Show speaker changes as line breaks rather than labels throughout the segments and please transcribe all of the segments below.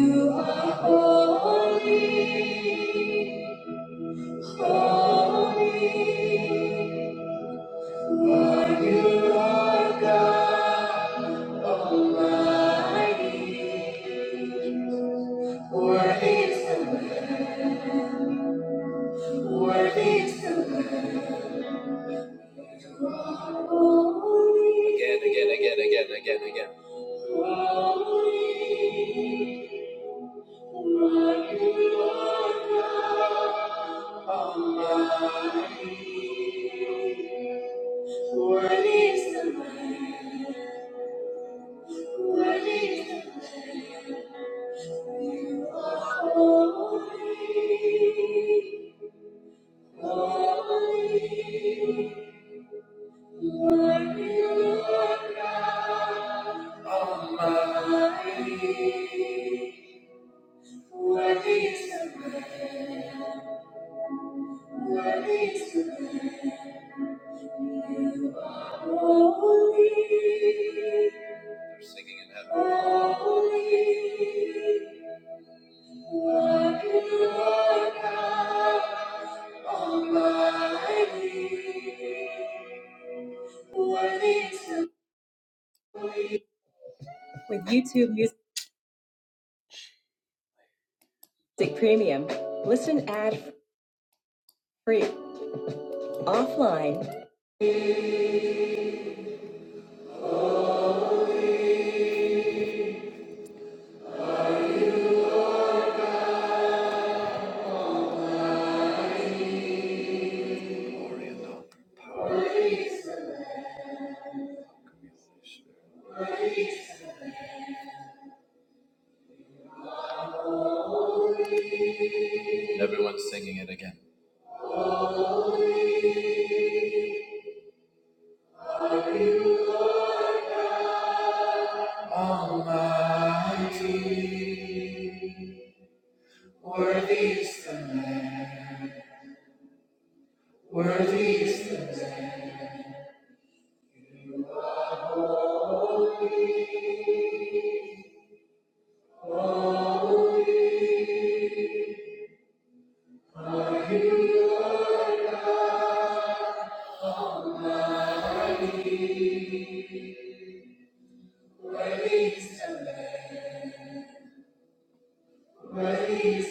You are holy, holy. Worthy is the Lord, worthy is the Lord, You are holy, holy. Mighty Lord God Almighty. Worthy is the Lamb, worthy is the Lamb. You are holy, holy. Almighty. Worthy is the Lamb. Worthy is the Lamb. Holy, holy, worthy Lord God Almighty. Worthy is the With YouTube Music Premium, listen ad free offline. Is the Lamb, Almighty, worthy is the Lamb. Worthy is the Lamb. Praise the Lamb. Praise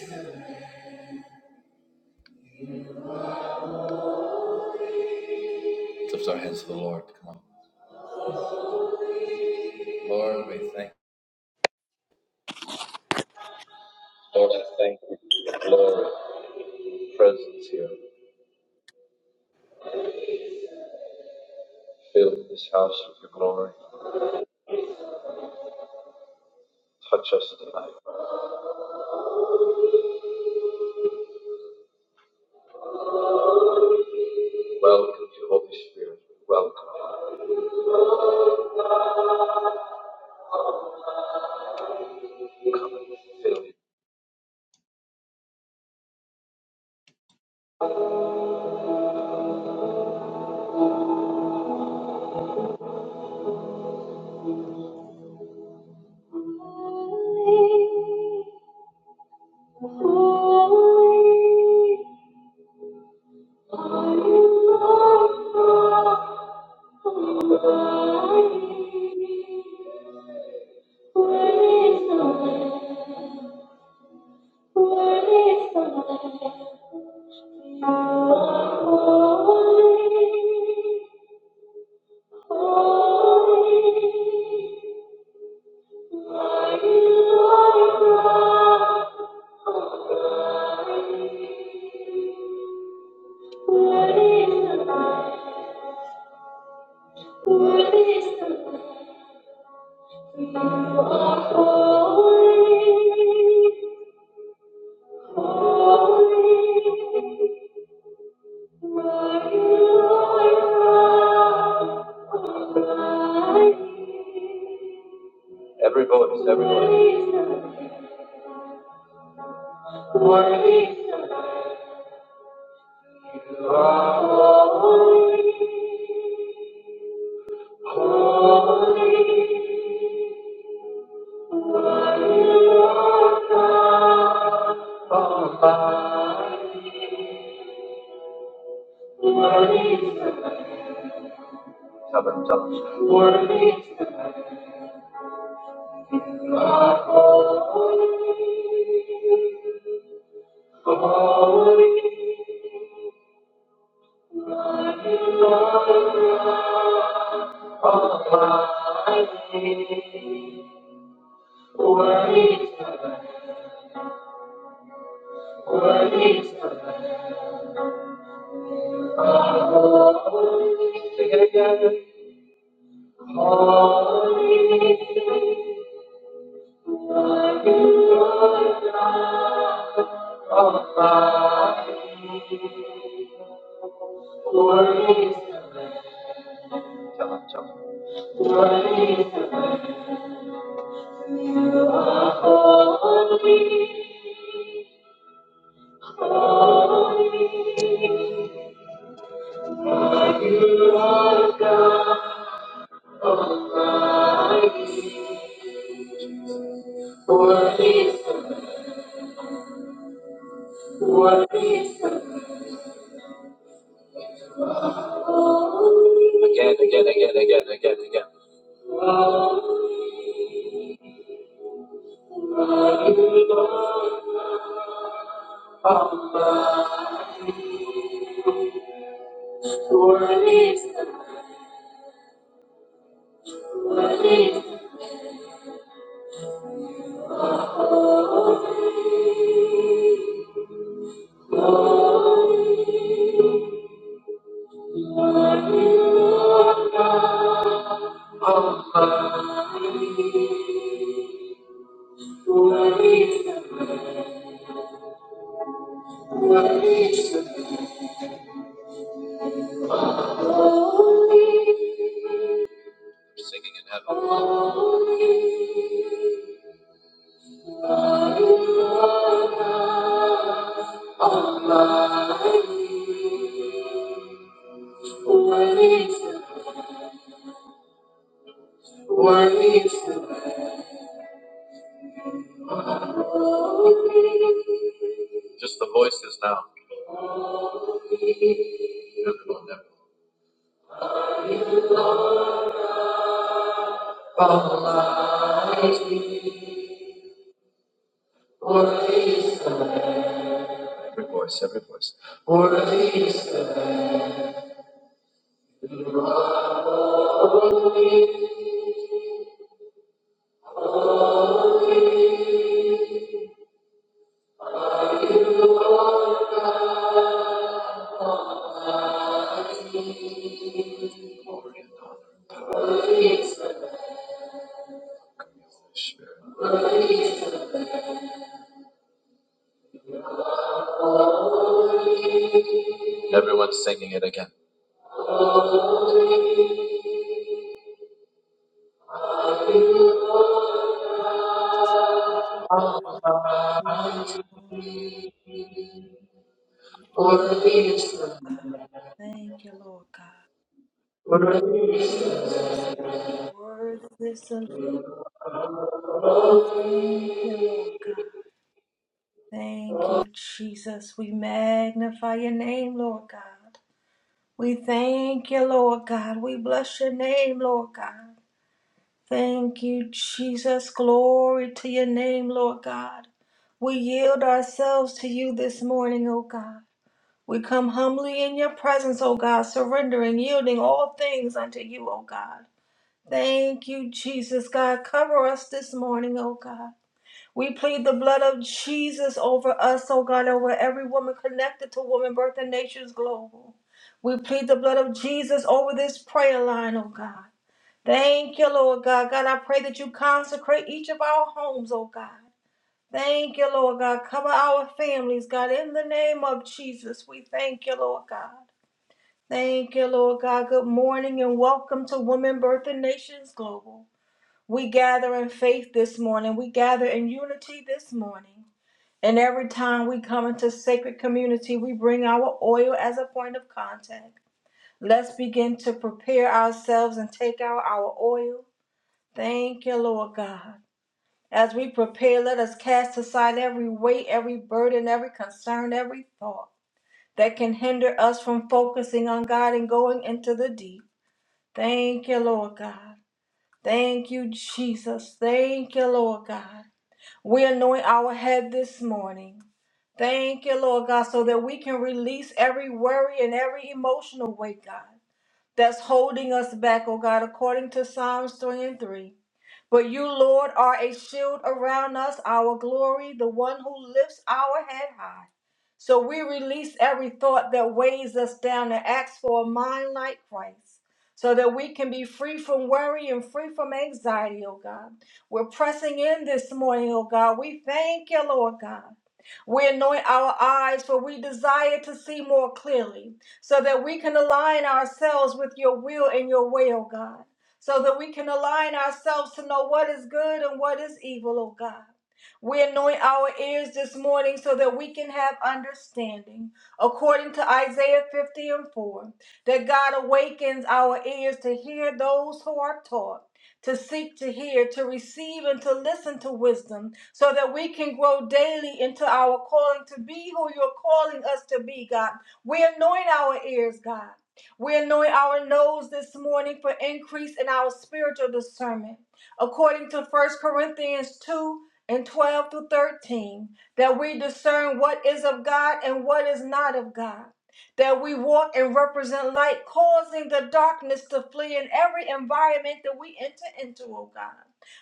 the Lamb. You are holy, holy, for you is the Holy, holy, holy, for you, Lord,
Lord,
Allah.
Lord,
Holy, holy, holy,
yeah,
holy,
Lord God.
holy, holy.
Thank you, Lord God. Worthy is the Lamb. Worthy is the Lamb. Thank you, Lord God. Thank you, Jesus. We magnify your name, Lord God. We thank you, Lord God. We bless your name, Lord God. Thank you, Jesus. Glory to your name, Lord God. We yield ourselves to you this morning, O God. We come humbly in your presence, O God, surrendering, yielding all things unto you, O God. Thank you, Jesus, God. Cover us this morning, O God. We plead the blood of Jesus over us, O God, over every woman connected to Woman Birth and Nations Global. We plead the blood of Jesus over this prayer line, O God. Thank you, Lord God. God, I pray that you consecrate each of our homes, O God. Thank you, Lord God. Cover our families, God, in the name of Jesus. We thank you, Lord God. Thank you, Lord God. Good morning and welcome to Women Birth and Nations Global. We gather in faith this morning. We gather in unity this morning. And every time we come into sacred community, we bring our oil as a point of contact. Let's begin to prepare ourselves and take out our oil. Thank you, Lord God. As we prepare, let us cast aside every weight, every burden, every concern, every thought that can hinder us from focusing on God and going into the deep. Thank you, Lord God. Thank you, Jesus. Thank you, Lord God. We anoint our head this morning. Thank you, Lord God, so that we can release every worry and every emotional weight, God that's holding us back, O God, according to Psalms 3 and 3. But you, Lord, are a shield around us, our glory, the one who lifts our head high. So we release every thought that weighs us down and ask for a mind like Christ, so that we can be free from worry and free from anxiety, oh God. We're pressing in this morning, oh God. We thank you, Lord God. We anoint our eyes, for we desire to see more clearly so that we can align ourselves with your will and your way, oh God, so that we can align ourselves to know what is good and what is evil, oh God. We anoint our ears this morning so that we can have understanding, according to Isaiah 50 and 4, that God awakens our ears to hear those who are taught to seek to hear, to receive, and to listen to wisdom, so that we can grow daily into our calling to be who you're calling us to be, God we anoint our ears, God. We anoint our nose this morning for increase in our spiritual discernment. According to First Corinthians 2 and 12 through 13, that we discern what is of God and what is not of God. That we walk and represent light, causing the darkness to flee in every environment that we enter into, oh God.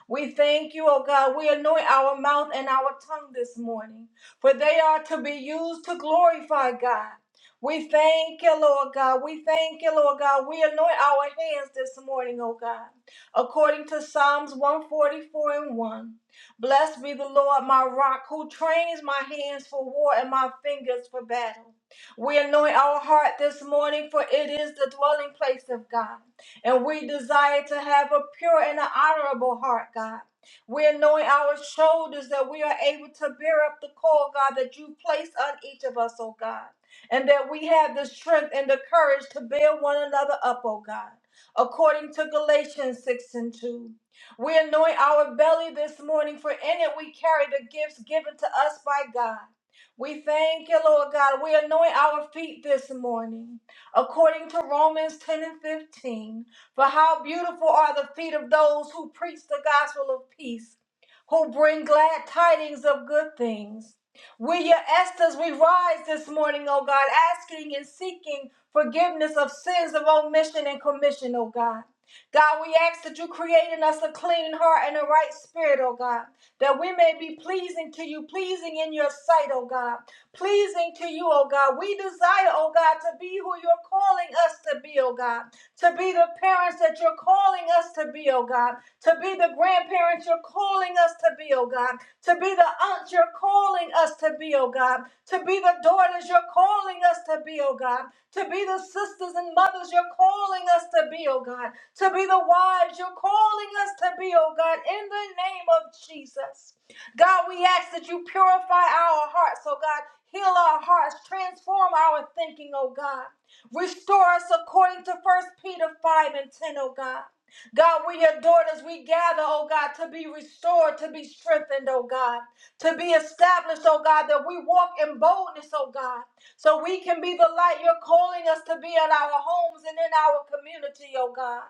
We thank you, oh God. We anoint our mouth and our tongue this morning, for they are to be used to glorify God we thank you, Lord God. We thank you, Lord God. We anoint our hands this morning, O God, according to Psalms 144 and 1. Blessed be the Lord, my rock, who trains my hands for war and my fingers for battle. We anoint our heart this morning, for it is the dwelling place of God. And we desire to have a pure and an honorable heart, God. We anoint our shoulders that we are able to bear up the call, God, that you placed on each of us, oh God and that we have the strength and the courage to bear one another up, O God. According to Galatians 6 and 2, we anoint our belly this morning, for in it we carry the gifts given to us by God. We thank you, Lord God. We anoint our feet this morning, according to Romans 10 and 15. For how beautiful are the feet of those who preach the gospel of peace, who bring glad tidings of good things. We're your Esther's. We rise this morning, oh God, asking and seeking forgiveness of sins of omission and commission, oh God. God, we ask that you create in us a clean heart and a right spirit, oh God, that we may be pleasing to you, pleasing in your sight, oh God, pleasing to you, oh God. We desire, oh God, to be who you're calling us to be, oh God to be the parents that you're calling us to be, oh God, to be the grandparents you're calling us to be, oh God, to be the aunts you're calling us to be, oh God, to be the daughters you're calling us to be, oh God, to be the sisters and mothers you're calling us to be, oh God, to be the wives you're calling us to be, oh God, in the name of Jesus. God, we ask that you purify our hearts, oh God, heal our hearts, transform our thinking, oh God. Restore us according to First Peter 5 and 10, O God. God, we your daughters, we gather, oh God, to be restored, to be strengthened, oh God, to be established, oh God, that we walk in boldness, oh God, so we can be the light you're calling us to be in our homes and in our community, oh God.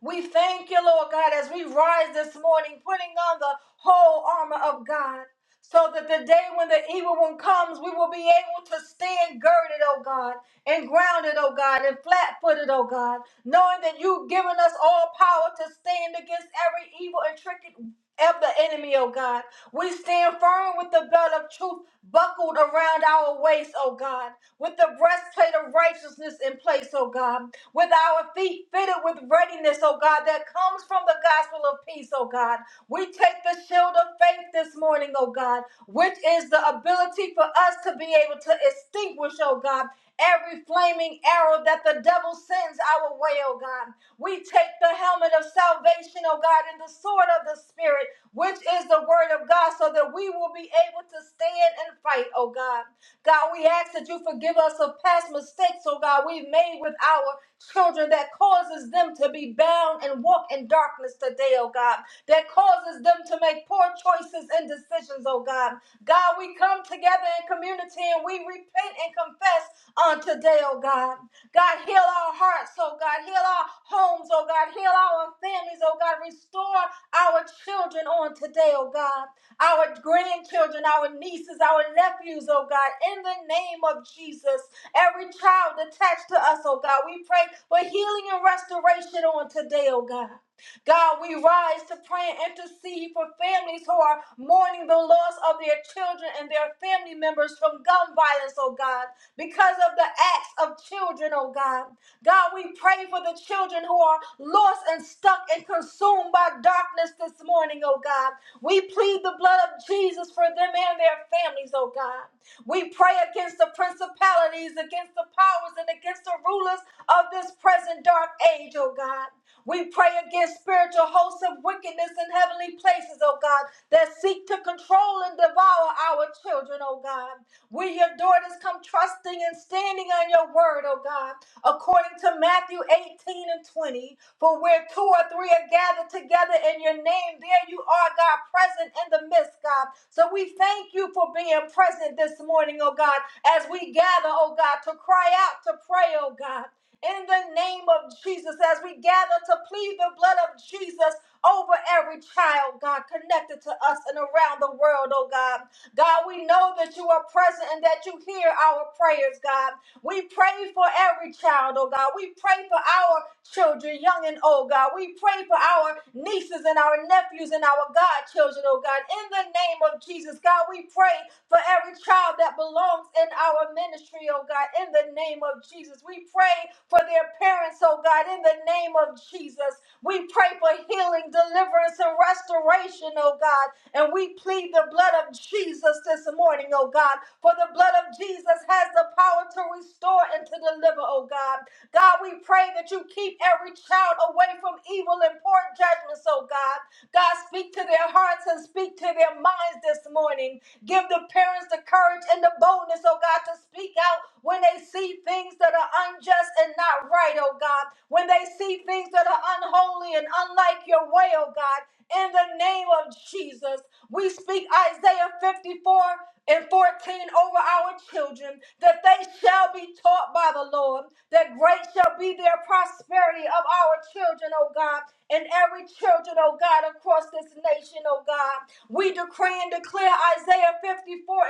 We thank you, Lord God, as we rise this morning, putting on the whole armor of God, so that the day when the evil one comes, we will be able to stand girded, oh God, and grounded, oh God, and flat footed, oh God, knowing that you've given us all power to stand against every evil and tricked of the enemy, oh God. We stand firm with the belt of truth buckled around our waist, oh God, with the breastplate of righteousness in place, oh God, with our feet fitted with readiness, oh God, that comes from the gospel of peace, oh God. We take the shield of faith this morning, oh God, which is the ability for us to be able to extinguish, oh God, every flaming arrow that the devil sends our way, oh God. We take the helmet of salvation, oh God, and the sword of the Spirit, which is the word of God, so that we will be able to stand and fight, oh God. God, we ask that you forgive us of past mistakes, oh God, we've made with our children that causes them to be bound and walk in darkness today, oh God, that causes them to make poor choices and decisions, oh God. God, we come together in community and we repent and confess on today, oh God. God, heal our hearts, oh God. Heal our homes, oh God. Heal our families, oh God. Restore our children on today, oh God. Our grandchildren, our nieces, our nephews, oh God. In the name of Jesus, every child attached to us, oh God. We pray for healing and restoration on today, oh God. God, we rise to pray and intercede for families who are mourning the loss of their children and their family members from gun violence, oh God, because of the acts of children, oh God. God, we pray for the children who are lost and stuck and consumed by darkness this morning, oh God. We plead the blood of Jesus for them and their families, oh God. We pray against the principalities, against the powers, and against the rulers of this present dark age, oh God. We pray against spiritual hosts of wickedness in heavenly places, oh God, that seek to control and devour our children, oh God. We, your daughters, come trusting and standing on your word, oh God, according to Matthew 18 and 20. For where two or three are gathered together in your name, there you are, God, present in the midst, God. So we thank you for being present this morning, oh God, as we gather, oh God, to cry out, to pray, oh God in the name of Jesus as we gather to plead the blood of Jesus over every child, God, connected to us and around the world, oh God. God, we know that you are present and that you hear our prayers, God. We pray for every child, oh God. We pray for our children, young and old, God. We pray for our nieces and our nephews and our godchildren, oh God. In the name of Jesus, God, we pray for every child that belongs in our ministry, oh God, in the name of Jesus. We pray for their parents, oh God, in the name of Jesus. We pray for healing, deliverance, and restoration, oh God. And we plead the blood of Jesus this morning, oh God. For the blood of Jesus has the power to restore and to deliver, oh God. God, we pray that you keep every child away from evil and poor judgments, oh God. God, speak to their hearts and speak to their minds this morning. Give the parents the courage and the boldness, oh God, to speak out when they see things that are unjust and not right, oh God. When they see things that are unholy and unlike your way, oh God. In the name of Jesus, we speak Isaiah 54 and 14 over our children, that they shall be taught by the Lord, that great shall be their prosperity of our children, O God, and every children, O God, across this nation, O God. We decree and declare Isaiah 54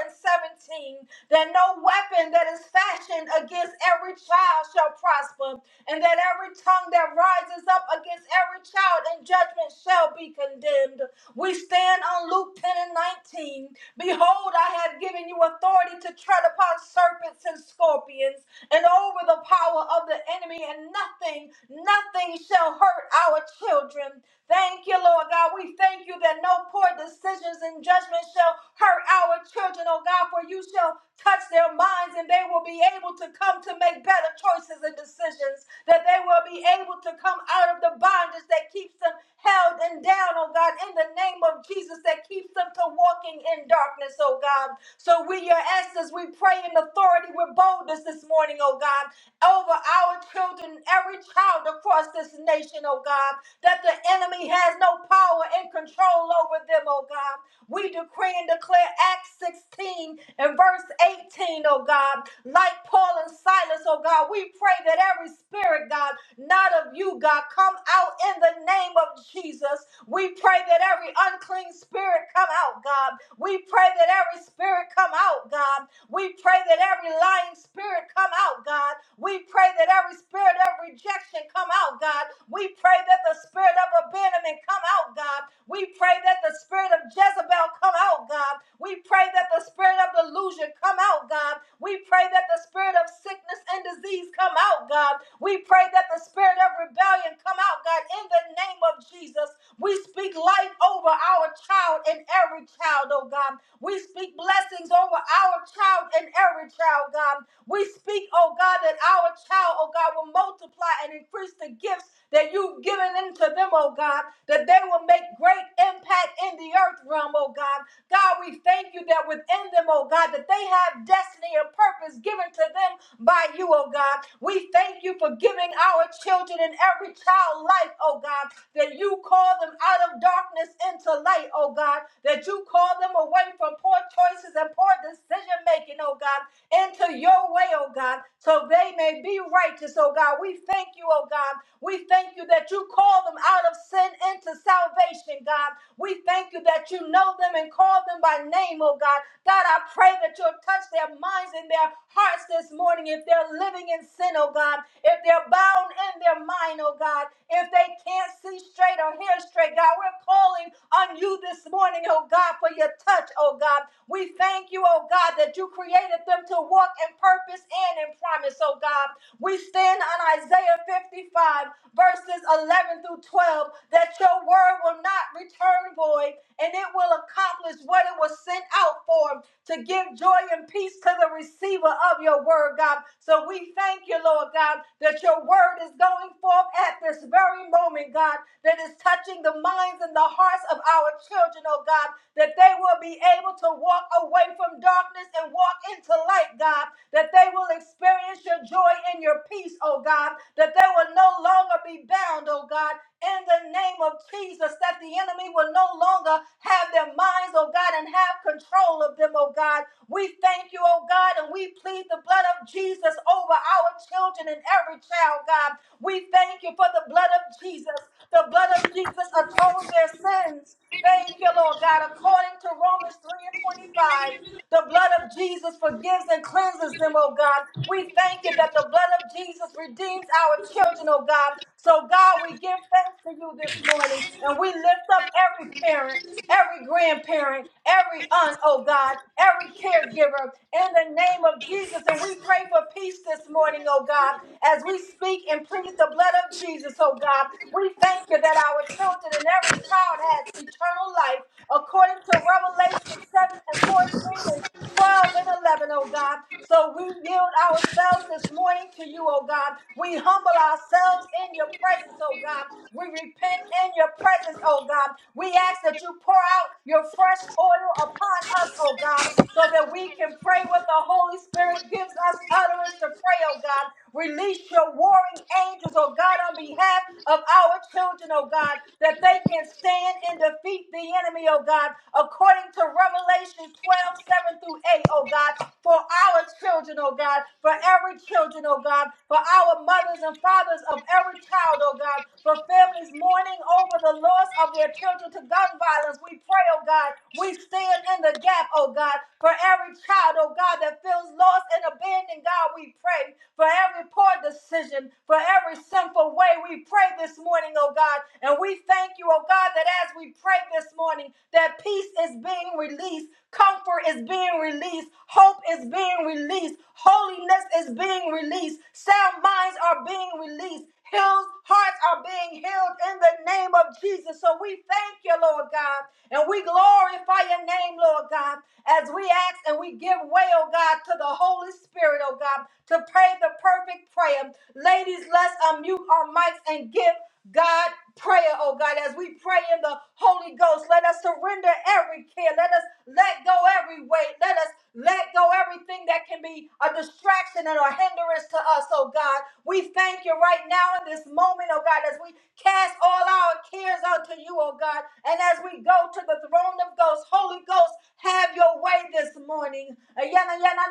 and 17 that no weapon that is fashioned against every child shall prosper, and that every tongue that rises up against every child in judgment shall be condemned. We stand on Luke 10 and 19. Behold, I have given you authority to tread upon serpents and scorpions and over the power of the enemy, and nothing, nothing shall hurt our children. Thank you, Lord God. We thank you that no poor decisions and judgment shall hurt our children, oh God, for you shall touch their minds and they will be able to come to make better choices and decisions, that they will be able to come out of the bondage that keeps them held and down, oh God, in the name of Jesus, that keeps them to walking in darkness, oh God. So we, your essence, we pray in authority with boldness this morning, oh God, over our children, every child across this nation, oh God, that the enemy has no power and control over them, oh God we decree and declare Acts 16 and verse 18, O God. Like Paul and Silas, oh God, we pray that every spirit, God, not of you, God, come out in the name of Jesus. We pray that every unclean spirit come out, God. We pray that every spirit come out, God. We pray that every lying spirit come out, God. We pray that every spirit of rejection come out, God. We pray that the spirit of abandonment come out, God. We pray that the spirit of Jezebel come out, God. We pray that the spirit of delusion come out, God. We pray that the spirit of sickness and disease come out, God. We pray that the spirit of rebellion come out, God, in the name of Jesus. We speak life over our child and every child, oh God. We speak blessings over our child and every child, God. We speak, oh God, that our child, oh God, will multiply and increase the gifts that you've given into them, oh God, that they will make great impact in the earth realm, oh God. God, we thank you that within them, oh God, that they have destiny and purpose given to them by you, oh God. We thank you for giving our children and every child life, oh God, that you call them out of darkness into light, oh God, that you call them away from poor choices and poor decision making, oh God, into your way, oh God, so they may be righteous, oh God. We thank you, oh God. We thank you that you call them out of sin into salvation, God. We thank you that you know them and call them by name, oh God. God, I pray that you'll touch their minds and their hearts this morning morning, if they're living in sin, oh God, if they're bound in their mind, oh God, if they can't see straight or hear straight, God, we're calling on you this morning, oh God, for your touch, oh God. We thank you, oh God, that you created them to walk in purpose and in promise, oh God. We stand on Isaiah 55, verses 11 through 12, that your word will not return void, and it will accomplish what it was sent out for to give joy and peace to the receiver of your word, God. So we thank you, Lord God, that your word is going forth at this very moment, God, that is touching the minds and the hearts of our children, oh God, that they will be able to walk away from darkness and walk into light, God, that they will experience your joy and your peace, oh God, that they will no longer be bound, oh God, in the name of Jesus, that the enemy will no longer have their minds, oh God, and have control of them, oh God. We thank you, oh God, and we plead the blood of Jesus over our children and every child, God. We thank you for the blood of Jesus. The blood of Jesus atones their sins. Thank you, Lord God. According to Romans 3 and 25, the blood of Jesus forgives and cleanses them, oh God. We thank you that the blood of Jesus redeems our children, oh God. So, God, we give thanks to you this morning and we lift up every parent, every grandparent, every aunt, oh God, every caregiver in the name of Jesus. And we pray for peace this morning, oh God, as we speak and plead the blood of Jesus, oh God. We thank you that our children and every child has eternal life according to Revelation 7 and 14 and 12 and 11, oh God. So we yield ourselves this morning to you, oh God. We humble ourselves in your presence, oh God. We repent in your presence, oh God. We ask that you pour out your fresh oil upon us, oh God, so that we can pray what the Holy Spirit gives us utterance to pray, oh God. Release your warring angels, oh God, on behalf of our children, oh God, that they can stand and defeat the enemy, oh God, according to Revelation 12 7 through 8, O God, for our children, oh God, for every children, oh God, for our mothers and fathers of every child, oh God, for families mourning over the loss of their children to gun violence. We pray, oh God, we stand in the gap, oh God, for every child, oh God, that feels lost and abandoned, God, we pray for every poor decision, for every sinful way. We pray this morning, oh God, and we thank you, oh God, that as we pray this morning, that peace is being released, released. Comfort is being released. Hope is being released. Holiness is being released. Sound minds are being released. Heals hearts are being healed in the name of Jesus. So we thank you, Lord God, and we glorify your name, Lord God, as we ask and we give way, oh God, to the Holy Spirit, oh God, to pray the perfect prayer. Ladies, let's unmute our mics and give. God, prayer, oh God, as we pray in the Holy Ghost, let us surrender every care. Let us let go every weight. Let us let go everything that can be a distraction and a hindrance to us, oh God. We thank you right now in this moment, oh God, as we cast all our cares unto you, oh God, and as we go to the throne of ghosts, Holy Ghost, have your way this morning.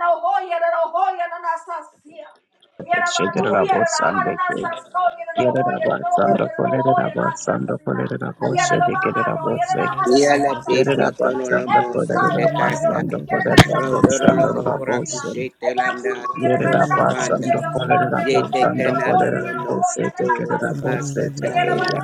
no, no, no, no, Every blind
Thank you.
Russia.
Shedderabosandeke, Yerabasandakolabosandokoleraboshedekerabose,
Yala te patolo la mose
that I
pecata,
open, get a good enough out of the
rodoro la
horse I
mohora
see them.
Yerabasandakolabasandokoleraboshandoraboshe,
And
cushete
that would be a
landa te
good
posa
enough, I
banda,
hear your song, you're the
yete
whole, you're the whole,
canalo
you're
lo
the
no
whole,
cotora basa taya,
Yerabasandakolabosandokoleraboshedekeraboshedekeya,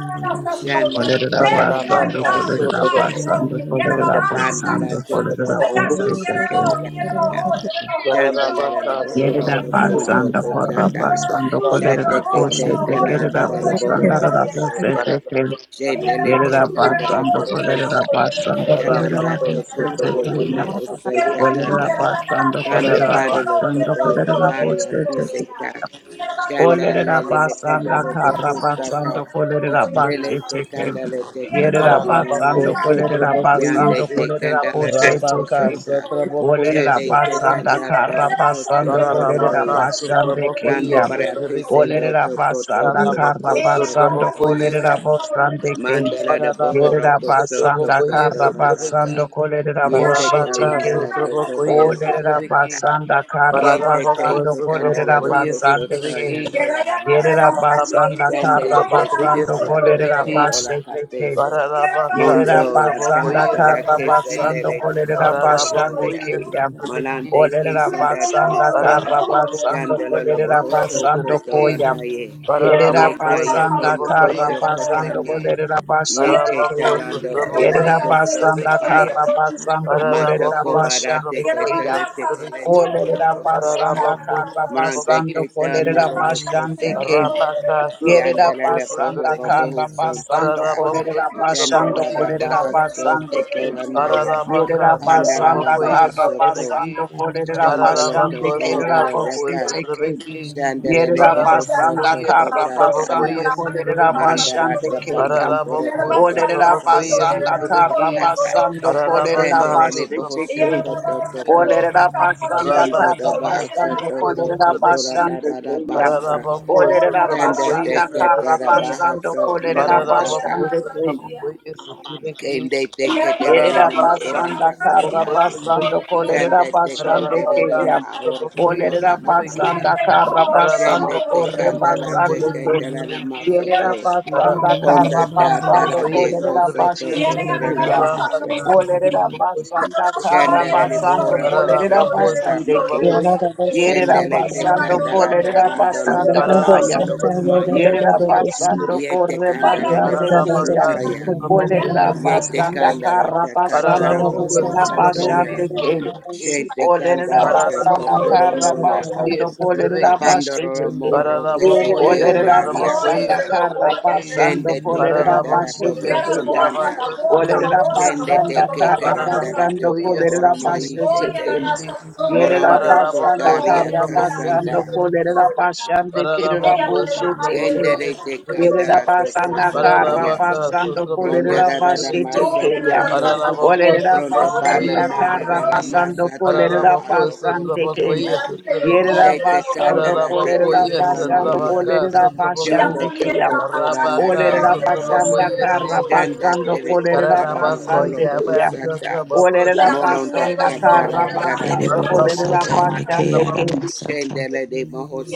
shanda telele
Every
mo
Bararabaka
ora te
ungodly tie
sotorobo.
fete,
broken.
ronda banda la
Yerababahasasiya.
te to ora
Bararabaku
Ayadu
Olerabasandokolerabasandakolabosandokoleraboshandeke,
yerero,
basinde
sotorobo.
la kaya,
yereroho, yereroho,
shanda la
yereroho,
la
Bararabaka
la
ho,
bohora
Yerida
sotorobo.
cosonto
basanda
yererasasiya.
porra
cotanda,
basando
Yerabadu
Bararabaka
kolerida
shate
yereroho,
que
Yanda
te
boshete
yereroho,
kaya
sotorobo.
kerida
cananda la la
yereroho,
bakunda
bosanda
iso
bohora
yereroho,
rada
biri bakatu.
cosota,
bosete
yererasasiya.
kel.
Bararabaka sotorobo.
shende
Kuki
le
Yerida
yasa
te
Ayerabadu
magana
candela
yereroho,
basando
bakatu.
de
kolerida
yereroho,
basando
yereroho,
Bararabaka
kolerida
yereroho,
Yalanda to
sotorobo.
bosete
Kotoro
yererasasiya.
Lomo
kelya.
Ose
Yerabadu
Kolerida
Takanda,
basando
yererasasiya.
Randa
Dear
kolerida
your
Bararabaka
Bada the
soul,
basando
yerero
Koto
Shut
kolerida
soul,
Tabari
yerero
bosete
soul,
kel.
yerera.
Akiseta,
Yerabadu,
Shanda
Olerera
Lele Le
yerabadu,
basanda
Kondolo to
kara
Kostaka,
basando kolerera
Lele
basheteke.
Tekanda Le Tekato
Yerera
Bararabako
basando
Lonoya,
kolerera
sotrabako
Yande
basando
yese.
kolerera
Tekanda La to
Rabaka
bosheteke.
Kosonta,
sotrabako
Olerera
yese.
Shade
basanda
Tekanda
kara
Tara Koso
basando kolerera
Tararabaka,
Torondoya,
basande
Sotrabokoye,
Randa
keya.
Baraki
Sotrabeki,
Sendo
Olerera
to Koto
basanda
Toro
Tararabako,
kara
Koso to
basando
Sotrabokoye,
kolerera
Komasa,
bosande ke.
Mandala da bohora
Tararabako,
Yerera
koso
basanda
toko
Sotrabokoye,
kara
toro danda.
basando
Sotrabeki,
kolerera
Yete
Rabaka,
bosheteke.
kalandala toko
Sotrabokoye,
toro
Olerera
kota.
Sotrabeki,
basanda kara
Yete
Tararabako,
te
basando
te
yeah.
kandala
kolerera
lo
Sotrabokoye,
koso
basande
to
ke.
Sotrabeki,
yandola na
Yerera
masa.
Tararabako,
basanda kara
Dandele de
Sotrabokoye,
basando
kandala
kolerera
koto
Sotrabeki,
ola
basheteke.
katese.
Tararabaka,
Yerera
Mondo la
basanda
Sotrabokoye,
tata da
karra
kese
Sotrabeki,
basando
dele te
kolerera
koto lo
basande
nosha.
Tararabokoye,
keyam.
Malande
Sotrabeki,
Olerera
kisandata
basanda
Para
ko.
karra basando
Dandala
kolerera
Bohoto
basando
Pararabakosutrabokoyesutrabeki.
koyam.
Kotorandaye,
Yerera
Yeka Yako
basanda karra
Yoko
basando
Pararabakosutrabokoyesutrabeki.
Kotana,
kolerera basande
Yeke
keyam.
Talando Oro
Yerera
Koso
basanda
Pararabakosutrabokoyesutrabeki.
Tabaya,
karra basando kolerera
Matoko
basande
Barate
keyam.
Ketele Tekeleno Oro
Olerera
Kosota,
basanda karra
Yerabasa,
Marande
basando
Ketana
kolerera
Pararabakosutrabokoyesutrabeki.
Oro
Thank
basande
Kosata,
Yerera
Yandala
basanda
Bohoro
Pararabakosutrabokoyesutrabeki.
kara
Boho
Parabakasutrabokosutrabeki.
basando
Sotaka,
kolerera basando
Dandala
kolerera
Pararabakosutrabokoyesutrabeki.
Bahaso
basande ke.
Kotolanaya,
Yerera
Ararabaka
Pandala
basanda
Sotrabakoye
kara
Bahasoko,
basando
Sotrebeki
kolerera
Dandala
basande
Ararabako
kerera
Tokondala
Sotrabako
Deka.
bosite ke.
Sotrebeki
Shandalele
Yerera
bohoso
basanda
Ararabakoye
koto
kara
tashanda.
basando
Sotrabakoye
Russia,
kolerera
Sotrebeki
Mandara
basande ke yam.
tabakoto
Ararabako
rokoto
Olerera
koto
Sotrabakoye
basanda
tanda dala
kara
Sotrebeki
kasa.
basando kolerera
Ararabaka
Shandalele
basite
bohoso
ke.
Sotrabakoye
koto toko.
Sotrebeki
Olerera basanda
Shondo do
Kara,
Arabaka
baoso
basando
you.
Sotrabako
toto
kolerera
koto
Sotrebeki
rada
basando
dada
kuya.
basa.
Ararabako
Oh,
Olerera
Yeah, I don't
Shanda
know, so
te
Sotrabakoye
basanda
you don't
Kara,
katara
Sotrebeki
basando
bahaso
kolerera
nala daka.
Ararabako
basando kuya.
Sotrabakoye Sotrebeki
Kende te ketelele
Yerera
namo
Paralabacá,
ora
basanda kara
kasata.
Sotrabocô,
basando
Sotrabequi,
kolerera
Shanda te
basande
ketelele
Paralabacá,
keya.
ma oro
Sotrabocô,
koto
Olerera
nana
Sotrabequi,
basanda kara
Shende
basando
te
Paralabacô,
kore
candela te
Sotrabocô,
basando keya.
candela na
Sotrabequi,
masoko.
Yerera basanda
Bonda
Paralabacô,
kara
da da
basando
da de
Sotrabocô,
kolerera
kosoto
Sotrabequi,
basete
kotora da
keya.
bahasa.
Paralabacá,
Olerera
Sotrabocô,
basanda kara
Shendele
Sotrabequi,
ni
know, so
basando
bohora
you soy,
kolerera
kosata
Paralabacô,
yo no
basande
tama.
soy, yo no
keya.
Sotrabocô,
Yeah,
soy.
Thank
Yerera
Shendele te
Ella va,
basando
no, no, yo
candela da
kolerera
no soy,
landolo lo
basanda
yo soy,
kaya.
kosoto
yo
Ararabako
no soy, yo
komaya.
no
Yerera
sotobokoye
soy, yo no.
basando
sotobeki.
Yete
kore
Ay,
candela de
amor,
basande
Ararabaka
keya.
kosota
sasasía.
ya.
Ya no
Olerera
sotobokoye
me
Yete
sasasía,
basanda
sotobeki.
candela
kara
te
sasasía.
basando
katara lo
Ararabako
Ya
kolerera
no me
kosoto ya.
sotobokoye
basande ke.
sasasía,
sotobeki.
Shente
yo
Olerera
candela
soy, yo
te
no
basanda
Ararabako
soy, yo
kara
no
kotorondo ya.
soy,
sotobokoye
basando
yo
kolerera
no.
sotobeki.
Papandoro
basete
lo
ke.
moro que
Ella,
se
yo
Ararabakoye
te
Olerera
no
naria
soy, yo no
sotobokoye
basanda
kosa.
kara
soy, yo
sotobeki.
no.
basando
Shende te
kolerera
kandara
Ararabakoye
basete
Ella
dobro
era
teya.
you.
kotanda.
moça, da
sotabako
moça, da
Olerera
moça,
sotoboko.
da
Shende te
moça,
basanda
da moça,
kara
keterandara
da
basando
moça.
toko
Ararabacoia,
kolerera
Santa
Oh,
oromaise
Vicky,
basete
Oye,
te.
la
teya.
casa, oye,
Yerera
para
Morondo
darle los
basanda
Ararabacoa,
kotaria
oye,
kara
Santa
la
Bacoia,
casa,
kasanda.
basando
Santa Vicky,
kolerera
oye,
basande kerera
ella
Ararabacoa,
para
Santa
boshete
bajarle
teya.
los
Kendere
Bacoia,
te
ojos,
Santa
los
Vicky,
Yerera
kandara
ojos,
toko
basanda kara
sotaya.
Ararabaca,
basando
Santa
Pronda
Bacoia,
kolerera
Santa
rara
basete
Vicky,
maso
oye, la
teya.
koto.
casa,
Ararabacoa,
cielo,
Thank
Olerera
Santa
Pronda
oye,
pana
de
Bacoia,
basanda
la
Santa
nada
kara
mano,
rara
Vicky,
basando
masata ba
kolerera
Ararabacoa,
aroko
Santa
basande teya.
y
sotona.
Bacoia,
aquí
Santa
yo
Yerera
Vicky,
oye,
Shete
los
basando
oye,
kandara
los
te
kolerera
oye,
Ararabacoia,
los
ketela
Santa
basando
oye.
noria.
Baca,
kolerera
Santa
Y
Shondo
Bacoa,
basande
amor, y la
keyam.
toko
mano, la
tora
Rabaca,
casa,
Olerera
oye,
Santa
los
nata
basanda
oye, los
Bacoia,
karra
oye, los
Danda
basando
oye,
Dere
los
Para
kolerera
oye.
la
Katara no
vaca,
basande
Rolo
keyam.
su
Bohusata
trabajo
Y
Olerera
la mano, y
Mononda
basanda
los
karra
oye,
Katara
la mano,
Tara
basando
la
Deriboro
casa,
Koto
kolerera
sata
la
Bobomanda
meke
basande
casa,
keyam.
arabasata.
Shendele de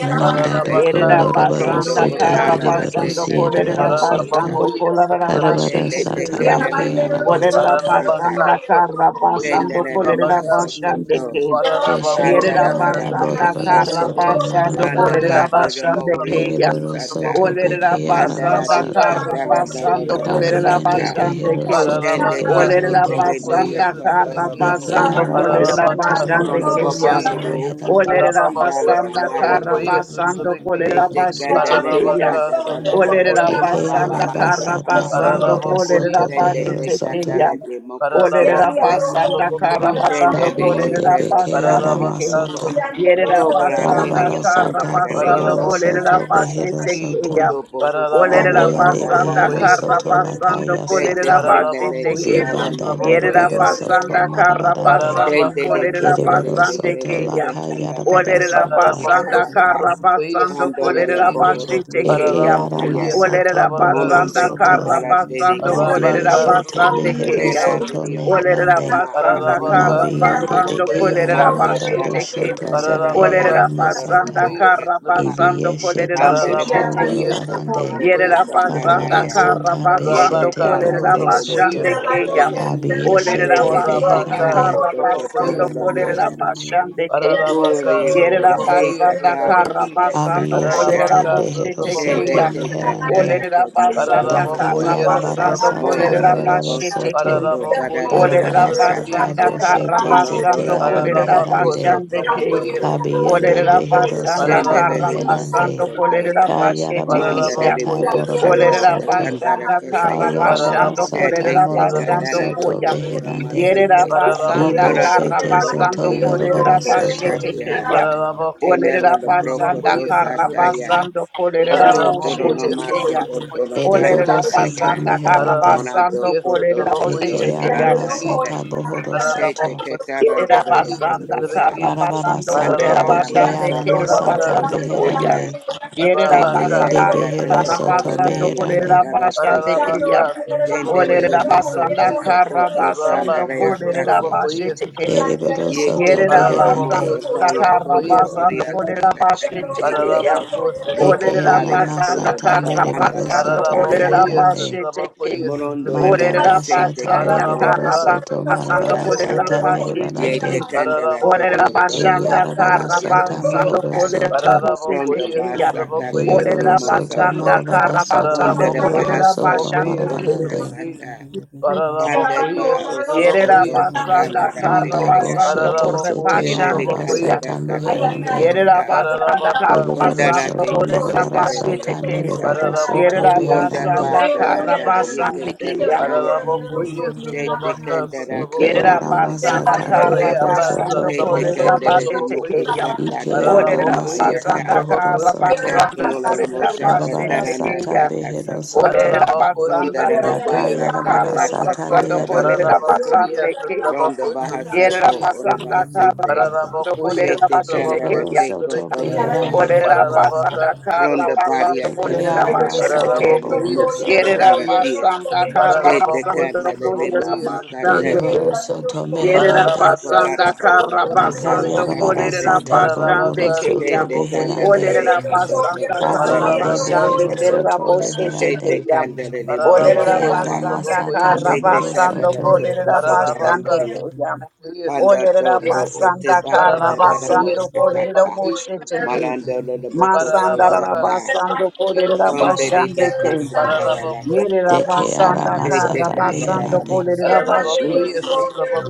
Nanda doko
Yerera
loroboro
Brondo
basanda
y
sete
kara
Kotala La
beriboro
Te
basando
Kandala
kolerera
sierboro
no Nosa
soto.
basando kolerera
Karabara
basete
Shende Te
sata
keya.
Kendele
reke
no No
Kolerera
arabasata.
Yokosanta
basanda kara basando
su
Shendele La
kolerera
trabajo.
Maso
basande
Koto
keya.
Keshete
Yerera
Orarabakuya
Pandara Rara
manda
basanda
Satrabeki
boroboro
kara
Mahasoko
soto
Shiti,
you.
basando
Randa
marabarande.
kolerera
Rayaba
Badero
Thank
basande
Morio
Satrabaku
keya.
Eriboro
Kosata
soto
Satrabaku,
Olerera
beke
Pandara
basanda
Di
Ararabaka
aramasata.
kara
Katala no
Satrabakuya
basando
Lolo
kolerera
Kabiyende
Satrabeki,
Kosata
basande
behero
keya.
soto
Shende
Ararabaka
teke
Olerera
beherande.
tere ne
Satrabakuya
ya
basanda kara
katolo
Satrabeki,
baho
Beke
basando
sata.
kolerera
arabasata
Ararabaka
basande
Brondo
moroboro
keya.
Satrabakuya
babande
soto
do oko
beherande.
to
Olerera
Ararabako
katala na
basanda
na
kara
yeke.
sutrabokoye
basando
sutrabeki.
kolera
Tete
bashi
kandale de
tekeya.
Ararabaka
kandala da da da
Olerera
sutrabokoye
ko
Eke
obaba
basanda
sutrabeki.
manara
kara
arabasata
kamasa.
basando
moroboro
Thank you.
Ararabokoye
kolera
soto
Shende
bashi
behero
te
sutrabeki.
soto.
tekeya.
kandale de moko tola
Yeah,
Olerera
Ararabako
taisa.
basanda kara
sutrabokoye
basando
Shende de
sutrabeki.
ke
Dabiende
kolera
tele
beke
basande
kandala
Ararabaka
ke.
toko.
aramasata.
Yerera
sutrabokoye
Probara nere
basanda
sutrabeki.
Darabara
yo
kara
kundara
sata
da de
basando
boroboro
yondo
Ararabokoye
kolera
soto
kusaka.
bashi
behero
sutrabeki.
tekeya.
soto.
Undo bohu
Ararabako
sata
Olerera
Abiende
banda da
basanda
behero
sutrabokoye
masa.
kara
soto
sutrabeki.
basando
lakaya
you.
Tete
kolera
sata.
bashi
Thank
kandale te
Ararabokoye
tekeya.
kala
Zibanda
no da
Yerera
sutrabokoye
doroboro
si.
soto
kusata
basanda kara
marabarande.
basando
Mandela
Ararabaka
kolera
Kereboro
sutrabokoye
basande
soto
keya.
sutrabeki.
lakaya rabara
Olerera
sata.
Ararabako
basanda kara
sutrabokoye
basando
sutrabeki.
kolerera bashi
Eke
tekeya.
Ararabokoye
aramasata
Olerera
sutrabaka
bohoro
basanda
sutraboko.
soto.
kara basando kolerera
Arabaka
Labieshete
basande
behero
sutrabokoye
keya.
soto
sutrabeki.
Olerera
meherande.
basanda
Ararabaka
kara
Labiende
basando
deke
sutrabokoye
kolerera
aramanda
bashi
sutrabeki.
tekeya.
doshoto zepe
Ararabaka
Olerera
aramasata.
basanda
sutrabokoye
you.
kara
sutrabeki.
basando
Ibiyeshete
kolerera
soto
bashi
Yeah.
Ararabokoye
tekeya.
yorobarande.
sutrabokoye
Yerera
sutrabeki.
basanda kara
Karabarasata
basando
beshete
Arabaka
kolerera
bohoro
sutrabokoye
soto.
bashande keya.
sutrabeki.
Olerera
Abiyeshete
de
basanda
beherande.
Canda
Orabacasa,
kara
Toko
tabaco y
basando
ese
Tolo Naya,
kolerera
trebequi.
bashande keya.
Ule
Ararabacasa,
Yerera
tabaco
boshi
y ese
basanda
katala
kara
trebequi.
basando
dikesataya.
Abiyeshete
kolerera
Ararabacasa,
bote
behero
tabaco
soto
y
Shende
tekeya.
ese
teka
meherande.
trebequi.
tara
Olerera
toko
Thank
toro
basanda
Daka
Ararabaco
soka.
kara
y ese
Thank
basando
tabaco
yarabarasata
y
Mono
kolerera
dola
ese.
moroboro
bashe
bosa
soto.
tekeya.
koto
Ararabaco y
barati
ese
Olerera
Darabarasata
trebequi.
ashakanda.
basanda
Shiti.
kara
boshete
Mono
zete
dola
basando
na
ara
kolerera
nara teka
Ararabacosa,
meherande.
bashande
tara
tabaco
keya.
y
nori
ese
yokosa.
Kabiyende
trebequi.
Olerera
behero
basanda
Shende
soto
kara
lele
Ararabaco y ese
maso
basando
meherande.
koto.
trebequi.
kolerera
Ka
bashe
Mandare
tekeya.
de
Ararabaco
yarabarasata
y
boho
ese
boroboro
shanda
Olerera
tabaco y
soto.
Thank
ese.
takandara
basanda
kose.
kara
Kayarabara
basando
sata
Ararabakoye
Tete
kolerera
teka
moroboro
sutrabeki
basando
dara
soto
koya.
dobo ora
sutrabeki
beherande.
Yerera
masute.
basanda
Ibe
Ora
Ararabakoye
kara
shete
tikotola de
zoto
basando
sutrabakoye
komatio
yoroboro
kolerera
sutrabeki
soto.
basete
kushakatia.
keya.
Ararabakoye
Tenela
Olerera
la broco
basanda
sutrabakoye
tosa
kara
sutrabeki
taya.
basando kolerera
Oto toro no
Ararabakoye
bosete
maso
keya.
koto
sutrabakoye
la taya
Ereboro
Olerera
sutrabeki
andaya.
soto
basanda kara
meherande.
Morando
basando
Ararabakoye
koto
kolerera
Eke
sutrabakoye
soto
bosete keya.
taranda
sutrabeki
masata, sata
se.
bohoro soto.
Tete
Ararabakoye
ketaranda
Yerera
lo
sutrabakoye
basanda
koto sa.
sutrabeki
kara
you.
Darabara
basando
sata
kolera
Pandera
Thank
la
you.
beke
Ararabakoye
basande
maso
arama
kera
koto
sutrabaka
sata
basando koya.
sutrabaku
beherande.
otitanda.
Yerera
Tete
Arabaka
Kabiyende
basanda
kendela to
behero
kara
koto
soto
la
basando
naya
Sutrabeki,
beherande.
kolera
katara
basande
seke.
Ararabaka
keya.
Tendele
Sutrabokoye
Olera
le maso
basanda
Sutrabeki,
koto
kara
koto
basando
tanda
Rabako
le
you.
kolera
akaso.
Sutrabokoye
basete
Sutrabeki,
Ereboro
Yeke
soto
Yerera
tele le
Ararabako
beherande.
maso
basanda
taya
kara
kondo
Sutrabokoye
basando
oria
Sutrabeki,
kolera
kasa kate
bashete
kete.
keya.
Ararabako
Eke
Dota
Olerera
Sutrabokoye
pari
arama
basanda
akondo
Sutrabeki,
kara
baba banda
mereboro
da da
basando
soto
kolera
Ararabokoye
basako.
beherande.
bashete keya.
Sutrabokoye
Morondo le le
Sutrabeki,
Manda
Olerera
kasete
dashata
basanda
kete le
meriboro
kara
Ararabaka
toko to
soto
basando
marabara
Sutrabokoye
sadata.
kolera
sata
Sutrabeki,
bashete keya.
meribarande
Yete kanda la
Pararabo koi
Olerera
toko
de
toro
basanda
koto
esutrabeki
ba
yarabara
kara
sata
yakota
esutrabeki.
basando
mohoro
kas.
kolera
soto
Pararabo
bashete
koi
Rondo
keya.
basa
esutrabo koi
kata le
yeriboro
Olerera
limo
soto
esutrabeki.
soko.
basanda
marabara
kara
sata
Rondo
Pararabo
basando
de
koi
meriboro
baha
kolera
esutrabo
soto
soko
koi
bashande
orita
marabarande
esutrabeki.
Hallelujah.
sata.
Pararabo
Kande
koi
ba
esutrabo
Thank
osoko
Yerera
koi
to takanda
basanda
la
esutrabeki.
kara
banda
tekaya.
basando
boshete
Pararabo
kolera
koi
zete
Chele le
esutrabo
bashande
yaraba
koi
kanda la
sata
kato
esutrabeki.
meherande
Yerera
tokota.
basanda
Pararabo ka
kara
yeriboro
esutrabo
Kondara
basando
te
koi
soto
che
korera
esutrabeki.
marabara
senda le
basete
sata
ke.
yokosa.
meriboro soto
Yerera
Ararabocoia,
Onda
beherande
basanda
Sotraboco,
kara
bataranda
Sotraboco,
basande ke yam.
yeketeretaya.
Ararabocoia,
Shete
Sotraboca,
kendera
eke
Yerera
Sotrabocoia,
katolo
arama
lobosa
basanda
sata
kata.
kara
behero
Arreabasa,
basando
soto
Shete
Traboco,
korera
kendere
beherande
de mo
basete ke
Sotrabocoia,
yam.
usaka
ike
teru de
Orera
mo
arama
Ararabocoia,
sata
ayaka.
basanda
bohoro
Sotraboco,
kara
soto
basando
Akakulo
Sotrabeki,
korera
lomosa
Yarabara
basete
katarana
ke
sata
yam.
behero
takasako.
soto.
Orera
Araraboco,
basanda
Kondara
Daka
Sotrabocoia,
rabasa
yarabara
kata
kara
Sotrabeki,
sata
basando
takandara
meherande.
korera
lokosa.
Ararabocoia,
basande ke.
Ronda
Sotraboco,
Thank
bahasako
Yerera
you.
Sotrabeki,
basanda kara
orebasite.
basando
Paralabakoye
korera
Shete
basete ke
sutrabako
kandara
Erebaro
yam.
teko
soto
sutrabeki.
toro
Thank
beherande.
Orera
bahasoko.
Paralabaka
basanda
you.
kara
Ronda
sutrabakoye
basando
Baria
si.
Eke
Thank
orera
Casata
yarama
basete ke.
sata
Catara no
Paralabakoye
bohoro
Nuku
soto.
Yerera
sutrabeki.
Cataratia,
basanda kara
State
Paralabako
basando
Candele
orera
sutrabakoye
basando
Mosacate,
sutrabeki.
ke.
Derebaro soto
Robo
Yerera
meherande.
Paralabaka
basanda
Chocondara Basta
kara
sutrabako
Daka
Catana
basando
Thank
sutrabeki.
yarabara
Tacate,
kolerera
sata
basande
boroboro
Paralabaka
soto
keya.
State
sutrabakoye
Candela
beherande.
Olerera
sutrabeki.
Tecanto
basanda
Socota
kara
Kabiyende
Paralabaka
basande
behero
Catanaria,
kerera
soto
sutrabakoye
boshete
sutrabeki.
State
beherande.
keya.
Candele
Olerera
Paralabako
Deke
Mosata,
yarama
basanda
sutrabakoye
sata
kara
State
bohoro
sutrabeki.
basando
Candela
soto.
Toku
kolerera
Paralabaka
basande
Satanandaya,
keya.
sutrabakoye
Panda
Olerera
sutrabeki.
Topo
basanda
Utibada
kara
Dada
Pararabacoia,
basando kolerera
Mosacata,
Satrabacoia,
boshete keya.
Satrabaqui.
Malando Loboco
Masanda rara
Pararabaca,
Sotata.
basando
Satrabacoia,
kolerera
Donde de
Satrabaqui.
basande
de que
keya.
sandala la
you.
Pararabaco,
Yerera
casa.
Deke
Satrabacoia,
basanda
yarama
De te
kara
sata
Satrabaqui.
candara
basando
la
beherande.
masa
kolerera
coto.
Pararabacoia, Satrabacoia,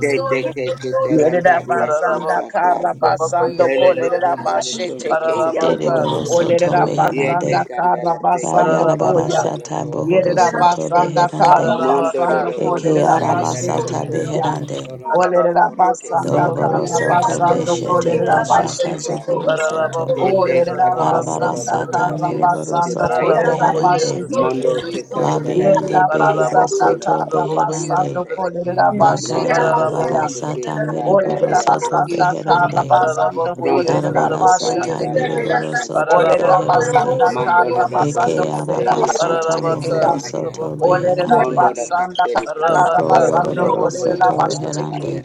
De te que sí, que te
Yerera
you.
randaria
basanda
Pararabaco,
cosata.
kara
Thank
basando
Satrabacoia,
Tele le le
kolerera
cundo
Satrabaqui.
le cundo
bashete keya.
Pararabaca,
Derebaro
socobona.
soto
Olerera
Satrabacoia,
Ye
basanda
te
meherande.
Satrabaqui.
kara
candala te
basando
Kayarabara
koya.
Pararabaca,
catarandala la
sata
co.
bohoro
Yerera
Satrabacoia,
soto
basanda
beherande.
kara
Ararabaka,
Mondoro
basando
lo
Eke
boho
kolerera
Sotrobokoye,
arama
santa la
bashete
sata
Sotrobeki,
casa
keya.
beherande.
cotono no mo
Olerera
Ararabako,
ora que se
basanda
que
kara
Doroboro
Sotrobokoye,
candala
soto
basando
Sotrobeki,
landele le
beshete
le
kolerera
coto
Sotrobeki,
bashata
bashete
sandala.
keya.
zohoro soto.
Te
Ararabokoye,
te
Olerera
calanda
Sotroboko,
Arabara
la
basanda
boho
sata
la
kara
Sotrobeki,
pulsa
mereboro
te
basando
soto
paya.
kolerera
Ararabokoye,
beherande.
bashete keya.
Mondo
Sotrobeki,
te
Si,
kakara te
Labiende
Yerera
kakara
behero
Ararabako,
basanda
no
soto
kara
Sotrobokoye,
beherande.
basando
kakate.
Sotrobeki,
kolerera
Laka
Mondo
bashete
koto
yarabara
Ararabako,
keya.
te te
Thank
sata
Sotrobokoye,
mereboro
talandari
Olerera
a
soto
Sotrobeki,
kosa
basanda
you.
kaya.
kara
beherande.
basando
Ararabokoye,
Pronto
kolerera
proko
Darabara
Sotrobokoye,
sata
basande
tarara
Si,
keya.
naya
mereboro soto
Thank
kasata.
Olerera
Ararabako,
beherande.
basanda
Mondo lo
Sotrobokoye,
kara
lo
Eke
basando
boho
Sotrobeki,
se
you.
kolerera
araba
ia
sata
basete
kate
Arabaka,
keya.
mohoro
sutra
senaya.
soto
Ararabaka,
Olerera
beherande.
Mondo la
basanda
kate
kara
Doko
kasata
basando
no no
Loroboro
no no
kolerera
Sotrabokoye,
Soto
kosa
basete
kaya.
Reherande,
keya.
Sotrabeki,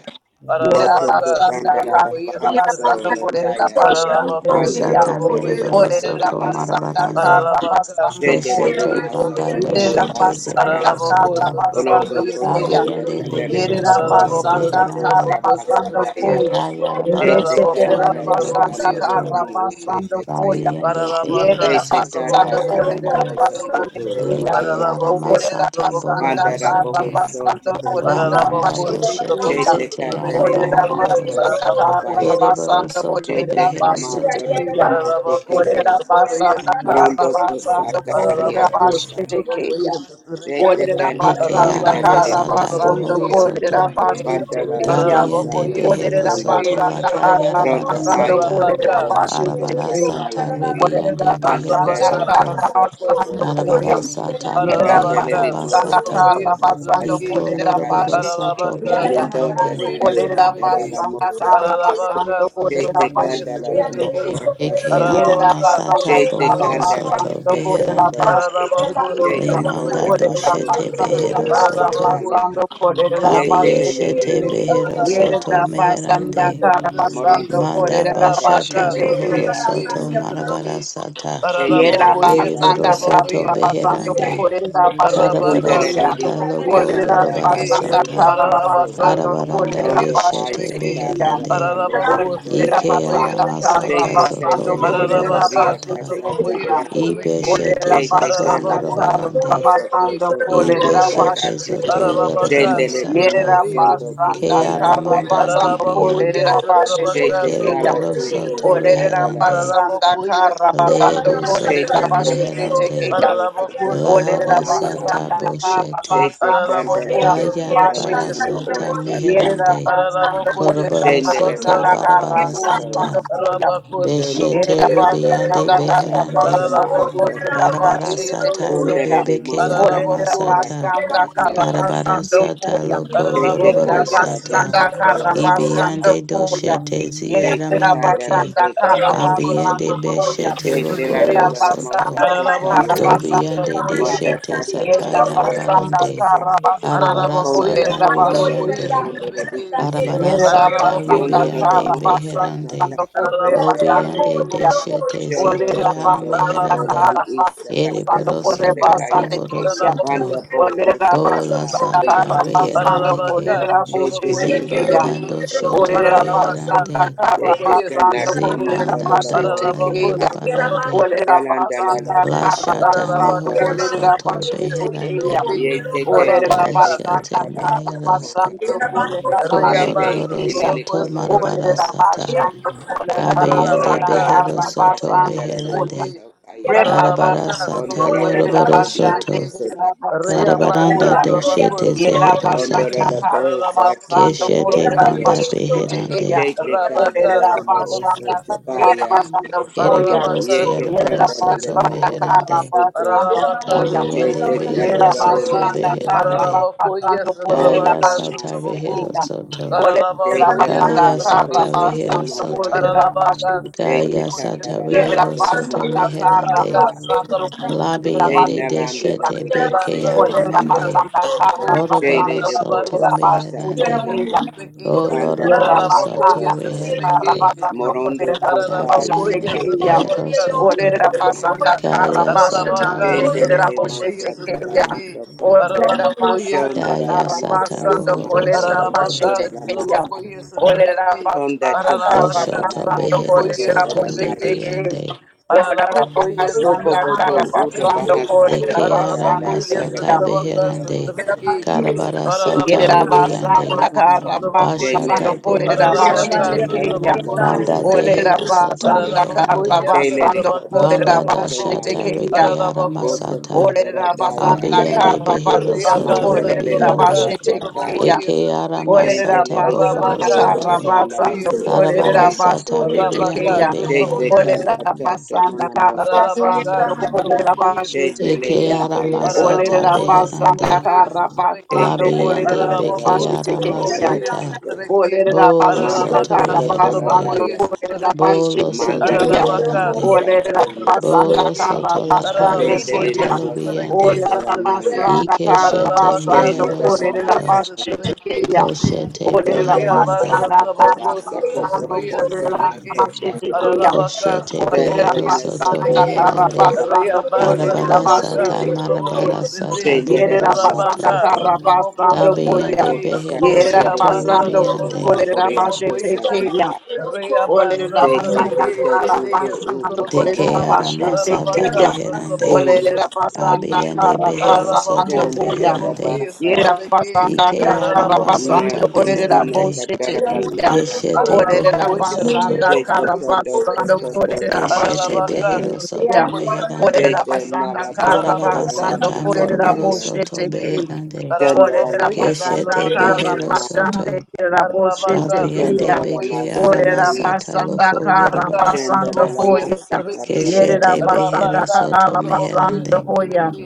Yerera
Moto
Arabaka, Sotrabokoye, Sotrabeki, Ararabaka,
basanda
kotandara da
Sotrabokoye,
karra basando
bahaso
Sotrabeki,
kolerera
lataya.
basande
Ararabaku,
Pandora
keyam.
la
Bashata
Sotrabokoye,
mosa
Meriboro
Olerera
Soto
Sotrabeki,
takandara da
basanda
baso.
Marabarande,
karra
Ararabaka,
basando
Shendele
koyam.
Sotrabokoye,
Keshete
limasa
Banda
kodora
Sotrabeki,
Yerera
Doshete
basanda
Zehero
basa
sutra
karra
Soto,
Konondo
basando
Sotrabokoye,
kota
koyam.
Sotrabeki,
Abiende
tekandere
Behero
Yerera
bikoto
Soto
so
Ararabaku,
basanda
koto
karra
Beherande,
Sotrabokoye,
basando
rabasandaya.
Sotrabeki,
koy.
Akaya Rabara
Shete
Sata
Ararabaku,
kanda
Meşederera
na te
sutra
Meriboro
basanda
kanda lolo
Soto,
karra
mungu
Sotrabeki,
se
basando
tekaya.
koyam.
Abiende
Paralabaka,
Behero
Yerera
Shete
Soto
kanda
Sotraboko,
basando
yes,
alana
kolerera
Marabarande,
mosa
Trebeki.
basande
koto uma
keyam.
Leke
alu
Paralaboko,
kese.
Olerera
Aramasata
Sotraboko,
basanda
Panda
you.
Bohoro
karra
raboho
Trebeki.
Soto,
so
basando
tukunda
kolerera
ta.
Lamanda
Paralaboko,
basande
Doshete
Sotraboko,
keyam.
Shete
Zete
kata
Trebeki.
Orera
rinari oko
Arabaharande,
basanda
Thank you.
Paralaboko,
kara
sotabaya.
Kereboro
basanda
Sotraboko,
Soto
yes,
Thank
Shete
orera
Behero
Trebeki.
kamato
basite
Soto,
keya.
rakunda
Paralaboko,
tikete.
Orera
Sotraboko,
basanda
yes,
kara
Morondo
Trebeki.
basanda
kusaka
orera
aria
Paralaboko,
kusaka.
basite
Sotraboko,
keya.
yes, Trebeki.
Yeah.
Shete
Orera
kanda na
Eke
basanda
Parabaka,
kara
aramasata
muso
Sotraboko,
basanda
bohoro
taya.
yes,
orera
soto.
Trebeki.
basite
Bandala la
keya.
Paralaboko,
Dabiende
masata
yes,
behero
Orera
Trebeki,
satondo.
soto
basanda
laka
kara
Sotraboko.
Ronda
basanda
payo
yarabarasata.
kobo
Parabaka,
orera
o
basite
suto
Sotraboko,
keya.
yes,
Arabarasata
nataya.
Sutrabeki,
Orera
ribiende behero
Bandala
basanda
la
Ararabaka,
kara
soto.
bahaso
Sutraboko,
basanda
kotora
Sutrabeki,
beke.
orera.
Arabarasata
Yerera
meke
Randele
Ararabaka,
le
basanda
mosto
Sutraboko,
arabasata.
kara
toka
basanda
Sutrabeki,
kase
Iko
orera
kataya.
loroboro soto
basite
Ararabaka,
keya.
Nundo
Sutraboko,
merebarande.
tere kanda
Olerera
Sutrabeki,
tera la
basanga
mosaka.
tara
Ararabaka,
basando kolerera
Shete
Sutraboko,
kandala la mo
Sutrabeki,
basheteke.
Eke
orakase.
Yerera
Ararabaka,
basanga
aramasata
Shete
Sutraboko,
tara
bohoro
kandala la
soto
basando
Sutrabeki,
kolerera
beherande.
kosondo.
Ararabako,
basheteke ya.
Shete
Sutraboko,
Limanda
Sutrabeki,
kora
Olerera
baso
doshete
kotora
basanga
behero
tara
Ararabako,
soto.
masakaya.
basando
yes,
Thank
kolerera
Ararabako,
Kabi
Yete
yes,
le nende
basheteke.
yeshete
le le mo
behero
oria
Ararabako,
Yerera
soto
kesete.
Sotrabako,
basanga
meherande.
yes,
tara
Trebeki,
basando
Morondo
Manda
kolerera
Kusata
Rabaka,
bashata
basheteke.
Pekese
bohoro
Sotrabako, yes,
soto
Akesataya
marabara
Trebeki,
sata
Yerera
Ararabako,
Shenele de
yes,
deriboro
basanda
Kandara
Sotrabako,
kara
soto
yes,
Soro
basando
Trebeki,
Kusa
beherande
korera
Rabaka,
karabara
Kundara
bashetekeya.
sata
Didi
Sotrabako, yes,
loko
Orera
yorobara
Okusanda
Trebeki,
basanda
Atelidia
sata
kara
Kaso
Ararabaka,
basando
Sotrabako,
arabaranda
korera
Morondo
yes,
Pai
beshete
Trebeki,
bashetekeya.
Sakatara
beherande
Kandaria
Ararabako,
Orera
Kosa
ike
Sotrabako,
you.
yes,
basanda kara
Trebeki,
aramasata
Jete
zoto
basando
Kandela de Mo
yoroboro
korera
Ararabaka,
Uria
sata
Sotrabako,
Kasata
yes,
Ya
bashetekeya.
Thank you.
Trebeki,
Orera
ibeshete
Jete
zoto
basanda
Ararabako,
Kandela de
kara
yes,
yorobarande
Baoso
Trabocoia,
basando
Koto O
korera
Satrabequei,
ibeshete
Matata
bashetekeya.
zoto
Ararabacá,
yoroboro
Shendele de Mo
sata
Satrabocoia,
Sondo
Yerabasanda
ke
Satrabequei,
Kutala
aramanda
Nanaka
Karabasando
Ararabacoia,
dibiande
Thank you.
Korerabashete
Satrabacá,
Jete
Kiyam.
kereboro
Satrabocoia,
Kalati
soto
Sim,
Isikatala
reherande
Olerabasanda
Ramosata
Ararabacoia,
Karabasando
Lero
Satrabocoia,
soto
Shete
Satrabequei,
candela da
Korerabashete
meherande.
Kiyam.
soto
Ararabacô,
secondo la
Lahara
Satrabocoia,
masa.
sata
Olerabasanda
Satrabequei,
boshete.
Shete
Karabasando
candela
Ararabacô,
te
Kayara
candela
bara
Satrabocoia,
Korerabashete
nama
Kiyam.
ora
sata
Satrabequei,
sasata.
meherande.
Yerabasando
Ararabacoia,
Koroboro
Shendele la
soto
Satrabacá,
Korerabasanda
masa.
barabara
Satrabocoia,
maso.
Karabasando
sata.
Koyam.
Ararabacoia,
Dondo to
Beshete
Satrabocoia,
candela la
ribiande
Yerabasanda
Satrabequei,
masa,
beherande.
katama
Karabasando
Ararabacoia,
aso.
Barabara
Satrabocoia,
Korerabashete
Sim,
sata
Dondere
Kiyam.
de
ribebeke
moho sata
Olera
Ararabocô, se
tara
aramasata.
basanda
kata
trabalhou
tara
essa
Barabara
koto.
karabasando
trabequê.
sata
koya.
loko
Shete
Ararabocô,
Yerera
yoroboro
essa
candela da
sata.
basanda
katara
Thank
trabalhou, se
la moho.
karabasando
you.
Ibiande
koya.
doshete
Shete
Yerera
trabalhou.
candela
ziyaramandeke.
basanda
te
Ararabocô,
candela.
se
Abiende
karabasando
trabalhou
koya.
essa
beshete
Shete la
roko
Yerera
trabequê.
lo
nola la mosa
soto.
basanda
Ararabocô,
tokaya.
essa
karabasando
Dobiande
trabalhou,
de
koya.
essa
Mata
shete
tata
trabequê.
sata
Yerera
karandara
Thank
basanda
yarabarande.
koto
you.
karabasando
Arabara
Ararabakoye
Pondera
sata
kolerera
basso,
bashete.
satrabakoye
ribiande
capondera di
satrabeke.
chise,
taribiande.
Yerera
sata
Ararabako
basanda
yondora da
ribiande
kara
satrabakoye se.
mohosata,
beherande.
basando
tata,
korre
tota,
Ararabaka
basande
kaya,
Obiande de
keya.
satrabakoye
shete zete
satrabeke.
shondora
Olerera
tonto,
basanda
cotora
arameherande.
Ararabaka
li
kara
isa,
satrabakoye
basando
catara li
korre
satrabeke.
Ereborosoto
kaya,
basande keya.
bohorosoto.
Ararabako
panda bo,
Olerera
satrabakoye
Bola
osabata,
basanda
satrabeke.
sata
kara
andara teca,
basando
reherande ke.
Ararabaka
korera
shete
satrabakoye
boshete
candela
keya.
Zibanda
li
satrabeke.
mozo,
doshoto
Olerera
tocaya,
Ararabaka
basanda
beherande.
kara
shete
satrabakoye
cana,
basando
la
satrabeke.
korera
mano
Zibanda
la
daka
boshete
bonza,
Ararabako
keya.
yarabarande.
satrabakoye
Olerera
Thank you.
Yalanda
satrabeke.
la la
basanda kara
tosa,
Lashata
toso
basando
Ararabaka
toso
korera
mohorosoto
tosa,
satrabakoye
boshete
satrabeke.
beherande.
kia.
Sotrabeki,
Yete
Orera
candela
Rabaka,
teca,
basanda
Leshete
tata,
kara
Sotrabokoye,
la
mehero
bohosa,
soko
Sotrabeki,
basando kolera
Kende
Reabasa,
loroboro
bashetekeya.
elele
Sotrabokoye,
soto
kondolo la
marabara
Sotrabeki,
Orera
sata.
bohosata.
basando
Sotrabeki,
kolera
Kabeyande
Rondora
basanda
Ararabaka,
behero
kara
basata
soto
Sotrabokoye,
basando
kandala le
kolya.
Sotrabeki,
beherande.
kaya.
Reba
Thank
Arabara
Ararabaka,
sata
basando
Ondora da
Sotrabokoye,
kolera
mada
loroboro
de dio
basande
Sotrabeki,
soto.
kolera
kosota.
basando
Kandala
Reabasa,
Karabaranda
de
kolya.
katsa.
Trabako,
doshete zehero
Sotrabokoye,
Ondora
Yerabasanda
la
sata.
Ararabako,
bohosata
Karabasando
Keshete
Sotrabokoye,
kandala.
banda
Sotrabeki,
beherande.
Jete
Rabaka,
kandala le mo
Sotrabokoye,
oso tabaria.
Sotrabeki,
Ereboro
Ararabaka,
Yete
siereboro
kandala
Sotrabokoye,
le
soto
mo
Sotrabeki,
oro
meherande.
Ararabaka
Kabeyande
Jete
Satrabakoye
behero
kandala le
Satrabeki
le
soto beherande.
Ararabakoye
Ora
Kaya
Satrabaka
sata
Satrabaku
namasa.
behero soto.
Jete
Ararabakoye
Thank
Kaya
you.
maria
Satrabeki
sata
kosata
Shiti
behero
maya.
soto.
Ararabaka
They
Kaya
take care
Satrabakoye
da
sata
da da
Thank
da
rehero
da
Satrabeki
da
soto
mo ori.
meherande.
Arabaka Satrabaku
They
Labiende
Satrabaku
nalanda la
deshete
Kundabashikam.
de te
Rayaba
beke
se se se
Olela
Satrabaka
ya.
aramande.
basanda
Satrabaku
kara
They
Oroboro
lay
basando
the boat
soto
Ararabaka
kolela
with Santa
Satrabakoye
basete
meherande.
Canda.
keya.
O
Anda da
Para
da
Yela
loroboro
la
you.
boca
soto
y
basanda
ese
mahasoko.
Thank you.
kara
reherande.
basando
Morondo
kolela
kutai
basande
Kabiene
sakata da
keya.
da
trabajo,
behero soto.
kuta
Olela basanda kara
Kaya sata
basande
Jendele
kelela
de
reherande.
boshete
mosata da
keya.
masoko.
Olela basanda
Shonda da
Kaya
na
kara
sata
masa
basando
rohoro
samato
kolela
soto.
okotora
basete
da
keya.
masa.
ese
Olela
Tonda
basanda
te
kara
katara
Doshoto
na na
basando
behero
kolela
soto
boshete
sakotora
keya.
libiande.
Olela basanda kara
Roboboto Uda
basando
Bahasa
kolela
Deke
basande
Tataranda
aramasata
keya.
Darakoto Dada
beherande.
trabajo.
Masaka Tere
Karabara
Mosto
sata
Koto
Aralabacaça,
ribiande.
Yerabasanda
Dakanda
trabacoça, trabacoia.
jenele
Karabasando
Bashata
de
Korea
Bohoro
Kandara
Soto.
Aralabacaça,
Tekandara
trabacoça,
Labo
Banda
trabequei.
Sata
Dehero Soto
Olerabasanda
Reherande.
Aralabacoia,
Shele de
Karabasando
Koto
trabacaça,
de
Banda
Koto
trabacou.
Dashata
Naya
Korea
Reke
Thank
Aralabacoça,
Boto Koto
Aramasata.
Olerera
trabacoia,
Radaya
basanda
trabequei.
Abiyande
kara
Behero
basando
Soto
Riabaça,
Mandela de
kolerera
Ribiande.
trabacaça,
bashete
Mosataka
you.
keya.
trabacoia,
Eke
trabequei.
Olerera
Shendele
Aramasata
de
Bohoro
basanda
Koto
Rabacaça,
kara
Soto.
Osanara
basando
trabacoia,
Te
Arabara
kolerera
trabequei.
Oshakata
Sata
bashete
Ribiande
keya.
Rabacaça,
jete
Beherande.
trabacoia,
Kanda
Olerera
Tata
trabequei.
basanda
Mona
kara
Mosaka
Ararabaka,
basando kolerera
Sotrobokoye,
bashete
Shendele
Sotrobeke,
Eke
de
keya.
Kandara
Aramasata
Olerera
Ararabako,
Mosaka
basanda
Beherande.
Sotrobokoye,
kara
Sotrobeke,
Tete
basando
de
labiande
kolerera
candela
Ararabako,
la
Beke
bashete
mosa po
keya.
ora
Sotrobokoye,
Aramasata.
caste.
Sotrobeke,
Olerera
Bolo
basanda
Mando
Soto
Ararabaka,
kara
choco tora
Reherande.
basando
Sotrobokoye,
daya.
kolerera
Sotrobeke,
Bolo
bashite
Soto
Mandara
keya.
la la
Ararabaka,
Reherande.
mosa da
Olerera
la
Sutraboko,
masa.
basanda
Bolo
Sutlaki,
kara
soto lakaya
bashande
Sende de
Ararabakoye
sata
de
keya.
mosa
Sutlaki,
lubiande.
Olerera
tora
Sutlaki,
naya.
basanda
Ike
kara
shete
Ararabaka
basando
Sende
mehero
de la
kolerera
Sutlabakoye
soto.
masa.
bashite
Sutlaki,
keya.
Shiti,
Koshete
Olerera
Donde
you.
la
Riabas
beherande.
basa
basanda
Sutlabako
kara
tabasa ko
Thank
ora
basando
Sutlabakoye
casa
kolerera
Sutlaki,
masaka.
Thank
bashite keya.
Ararabaka
you.
Koshete
Olerera
Sete
behero
Sutlabakoye
ne
soto
soco
basanda
Sutlaki,
Thank
kara
la
meherande.
basando
Riabas
basa tora
kolerera
la
Arabara
Sutlabaka
masa.
sata
bashite keya.
Sutlabako
marabara
Siti,
sata
Sende de
Yerera
buhoro
la
basanda
Rabaka
masa
soto.
to.
kara
Sutlabako
basando koya.
Dabiende
Sutlaki,
Ota
behero
cate
Yerera
de
soto
Reabasa
basando
dinano de na no
ribiande.
mo
trabocoso
kolerera
ora
bashe
traboco
casa
ese.
tekeya.
taka.
Olela
Reabasa
Shete
basanda
trabeque
kete
ese
kara
kuntu
te ese
basando
utu sanda
Deke
traboco.
kolela
da da ba.
bashete
aramasata
keya.
Pararabacasa
beherande.
traboco
Di
Olela
ese
basanda
trabeque.
Abiende
kara
behero
basando
soto
Pararabacoso
sanda da
koya.
da
traboco
ba
you.
beherande.
ese
sa.
Yera
trabeque.
basanda
Ike
kara
Pararabacoso
Na
aramasata
basando
traboco
kolela
na
beherande.
kata da
boshete
da da ba
keya.
sa ta.
Eshete
Olela
bohoro
Aralabakoye
soto.
basanda
Shete
kara
satrabakoye
kando to
basando
satrabeke.
koto da
kolela
ma
Eshete
bashete
Aralabaka
osaka.
behero soto
keya.
satrabakoye
meherande.
Olela
Shete
satrabeke.
na la
basanda
to
kara
koto
Arabara
da
Aralabako
no
basando
ma
sata
osaka
kolela
satrabakoye
moroboro
ya.
soto
boshete
satrabeke.
keya.
beherande.
Sanda da da
Orera
Aralabakoye
ba sa
basanda
Keshete
kata
satrabaka
da
kara
no
behero
ma.
satrabaku.
basande
soto.
kera
Aralabaka
boshete
Sanda
Dabriande
da
kriya.
da
satrabakoye
ma
beke
Orera
satrabeke.
seling.
aramasata
basanda
loko
kara
Aralabaka
yorobara
Sanda da
basando
sata.
da
satrabakoye
ma
koya.
sa
satrabeke.
kata da da ma.
Yerera
Keshete
basanda
behero
Arabaka
soto
kara
satrabakoye
basando
Thank
meherande.
koya.
satrabeke.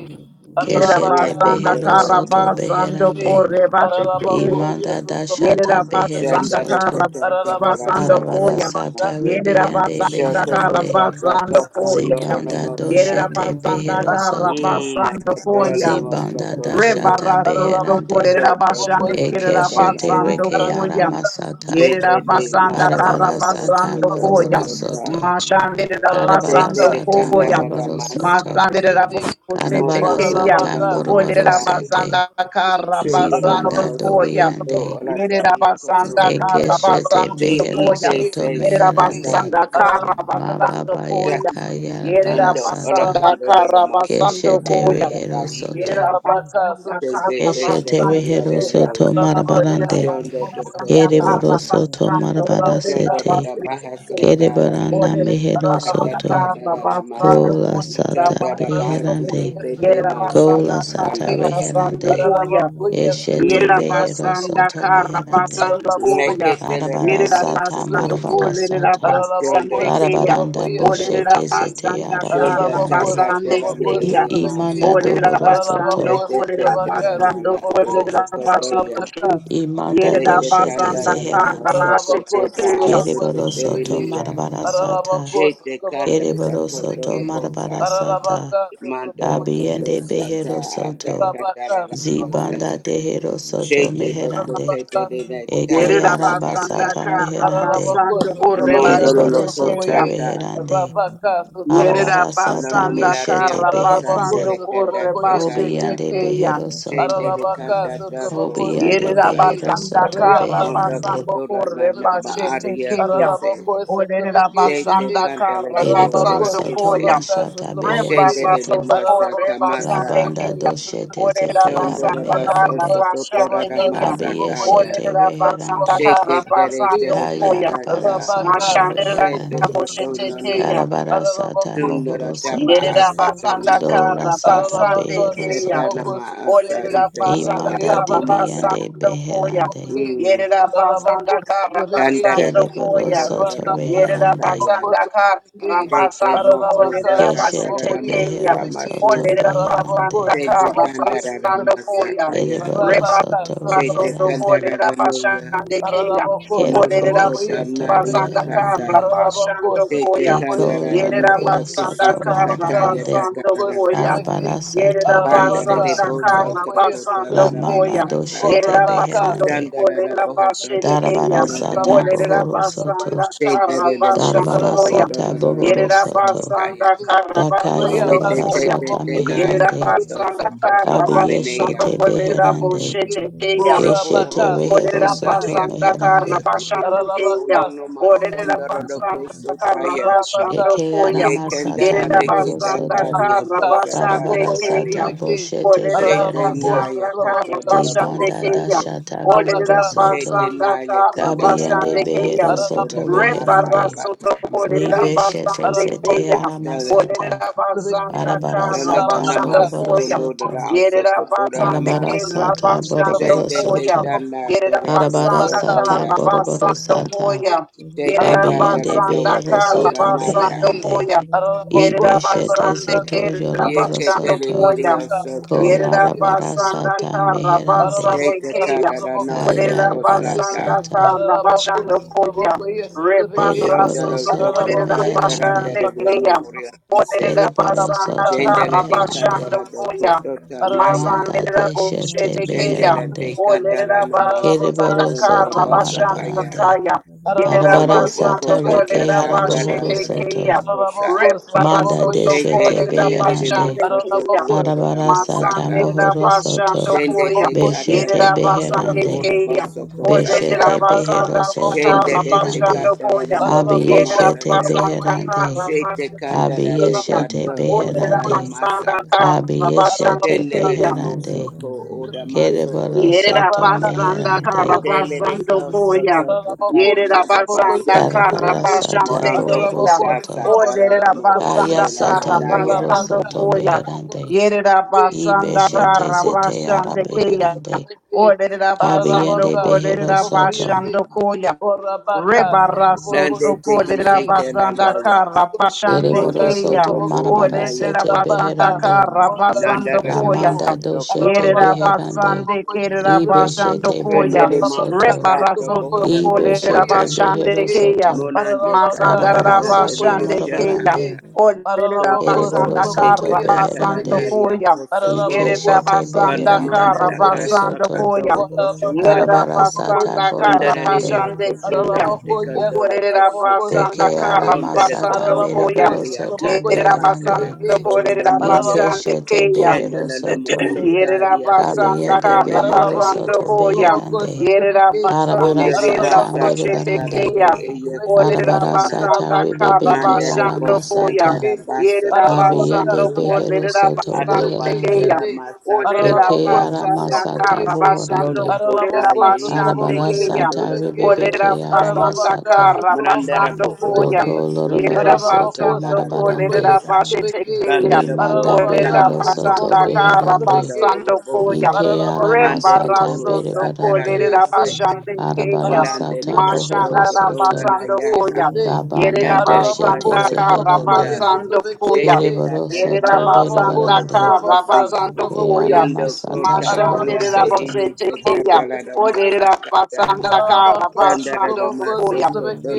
Yerera
Aralabaka
Na
Keshete
koto
basanda
behero
kara
do.
satrabakoye
soto
basando
satrabeke.
beherande.
kore bashete kriya.
Aralabakoye
Imanda
satrabakoye
dashata
Yerera
behero
basanda
Sanda
satrabeke.
da
kara
soto.
kata da da da
basando
Ararabacuia,
ma
Arabara
koya.
sa ta.
sata
Satrabacaça,
Yerera
ribiande
Trabocoia,
basanda kara
beherande.
basando
Ararabacaça,
koya.
Trabocoia,
Zibanda
Yerera
Shotototatatatanorodomosa.
Satrabequei,
doshete
basanda
behero
kara
soto.
Mm,
Ararabacuia,
basando koya.
Satrabacaça,
Zibanda
Trabocoia,
nakatorolomosokotodo.
dashata
Rebarasoto
beherande.
Ararabacaça,
Korera
Trabocoia,
Bashande Kerera
Satrabequei,
Ekeshete
Shotototondadadama.
Basando
reke
Koyam.
Ararabacaça,
aramasata.
Yerera
Trabocoia,
Basanda
Arabarasata
Ararabacaça,
Karabasando Koyam.
moroboro
Trabocoia,
Tetetematorodobosotoosota.
soto.
Mashandera
Ararabaka,
Basando
Karabarasata
Koyam.
Sotroboko,
moroboro
Tetetekandadadamasa.
Sotrobeki,
soto.
Masandera
Shete,
Bosete Kayam.
Karabarasata
Ararabaka,
moroboro
Olera
Sotroboko,
Motokotodanamasa.
sete.
Basanda
Sotrobeki,
Zibanda
Karabasando
Ararabaka,
Shundorodomosa
Koyam.
Sotroboko,
kato
dobiande.
you.
Yerera
olataria
Sotrobeki,
Thank
Basanda
kosoto.
Ekeshete
Ararabako,
Karabasando
behero
Sotroboko,
T.E.K.
Koyam.
soto
say
Yerera
Sotrobeki,
meherande.
sakada
Basanda
sa-
Ararabaka,
Karabasando
Mababa
Sotroboko,
sa-
Koyam.
yaka
Sotrobeki,
Yerera
Ando ola
yarabarasata.
Basanda
Rabaka,
kondolo la
Sotroboko,
masa
Karabasando
gaba
Keshete
Koyam.
anda
Sotrobeki,
rehero
ba
soto.
Yera
Rabaka,
basanda kara
Sotroboko, Sotrobeki,
Tezekete
Eshete
basanda
rehero
kandareyo,
koya.
soto
Ararabaka,
Olera
marabarande.
shondo
Sotroboko, Sotrobeki,
basanda
tokoto,
kara
Yereboro soto
basanda
marabara
kolera
Ararabaka,
shondo
sete.
da
Sotroboko,
basanda
Sotrobeki,
koya.
bahasata,
Kerebaranda
Olera
mehero
basanda
Ararabako,
sakata
soto.
kara
da da da ma,
basanda
Kola
kolera
sata
shondo da
basanda koya.
bahasite
beherande.
te te
Yera
ma
basanda
Kola
san,
kara
sata
kanda da da ma
basanda
te.
reherande.
koya.
Eshete
Yerera
Mm.
behero
basanda
soto
kara
meherande.
basando koya.
Nekete le la
Arabara
na
Yerera
mo
sata
shiko,
basando
marabara
kolerera
sata.
shondo
basande
toto
keya.
Darabaranda
koto ko,
Olerera
boshete sete
basanda
ara
shondo
you.
kara
meherande.
takate
basande
la
Thank
ne
Sotrabaca,
de
I-
keya.
de ma sa,
imanda
Olerera
dohoro
te
basando
soto.
te te
kolerera
te la na
basando
la te
Sotrabaco,
kolerera
okoto
basando
ya.
Rabaca,
keya.
Imanda
Yerera
Sotrabaco,
Shete
doshete
kanda
basanda
na na
kara
zeherande.
masoto
basete
Ararabakos,
toba
keya.
Trabakos,
asete
Kereboro soto
Trabaki,
terenia.
marabara sata.
Ararabakos,
Shete kanda
Trabakoyes,
Kereboro
tako
soto
Trabaki,
toro bosa.
marabara sata.
Ararabakas,
Mandoro
Trabakoyes,
koto
Kabiende
Trabaki,
sata
behero
ada
soto.
kanda na
Rabakas,
na masa.
Zibanda
Trabakoyes,
dehero
Trabaki,
soto
Shete bako
meherande.
tepe
Ararabakas,
de na
Eke
Trabakoyes,
Yerera
tanda na
basanda
arabasata
kasata.
kara
meherande.
Ararabako
basando kore
Sotrabaka
Mondoro
basete
Ereboro
loko
soto
keya.
Sotrabokoye
sata.
meherande.
Rabaka Sotraboko
Yerera
Arabara sata
Manono
Sotrabeke
basanda
manate
meshete
kara
oko
Ararabako
sata
beherande.
basando
le kanda
kore
te
Sotrabokoye
basete
karia.
Obiande
Sotrabeke
keya.
behero
Shende
soto.
le
Ararabaka
kanda tako
Sotraboko
ora
Obiyande
Sotrabeke
bosata.
behero
Yerabasanda
soto
Rayaba
beherande.
Mondoko
you.
Karabasando
Sotraboko
tora na na
Sotrabeke
Thank
Korebashete
maaria
Kenya.
kise.
Ararabako Sotrabeke
Shete
Shete
Olerabasanda
kandale de bo
Ereboro
Ararabako
ora
Karabasando
soto
kese.
Koya.
Sotrabaka
mashata behero
Sotrabokoye
Shendere
soto.
de
Rebabasoto
masa
Ararabako
La
Korebasande
kamasa.
banda
Sotrabokoye
Kenya.
doshete
Sotrabeke
zete yara
Shondora
Olerabasanda
baso
meherande.
Arabacos,
sokotora
Karabasande
da
Kenya.
masa kaya.
Kabiyeshete
Olerabasanda
reherande.
Sheke tere
Karabasando
tere
Koya.
Yayara
kantata.
barasata
Mashandela
Sheto
reherande.
koto
Boshete
nono.
Kenya.
Karabara sata
Sundora
mohoro
taba
soto.
Yerera
asata
basanda
Dola
kara
namasaka.
sata
basande
behero
keya.
Teta
soto.
Trabocos,
nama asa
Trebeki,
Olerera
itoko
basanda
Imanda
kara
etoko
Riabas, the
masa.
dibiyande
basando
Bocos,
koya.
Rabaka,
beherande.
Mm.
Yerera basanda kara
Kandara
basando
da
Kereboro
kotora
koya.
da da
soto
da mosa
Yerera
reherande.
kaya.
basanda kara
Shete
basando
mo osa
kolerera
tara
basete
Keshete
na
keya.
mosa
behero soto
masuri.
Olerera
beherande.
basanda
Shete
kara
you.
kandarara
basando koya.
Thank
masakaya.
Kereboro
Reba
soto
Shete
basoto
reherande.
kolerera
kandarara noya.
basande keya.
Ararabako,
Moto
Olerera
Kereboro
Sotrabokoye,
kota
soto
naria
Sotrabeki,
basanda
reherande.
kara
kasa.
Ararabako,
basando
Shete
koya.
Iko
Sotrabokoye,
kandarara mo
Yerera
Sotrabeki,
ora
loroboro soto
basanda
kisete
kara
Ararabaka,
kataria
marabarande.
basando
Sotrabokoye,
tatarara
koya.
dasa.
Sotrabeki,
Arabara sata
Yerera
behero
Ararabaka,
Pandarere
basanda
bosa
soto.
kara
Sotrabokoye,
toko
La
basando
tarara
Sotrabeki,
mana
koya.
masaka.
doshete
Yerera
Orabaka,
basando
beherande.
Shandarara
Sotrabokoye,
kolerera
bohosa
Sotrabeki,
basete
toko
keya.
Darabara
tarara
sata
Ararabako,
masa.
Olerera
bohoro
Sotrabokoye,
soto.
basanda kara
Sotrabeki,
Shedere de
basando
mosa
Darabara
koya.
Ararabako,
sata
kotorara
bohoro
Yerera
mosa
Sotrabokoye,
soto.
kotaya.
basanda
Sotrabeki,
kara
Daka
basando
Shete
yarabara
Arayabasa,
koya.
tete
sata
Sotrabokoye,
Yerera
tenaya
meherande.
Sotrabeki,
koto
basanda
Rabaka,
sokota
kara
Kabi
basando
baneya.
yeshete
kolerera
beherande.
bosete keya.
Bora
Keshete
boroko
rehero
Orera
soto
shindaya
basanda karra
katasa
meherande.
tete
basando
koto do
keya.
no no
Orera
masandara do
basanda
koso
you.
karra
taya.
basando
Eke
koya.
Thank
Ye
yarama sata
kandana
Gerera
de
mohoro
basanda
soto.
ketandaya
karra
kosa
basande
tata
Barabara
keya.
sata
karia.
boshete
Orera
Shete
beherande.
basanda
naya
karra
koto do
de
la boho
basande
banda
keya.
sato.
dashata
Orera
bohoro
Shete
soto
basanda
naya
you.
karra
kandara
kabiyende
basande
la
keya.
behero
boso to do
soto
na
Rabaka,
Rebara
masa
beherande
bata
soto orera
masa.
libeshete
basande
zete
keya.
Arabacos,
Tele.
aramasata
Orera
Trabacaso, Trabaco,
basanda
arabara
karra
Tele ba
sata
na
basando
masa
boroboro
koya.
soto
also
Yerera
koto da
basande
arabara
ma.
kerra
sata
basando
boroboro
Shente
koya.
soto
ketanda
Yerera
tere
arabara
basanda
koso
karna
sata
toya.
boroboro
basando
sata
koya.
Tete
Yerera
candela
kabiyende
basanda
do
behero
karna
cotona
soto
naya.
basando
beherande
koya. Yerera
ibeshete
basande
soto
you.
kerera
Ye
yoroboro
basando
ketele
Thank
soto
koya.
dirio
Rabacaso,
sota
Trabaco,
ya.
Yerera
yes,
basanda
kolarabarasata
kara
meherande
basande
Tete
Ararabaka
keya.
candela
sotraboko ye
noro do
Korera
ayarabara
sotrabeke.
basanda
cosata.
sata.
kara
Ararabako
basando koya.
sotraboko ye sotrabeke.
Dere
Rebara
boro
soto
Shondoro do
soto
korera
Ararabako
cota
ye
meherande.
basande
tarandere de
sotrabaka
keya.
mohoria
sotraboko.
kise.
Korera
Kere boro
basanda
Ararabaka
soto
kara
Chendele de
sotraboko
meherande.
candela
basando
do
sotrabeke.
koya.
cotota
Ararabako
naya.
Manda de
ye
Masandera
shete
koshete
sotraboko ye
keya.
Chendele
beherande.
te
sotrabeke.
candela
Korera
namasa
Kere
Ararabaka
basanda
boro
condona do
soto
kara
sotraboko
bosa
basando
kaya.
sotrabeke.
marabarande.
kaya. Yerera
Arabara
Araraboko,
Tondo
yes,
sata
basando
boconda
reke
Traboco,
korera
taka
arabohoro
Sutleveke,
basete
tarandere
soto.
de
keya.
acosa.
Araraboko,
Rebara
Manda
Sutlevoko,
de
soto
yes,
Shete
shete
korera
Treveke,
indele de
beherande.
basande
moso to
keya.
Araraboko,
condoro da
Arabara
Sutlevoko,
sata
masaka.
Masandera
Sutleveke,
mohoro soto.
Bashando
Shende
Koya,
te
you.
Araraboko, yes,
Beshete
katara
Yerida
Traboca,
koto
Basande
beherande.
ora
Kaya,
Sutlevoko,
boso
Koya
Beshete
kotaria.
Reabasa,
behero
Basanda
Traboco,
soto
Kara
Shende de te
Sutleveke,
beherande.
Bashando
katara
Koya,
mo ora
Araraboko,
Yerida
Abiyeshete
masato.
Sutlevoko,
Basanda
yes,
beherande.
Kara
Treveke,
Shete
Bashando
kandara de
Kaya,
Araraboko,
Abiyeshete
kata
Koya
Sutlevoko,
beherande.
onarana
yes,
Basanda
masaka.
Treveke,
Kara
Abiyeshete
Bashando
Shende
Ararabaka,
le
Kaya,
le
beherande,
Sutlevoko,
moso ko
yes,
ora maso
kereboro
koto
Yerera
soto
Rabaka
kataya.
basanda
sotraboko
kara
meherande,
Shende le
sotrabeke.
basando
koso
koya.
to
Ararabako
kodara
Yerera
nada
sotraboko ye
basanda
base.
kara
karabara
sotrabeke.
sata
basande
Morando
Ararabako
bohoro
keya.
kota
soto,
katara
sotrabaka
Oderera
mo
sotraboko
kaya
basanda
ye.
osela
sata
kara
nandaya.
lohoro
basando
Rabaka
soto
koya.
sotraboko
meherande,
Yerera
sotrabeke.
basanda
ibeshete
kara
Ararabako
zete ara
basande
sotraboko ye
keya.
beherande,
sotrabeke.
Oderera basando
kabiyende
Ararabaka
behero
kolerera
sotraboko ye
soto,
se.
basando koya.
Orabaka
Rebaraso
sotraboko
Nande te
toko lerera
sotrabeke.
hishete
basanda
nandaya.
kara
Ararabako
basande
ereboro
sotrabaka
Monto
keya.
koto
soto
sotraboko.
bono
Thank
marabara
you.
Oderera
sete
nayaka.
Rabaka
basanda
beherande,
Thank
kara
sotrabaka
Nanda
basando
da
sotraboko.
da
koya.
baha
lamanda
soko
Para
doshete
Yerera
tola.
beherande,
basande kerera basando
ibeshete
koya.
Prendele
bohoro
masa
soto,
Rebara
kato
soto
bohora
kolera
ibeshete
bosata.
basande
behero
keya.
soto,
Monande
Masandara
katara
Darabara
da da de
sata
basande keya.
oshantaya.
morobarande.
Olerera
Proto
basanda
Kereboro
bona de
soto
kara
katatara
basando
beherande.
naria
koya.
kosa
la
boro.
Yerera
boca,
Ikeshete
basanda
se
beheranda
Pandamanda
kara
da
bohoro
kasa
basando
soto.
koya.
kato
Yerera
oshokanda.
Darabara sata
basanda kara
Kondara de the
borobarande.
basande
okosunda de
keya.
okoshunda te kandolo
Olerera
kosute.
basanda
Deke
kara
arama
Ronda de
sata
basando
kodota
koya.
mereboro
kalia
soto
kat
Yerera
sabakata
beherande.
basando
kodolo no
kolera
noya.
basande
Ikeshete
keya.
behero
Shenandoah
soto.
moso taria ke
Kabiyende
you.
setele ne
behero
leliko.
soto
Thank
Yerabasandakarabasandokoya.
beherande. Arabara
Kundari
sata
basa katara
merebarande.
de
Yerabasandekerabosetekeya.
eyekso
Arabara
kotona.
sata rebebe
Arabacos,
ke
Mandare
arama
bosa
Olerabasandakarabasandokoya.
sata.
tara basa kobohu
Abiyende
Yerabasandoko,
sunda.
behero soto
Ato
beherande.
badara
lererabasandekeya.
la
Eke
masako ora
ara
basete.
masata buhorande.
Londo
Olerabasandakarabasandoku,
kota
Ararabacos,
ye
outro
hisi
Arabara
bocô,
hisi
lererabasandekeya.
sata
kandola
ribebe ke ara
la
masata.
Marandara
outro
bo
Olerabasandakarabasandokoya.
ora
Doko
basunda
lorobaro
de
soto
bocô,
Yerabasandoko,
casatare a
marabarande.
lererabashetekeya.
Randara
Limanda
brocota
Orera
behero
masa
soto
basanda kara
cacato
beherande.
condolo
basando
lo
koya.
bose.
Ike ara
Mande de
outro
masata
boho
Rebaraso to
satara
berebarande.
bocô,
kolera
sim.
casaita.
basande
Arabara
keya.
Marande
sata
de
Aralabaco,
cato
bohoro
Mashanda
Sotoboco,
soto.
cotola na
basando koya.
yaka.
Dabanda
Yerera
de
doshete
you.
basanda
caso
kara
zeherande.
Thank
toconda.
basando koya.
Shete
Kereboro
catara
Yerera
soto
na cotolo
basanda
lo
berebarande.
broco
kara
si.
basando
Ke
koya.
ara
Yondo
masata
kota
bohoro
ala
Mashandera
de
soto.
bose
eye se
tekeya.
candela da mosa
Oderera
cata.
basanda kara
Dandara
basando
da maso
koya.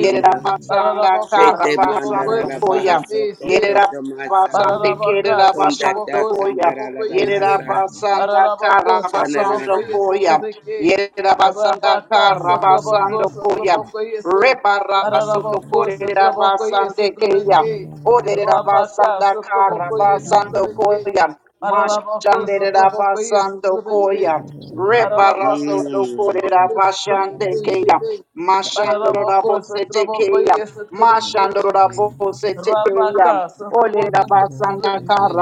Yerera basanda
Sotoboco,
kara
Shete
basando
mandarara
koya.
baha soko
Sotoboco,
Yerera
toto masa.
basande
Ararabaka,
kerera basando
Kondata
Sotraboko,
koya.
Sotraboko,
kandarara la
Yerera
Yese,
masa.
basanda
Ararabako,
kara basando
Sotraboko,
Chanana.
Yese,
koya.
Trebeke,
Yerera basanda
Rabaka,
kara
Sotraboko,
basando koya.
Sotraboko, Yese,
Rebara soto
Ararabako,
korera
Sotraboko, Yese,
basande keya.
Trebeke,
Ode
Rabaka,
Oderabasanda
Sotraboko, Yese,
Thank
Karabasando
Trebeke,
Koya.
Ararabako, Sotraboko, Yese,
Mashanderabasando Koya.
Trebeke, Paralabacá,
Rebaraso
Mm.
Satrabocoí,
Dokorabashande
Satrabequei,
Kaya.
Xitei. Paralabacó,
Mashandorabosete Kaya.
Satrabocoí, Satrabequei, Xitei.
Mashandorabosete Kaya.
Rabacá, Satrabocoí,
Oderabasanda
Satrabequei.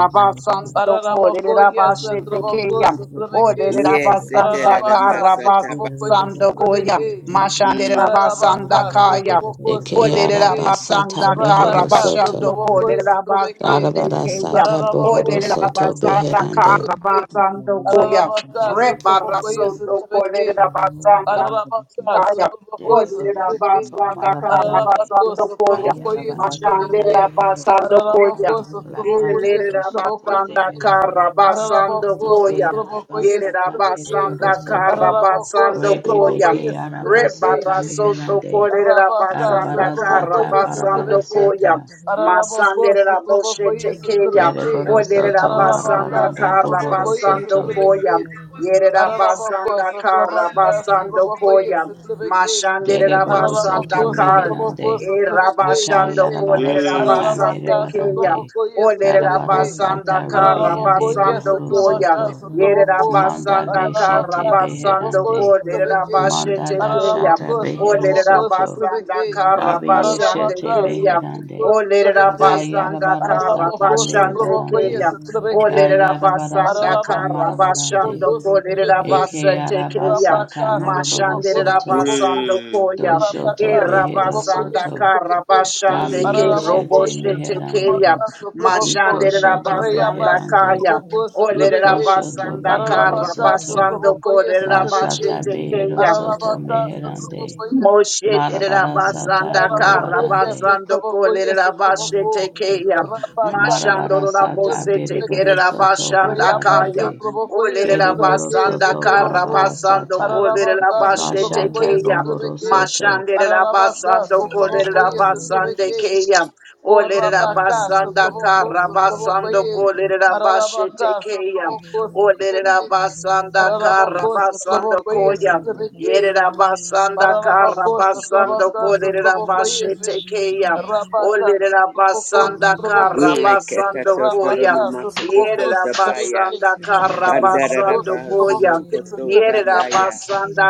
you.
Paralabacoí,
Thank
Korabashete
Satrabocó,
Kaya.
Satrabequei.
Yes,
Oderabasanda
eterara
Paralabacá,
masa taba.
Satrabocoí,
Karabasando Koya.
Satrabequei.
Mm.
Mashanderabasanda
Ararabaka,
Kaya.
Sotroboko,
Eke
Olerera
Sotrobeke,
basanda
arabasata
kara
mehero
Rabaka,
basando
soto.
Sotroboko,
you.
kolerera
Sotrobeke,
basande keya.
Darabarasata
Ararabako,
bohoro
Olerera
soto
Sotroboko,
basanda
beherande.
kara
Sotrobeke,
basando koya.
Ararabaka,
Reba
Sotroboko,
rasoto
Sotrobeke,
kolerera basanda
Ararabaka,
kaya.
Sotroboko,
Olerera
Deriboro
Sotrobeke,
soto
basanda kara
marabarande.
Ararabako,
basando koya.
Sotroboko,
Kayarabara sata
Mashandera
Sotrobeke,
behero
basando
soto.
koya.
Ararabako,
La
Sotroboko,
banda
Sotroboko,
doshete
Yerabasanda
Sotrobeke,
zeherande.
Ararabako,
Karabasando
Ike
Koya.
Sotroboko, Yes,
arabasata
Sotrobeke,
Yerabasanda
meriboro soto.
Arabako,
Karabasando
Rebebe
Sotraboko,
Koya.
ke
yes, Trebeke,
arabasata
Shete,
Rebarasoto
meherande.
you.
Arabaka,
Russia,
Korabasanda
Arabara
Sotraboko,
sata
yes,
Karabasando
barabara
Trebeke,
Koya.
sata.
Arabako,
Masandera Boshe
Sotraboko, yes,
Tekeya.
Trebeke,
Deriboro soto
Arabaka,
Oderabasanda
marabaranda
Sotraboko,
bohoro
yes,
Karabasando
soto.
Koya.
Trebeke, Arabako,
Yerabasanda
Sotrabaka,
Karabasando
Sotraboko,
Koya.
yes, Trebeke,
Mashandera
Dereboro
Basanda
Arabako,
soto
Kar.
Sotraboko,
meherande.
Eh,
Sotrabeke,
Rabashando
Shete,
Akayarabara
kolere
sata
Mm.
rabasande
Arabaka,
keya.
merebarande.
Sotraboko, yes,
Olere
Karabara
Trebeke,
rabasanda
sata
ka
Araraboko,
ribiande
yes,
rabasando
bohoro
koya.
Trabaka,
soto.
Yere
Sotraboko,
Manda
rabasanda ka
Ararabaka,
beshete
rabasando
Sotraboko,
beherande.
kolere
Sotrabeke,
Manda
rabashete keya.
Araraboko,
dashata behero
Olere
Sotraboko,
soto.
rabasanda
Sotrabeke,
ka
Kabi
rabasande
Ararabaka,
yeshete
keya.
Sotraboko,
beherande.
Olerera
Sotrabeke,
rabasanda
Kayarabara
kara
Araraboko,
sata
basande
Sotraboko,
merebarande.
keya.
yes,
Russia,
Trabeke,
Olerera
Kayarabara
rabasanda
sata
Ararabaka,
kara
marabarande.
basando
Sotroboko,
kolerera
Sotrobeke,
Eke
basete keya.
Rabaka,
arabasata moroboro
Sotroboko,
Mashanderera
soto.
Sotroboko,
basando
Mm.
koya.
Do shoto
Rabaka,
E
behero
Sotroboko, yes,
rabasanda
soto.
kara
Sotrobeke,
basande
Dabi
ke
Mm.
Araraboko,
robo
shete
yes,
shete
meherande.
keya.
Sotrobaka, Sotroboko,
Iko
Mashanderera
shoto
Rayaba,
basanda
beherande.
kaya.
Sotroboko,
Iko
Olerera
Sotrobeke,
shoto
rabasanda
behero
kara
Ararabaka,
soto.
basando
Sotroboko, yes,
kolerera
Sotrobeke,
Bashata
basete
behero
keya.
soto
Ararabaka,
meherande.
Sotroboko, yes, Sotrobeke,
Marabara
Moshetirabasanda
sata
Arabako, yes,
borobarande.
at
karabasando
Tabako, yes, at
kolerabashete
Tabako,
keya.
Thank
Rabaka,
Mashando
Marabara
Satraboko,
sata
rabosete
Satrabeke,
beriboro soto
kerabashanda
Rayabas,
kaya.
barabarande.
Satraboko, yes, at
Kereboro
Tabake,
Olerabasanda
soto barabara
Satraboko,
karabasando
sata.
Arabaka,
Russia,
kolerabashete
Satraboko,
Bashata
yes, at
keya.
bohoro
Tabake,
soto.
Mashande
Arabaka,
rabasando Mashandirabasando
Satraboko, yes, at
kolerabasande
Tabake,
keya.
O Rabaka,
Olerabasanda
Satraboko, Satraboko,
karabasando
ye,
kolerabashete
Arabaka,
keya.
Satraboko, Satrabeke,
Olerabasanda
Arabako,
karabasando
Satraboko, yes,
koya.
at Tabake,
Yerabasanda
Paralaboko,
Karabasando
Sotrabaka,
Kolera
Sotraboko, Yesi,
Bashetekeya.
Rabaka,
Olera
Sotraboko,
Basanda
Sotraboko,
Mm.
Ye,
Eketa
Karabasando
toto
Koya.
Rabaka,
rona maso
Sotraboko,
koto tabaya.
Sotrabeke,
Yerabasanda
Paralaboko,
Pandarara
Karabasando
baha
Sotraboko,
Koya.
Ye,
soko toto
Sotrabeke,
tandaya.
Yerabasanda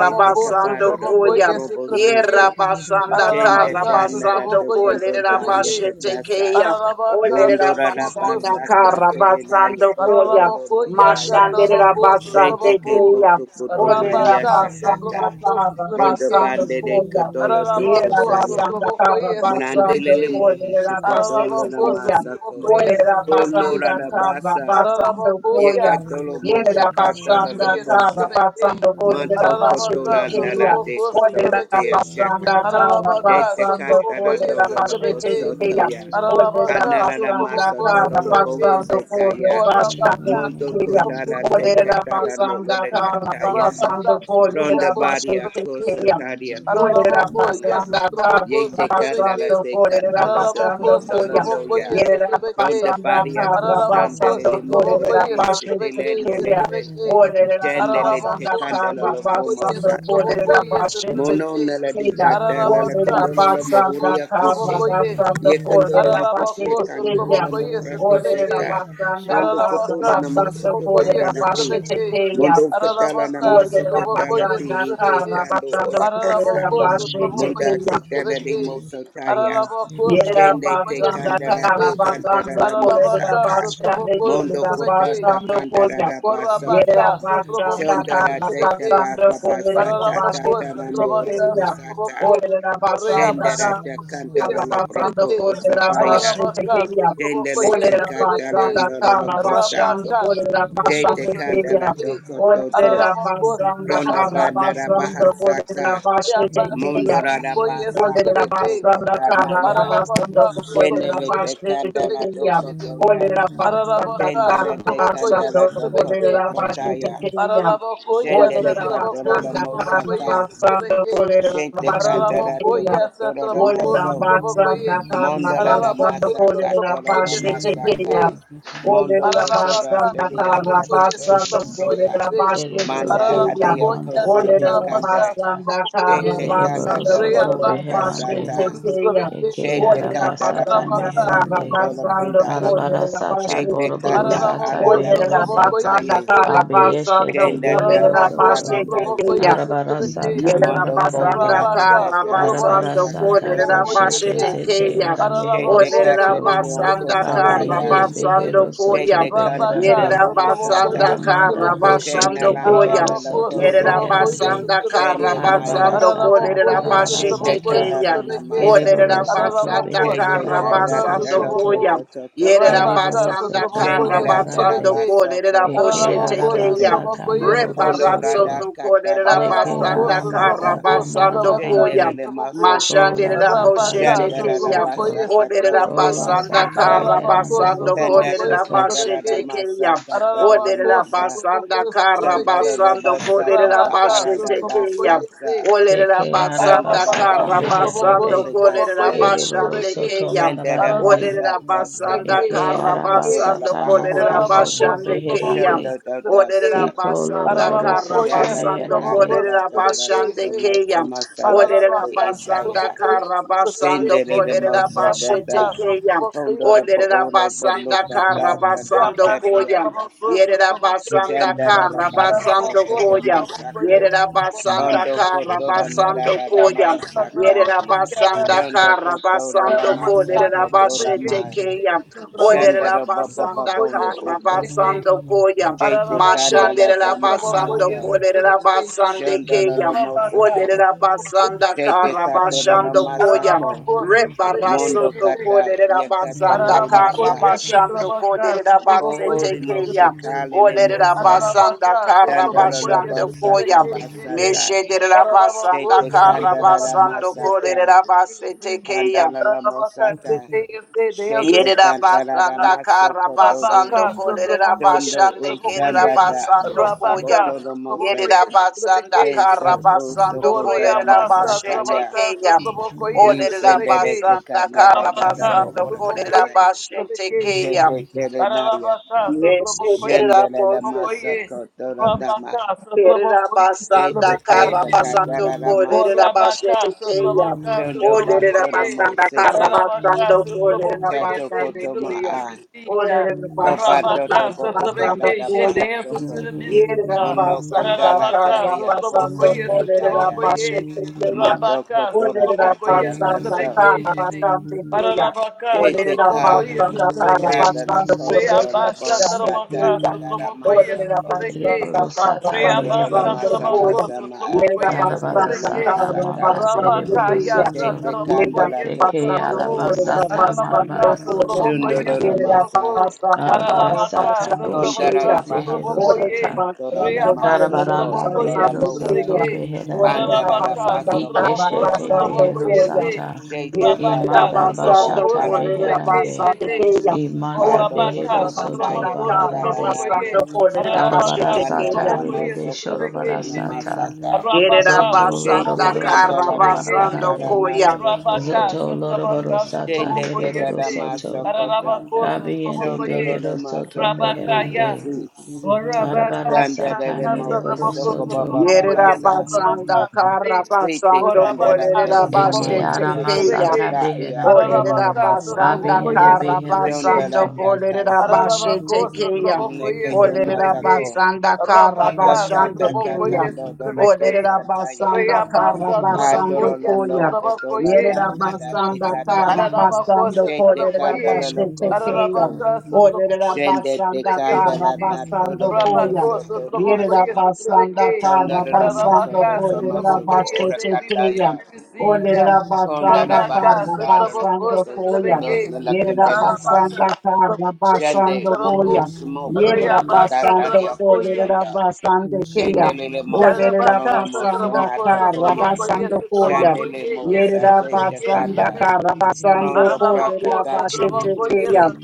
Shete
sou
kaparo
trabocô
robo,
Koya.
e esse
robo sute.
trabequei.
Yerabasanda
Shenda
Ararabacá, sou
tanara
Karabasando
to
trabocô e esse
kondo
Kolera
da
trabequei.
yakatasa.
Bashetekeya.
Ararabacá,
Olera
sou
Bondora la
trabocô,
Basanda
sou
basa
Russia,
trabequei.
katelena
Karabasando
yakotoro
Koya.
lo
Ararabocô e essa
mosaya.
Mashandera
trabocô, sou
Shete
Basande
ke
you.
trabocô.
Keya.
moto koto
Thank
Olera
Maria
Rabacá, sou
basanda
sakata.
trabocô,
kara
sou
Ronda
trabequei.
basanda
bande de
koya.
katolo do
Yera
Ararabocô, sou
kosaya.
basanda
trabocô
kara
e esse
basanda
Manandele le
trabequei.
mohi
kolera basete
na
Ararabocô, sou
keya.
trabocô
masako.
e esse
Olera
trabequei.
basanda
Konora la
kara
basa
basanda
Ararabako,
koya.
yes,
yakatolo
Ararabako,
Yera
moshakata la
Sotraboko,
basanda
yes,
kara
lokosa.
Trebeke.
basanda kolera
Manto
basete
kotola
Ararabaka,
keya.
nalate
Sotraboko,
kotolo
Olera
te
Sotrebeke.
ashaka.
basanda kara
Ararabaka,
Dete
basanda
Sotraboko,
kolera
katarando
yes,
lo loco
basete
Trebeke.
soto
keya.
ya.
Olera
Ararabaka,
Hanalada
basanda
maso
Sotraboko,
toro
kara
lo
Sotrebeke.
basanda
bohuse
kolera
kaya.
Orabaka,
basete
Mondo
keya.
Sotraboko,
kotala te
Orera
katara
Sotrebeke.
no lo
basanda
le
kara
Thank
kataya.
Rabaka,
basando korera
Ronda
Sotraboko,
baria
basete
Sotrebeke.
kosa
keya.
taria koto
Orera
Araraboko,
kotona.
yes,
basanda kara
Traboko,
Yete kandala
basando
Sotrabeke,
te
korera
kandala do
Araraboko,
basando koya.
kosolando
Sotraboko,
ya.
yes,
Yerera
Ronda
Trebeke,
basanda
baria
kara
Araraboko,
kosandele
basando
limo
Sotraboko,
korera
orki
yes,
basete
Trebeke,
sitelendele
keya.
ke.
Setrebeke,
Orera
Jendele te
basanda
Araraboko,
kandala
kara
lo
Sotraboko,
gomo
yes,
basando
sata.
Traboko,
korera
yes,
basete
Mono
Trebeke,
nala de
keya.
kata la
Ararabaka,
Orera
kondolo la
basanda
Sotraboko,
mohuria kise.
Sotraboko,
kara
yes,
basando
Ye kondolo
korera
lukushe
Ararabako,
basete
kandala
keya.
la
Sotrobokoye,
mohura kise
Sotrabeke,
Orderera
ta.
basanda
Rondo
karra
Ararabaka,
kotolo na maso
basando
Sotrobokoye,
kotara
korera
na te.
bashe
Sotrabeke,
Mondo
tekeya.
katala na
Ararabaka,
maso
Orderera
katala
Sotrobokoye,
te
basanda
ike
Sotrabeke,
karra
tando
basando
ola casa.
korera
Ararabako,
bashe
Monda
Sotrobokoye,
tekeya.
ketana de
Sotrabeke,
you.
moso taya.
Thank
Ararabako,
Yerera
Shende te
Sotrobokoye,
basanda
kandala ta
Sotrabeke,
kara
kandala
basando
la
kolerera
Ararabaka,
mosaka.
basande
Sotrobokoye,
Mondo
kerera
Sotrabeke,
kotata
basando
kandala
kolya.
la basoko.
Yerera
Corabacá, seu trabalho
basanda
conheço,
Shondara
kara
teta
trabequei.
ba
basando
ba ba sa
kolerera
ta ta
Paralabocô,
ta
seu
na
basande
no
trabacá,
roko
seu
kerya.
sa ta.
trabalho.
Olerera basanda
Reabá,
Shendara
seu
te
trabalho
kara
kandala
conheço,
lo
basando
broko
trabequei.
kolerera
osabaya.
basande
Paralabacá, seu
kerya.
trabalho
you.
Shendele te
conheço,
Olerera
katala
basanda
trabequei.
no lo lo
kara
kosa.
basando
Rabacá, seu
kolerera
trabalho
Jete
basande
conheço,
kandala
kerya.
to
trabequei.
koto to.
Olerera
Paralabocô, seu
basanda
Ronda
kara
ba
trabacá, seu
nara
basando
trabalho.
bahasaka.
kolerera basande
Reabá, seu
Mundo
kerya.
trabalho
rara basa
conheço,
Olerera
koto
trabequei.
basanda
kota
kara
naya.
basando
Ararabaka
kolerera
Shendele
sotraboko
te
ye
bashete
kandala to
sotrabeke
kenya.
shete.
koto ya.
Olerera basanda
Ararabaka
you.
kara
Shendele te
sotraboko ye
basando
kandala to
Oh,
sotrabeke.
koto
kolerera
kota
bashete
ya.
kenya.
Ararabako ye
Shendele
Olerera
sotraboko
katala lo
basanda kara
sotraboko ye
mosaka.
basando
sotrabeke.
kolerera
Shente
bashete
cantara
Ararabako
kenya.
ye
toko toro da
sotraboko
Olerera
maso.
sotraboko ye.
basanda kara
Mondola da
basando
Ararabako
masaka
kolerera
toro
sotraboko
da
ye
bashete
masaka.
sotrabeke.
kenya.
Mondo
Olera
kotora
Ararabaka
basanda
teri
kara
sotraboko
akasa
ye
toro
basanda
lo
sotraboko
broca.
ye
kolera
se.
başke
Ereboro
Manda
tekeya.
soto
Ararabako
adio
ye
manda
kosata
Olera
beriboro
kanda.
sotrabaka
sata.
basanda
sotraboko
kara
ye.
Shente kanda
Yereboro
basanda
da
soto
kolera
bohura
Reabasa
başke
beherande.
kasata.
sotraboko
tekeya.
sotrabeke.
Eke
Shete
Olera
katarara
arabasata
basanda
Ararabaka,
masa
kara
meherande.
kotola
Sotraboko,
basanda
kunda.
Sotrabeke,
kolera
Arabarasata
başke
Shete
boroboro
tekeya.
kana
Ararabako,
sata
ala da
Olera
kosa
Sotraboko,
beherande.
yes,
basanda
taye.
kara
Sotrabeke,
basanda
Abiyeshete
Shenda da
behero
kolera
Ararabako,
başke
soto.
Sotraboko,
katarandaya.
tekeya.
yes, Sotrabeke,
Arabarasata
Yerera
Mondo ko
basanda
marabarande.
brate
Rabaka,
karra
kataranda
Sotrabaka,
Thank
basando
you.
Arabarasata
kolerera
sakatara
Sotraboko, yes,
boshete
masa.
başete
eh.
zete
keya.
aramehero
Shete
Ararabako,
Olerera
soto.
Sotraboko,
katarine
yes,
basanda
okota
karra
baya.
Trebeke,
Kabiyende
Shete.
basando
behero
koya.
soto
Shete kandoro
Rabaka,
Yerera
beherande.
Sotraboko,
basanda
La
bohosata.
yes,
manda
karra
Trebeke.
Shena
basando
boshete
landa
koya.
behero
Ararabako,
soto
Yerera
lalakoso.
Sotraboko, yes,
beherande.
basanda karra
Shende
Trebeke.
maya.
basando
Arabarasata
kolerera
Ararabako, yes,
Shete
başete
Sotraboko, yes,
Barabarasata
keya.
tararana
Trebeke.
Olerera
masako.
Yereborosoto
basanda
Ararabako,
Shete
karra
Beheranda
Sotrabaka,
basando
katatero
Bohorosoto
Sotraboko.
koto
koya.
tokota.
Rabaka,
Yerabasanda
Gereborosoto
Sotraboko,
Shendera
yes,
Karabasando
Marabarande
Trebeke.
darabasoko
Kolera
ora
Eke
Boshete
Ararabako,
Kaya
bosete.
Sotraboko,
Arabasata
yes,
Hondo
Trebeke.
Mohorosoto
Rebarasoto
radaka
Kolera
Leke
tararana
Ararabako,
Basanda
masaka.
Aramasata
Sotrabako,
Karabasando
Sotrabaka,
Koya
Shendere
Marabarande
Sotrabako,
masoko.
Kola
Mashandera
Sata
Rabaka,
Boshete
Shandarada
Kaya
Sotrabako,
Reherosoto
basa
yes,
Odera
katarada
Sotrabeke,
Kola
Basanda
Sata
bahokosa.
Ararabako,
Reheranda
Karabasando
Sotrabako,
Kolera
Sandata
yes,
Bohorosoto
katarada
Bashete
Sotrabeke,
Kaya
masa katarada
Ararabako,
Odera
masa.
Sotrabako,
Basanda
yes, Sotrabeke,
Shandarada
Karabasando
basa da
Kolera
Rabaka,
baarada
Bashete
Sotrabako,
Kaya
basata.
yes,
Olera
Deke
Sanda
Basanda
Ararabaka,
Arabasata
baodo koto
Sotraboko,
Karabasando
Meherande
Sotraboko,
Kolera
urikasa.
yes,
Bashande
Sotrabeke,
Ereborosoto
Kaya
Shandara
Ararabako,
Marabarande
Olerera
basa basa
basanda
Sotrabeke,
ba-
Eke
karra
baso
Sotrabeke,
kotoro da
basando
arabasata
kolerera
mohoro
bahasa.
Ararabako,
soto
basande
Sotraboko,
keya.
yes,
beherande.
Shandada
Sotrabeke,
Olerera
dasa.
Iko
basanda
loroboro
karra
Ararabako,
soto
yes,
Shala da
basando
Sotraboko,
meherande.
kolerera
katarada da da
Sotrabeke,
basande
say,
kono
keya.
samasala
Olerera
sabi
Ararabaka,
Ororosha,
basanda
isaya.
Sotraboko,
karra
yes, Sotrabeke,
basando
Shendere
kolerera basete
Rabaka,
Mosogata,
keya.
Sotraboko, yes,
Pondora
Olerera
Boona
basanda
Sotrabeke,
karra
Bonukata,
basando
Takatati
koya.
Ararabacô,
Akasa,
sou
Yerera
trabequei,
basanda
Chandara
karra
you.
Mahasa
basando koya.
Tokomasako,
Yerera basanda
Pondo
karra
Kotora
basando
Narada
koya.
Mahasaka,
Yerabasanda
Shondo Kotola
Karabasando Ko
Masoko Tola
Lerabashete
Ma,
Keya
Shandara Baba
Olerabasanda
Babondo Oko,
Karabasando Koya
Jete Kandala Dama
Mashanderabasando Ko
Asa,
Lerabasande Keya
Shondolo Mosoko,
Olerabasanda
Jete Katola la
Karabashando Koya
Masako, Mondo
sim,
Rebarasoto
sim.
Ko
kata yakata
Lerabasanda
lele masa.
Ararabacoia,
Karabashando Ko
Satrabaca,
Thank
Sotrobocoia,
Lerabasete
Kohori
Keya
moshe
Satrabequei.
kalele mosa.
Olerabasanda
Ararabaca,
Dandolo la
Sotrobocoia,
Karabashando Koya
bosata
Satrabequei, Chetei.
basata.
Meshedera basanda
Shete
Ararabacoia,
kara
kandala la
Satrabaca,
Meshederabasanda karabasando
Chetei,
masaka.
Believe and
kolerabasete
receive.
keya.
Pandala la
Ararabaca,
mosata.
Chetei, and say the answers
Shete
to the
Yerera
kandala
mysteries,
la
God.
basanda kara Yerabasanda
masokotoru.
Rabaka
karabasando
sotrobokoye
Dondo
kolerabashande
sotrobokoye
usandata.
kerabasando koya.
Rabaka
Sokotoro mose.
sotrobokoye sotrobeke
Yerabasanda
shete
Pensa
karabasando
Oreya
usokondara
basa
masaka
kolerabashete
ya.
trabaka
keya.
sotrobokoye
Olerera
sotrobeke
Ishendele te
basanda
kanada
kara Olerabasanda
dada
Rabaka
mo
karabasando
orakase.
sotrobokoye
kolerabashete
sotrobeke
keya.
shete
Shete telenaya.
Rabaka sotrobokoye
Shendelele
Meshederabose
sotrobokoye
masako toro dama.
Rabaka sotrobokoye
Yerabasanda
Shete
sotrobeke
kata
shete
Karabasando
katarara masako.
Orabaka,
Kolerabashete Kaya.
Sotrabaka,
Shondo ba toro
Sotrabokoye,
mo
Olerabasanda
seke.
Karabaka,
Karabasando
Sotrabokoye,
Chato
say
Kolerabashande
we
koto ma
believe
Kaya.
we
a.
receive God.
Olerabasanda
Kobato
Rabaka,
tobo
you.
utada
Karabasando
Sotrabeke,
da
share the
Koya.
Thank
answers
bahasoko.
to the mystery, God.
Mono
Yerabasanda
kotala
Karabaka,
talia koso
Karabasanda
Sotrabokoye,
tataya.
Sotrabokoye,
Mando
Rabaka,
kotora tatia
Sotrabokoye,
kaso.
Sotrabeke, share. Paralabacá, seu
Shete ka.
trabocó aí, seu trabequei.
Shadala kotoro lobo
Reabassa, trabacá,
satata
seu
da
trabocó aí, seu
masako.
trabequei.
Ereboro sata
Shondoro la
Reabassa,
mereboro
masa
soto.
trabacó,
masa
seu
ma
trabocó
atsa
aí, seu
Darabara
kotoro la
trabequei.
sata
masaka.
manda
Rabacá,
bereboro
Koya.
yaça,
soto.
Shete
trabocó
kanda
Yerera
aí,
la
seu
toko
Deke
basando
toro
trabocó.
la
korera
masa.
arabasata
Aralabaka,
basando
marabara
koya.
soto
Sotroboko,
Shondoro
yes,
la
Yerera
marabarande.
masa.
Sotroboko,
basanda
Arabara
para
Aralabaka,
sata
basande
Kondara
Sotrobaka,
keya.
boshete
la
zehero
bahasa
Sotroboko, ye,
Orera
toko
sata.
toro la
basando
Riaba,
masa
korera
Karabaranda
Sotroboko,
kotoro la
yes,
behero
basande
mosa.
keya.
Sotrobeke,
soto beherande.
Orera
Pandara la
Aralabaka,
basanda
baso
para
Sotroboko,
kotola
Ikeshete
basando
naya.
Sotroboko,
behero
yes,
koya.
eh,
sata.
Shekata
Rabaka,
Yerera
to
Imanda
kondora
basando
Sotroboko,
you.
bashata
korera
barandaria
Sotrobeke,
beherande.
basande
Thank
kasa.
Shete,
keya.
Imanda
Pato
Orabaka,
behero
Orera
kotora
soto
basanda
naya
Sotroboko,
para
katala
Sotroboko,
baharande.
naria
basando
ye,
kosa.
korera
Aralabaka,
Karabara
basete
Andala
sata
keya.
la
Sotroboko, yes,
moso
ribebe
Sotrobeke,
kotoro
shorobara
la
Shete,
sata.
masaka.
Yerera
Rabaka,
Zoto
Shete
basanda
Sotroboko,
lorobaro
yes,
kara
soto
kandala
Sotrobeke,
basando
Shete,
takatara
marabarande.
koya.
nara
Rabaka,
o.
Zoto lorobaro
Satrabaka,
sata
Shende te
Satrabokoye,
meribaro
say,
soto.
masokota.
Arabako,
Kabiyende
Sondoro
Satrabokoye,
behero soto
masokoto
Rabakaya,
meherande.
usi.
or
Arabara
Rabakaya,
Sandara
sata
mo
meribaro
Yasatrabako,
usoko
soto.
baba
Yerera
baba
Satrabokoye,
sa.
basanda
Satrabaka,
kara
say,
Shete
or
basando
kandala
Rabaka,
kolerera
te
Eke
Satrabokoye,
basete
arama
sakasi
keya.
sata
Satrabeke,
kata ia
beherande.
Olerera
kotolo
Arabaka,
suko.
basanda
Abiyande
Satrabokoye,
kara
Behero
basando
Sondara
Soto.
Satrabeke,
kolerera
takasa.
bashete
Ararabako,
keya.
Satrabokoye,
Nekete
Olerera
Satrabeke,
masako.
basanda kara
Rabaka,
Kota
basande
tata
keya.
Satrabokoye,
tando
you.
dolo
Satrabeke,
Olerera
kota taya.
Thank
basanda kara
Reabasa,
basando
Hatolo
Trabokoye,
koya.
londo koto
Satrabokoye,
Yerera
nada
basanda
tikata.
kara basando
Mararabacosa
Shete
kolerera
candela
Trabacoye,
bashete
loco
keya.
soto.
Mararabacasa
Olerera
Trabacoye,
Shende te
basanda kara
candela
Trabacation,
nato
basando
loco
koya.
Rabacosa
soto
Yerera
Trabacoye,
namasoma.
basanda
Trabacation,
Chondo
kara basando
namaso koto
Mararabacasa
kolerera
masoko
Trabacoye,
ora
bashete
say we
keya.
believe
kataya.
we receive ya.
Olerera
Konda
basanda
da
karra
Rabacasa
bahasala
basando
Trabacosa
lokoto
koya.
sundo
Trabacation,
la
Yerera
candela
Mararabacasa
baso.
basanda karra
Trabacoye,
Shende
basando
Trabaco,
koya.
umu smoko
Yerera
tu
Reabasa
basando
ukatari
Trabacoye,
kolerera
okusanda.
basande keya.
Shende lele moso
Olerera
toro
Yarabacasa
namoso
basanda
mata
Trabacosa
karra
koya.
Trabacoye,
basando koya.
Shandele
Trabacoye,
mo
yes,
Yerera
sate te
basanda
kanda.
Trabacation.
karra basando
Rondo braka
kolerera
Ararabako,
basete
Satrabako, yes,
keya.
kuse.
Thank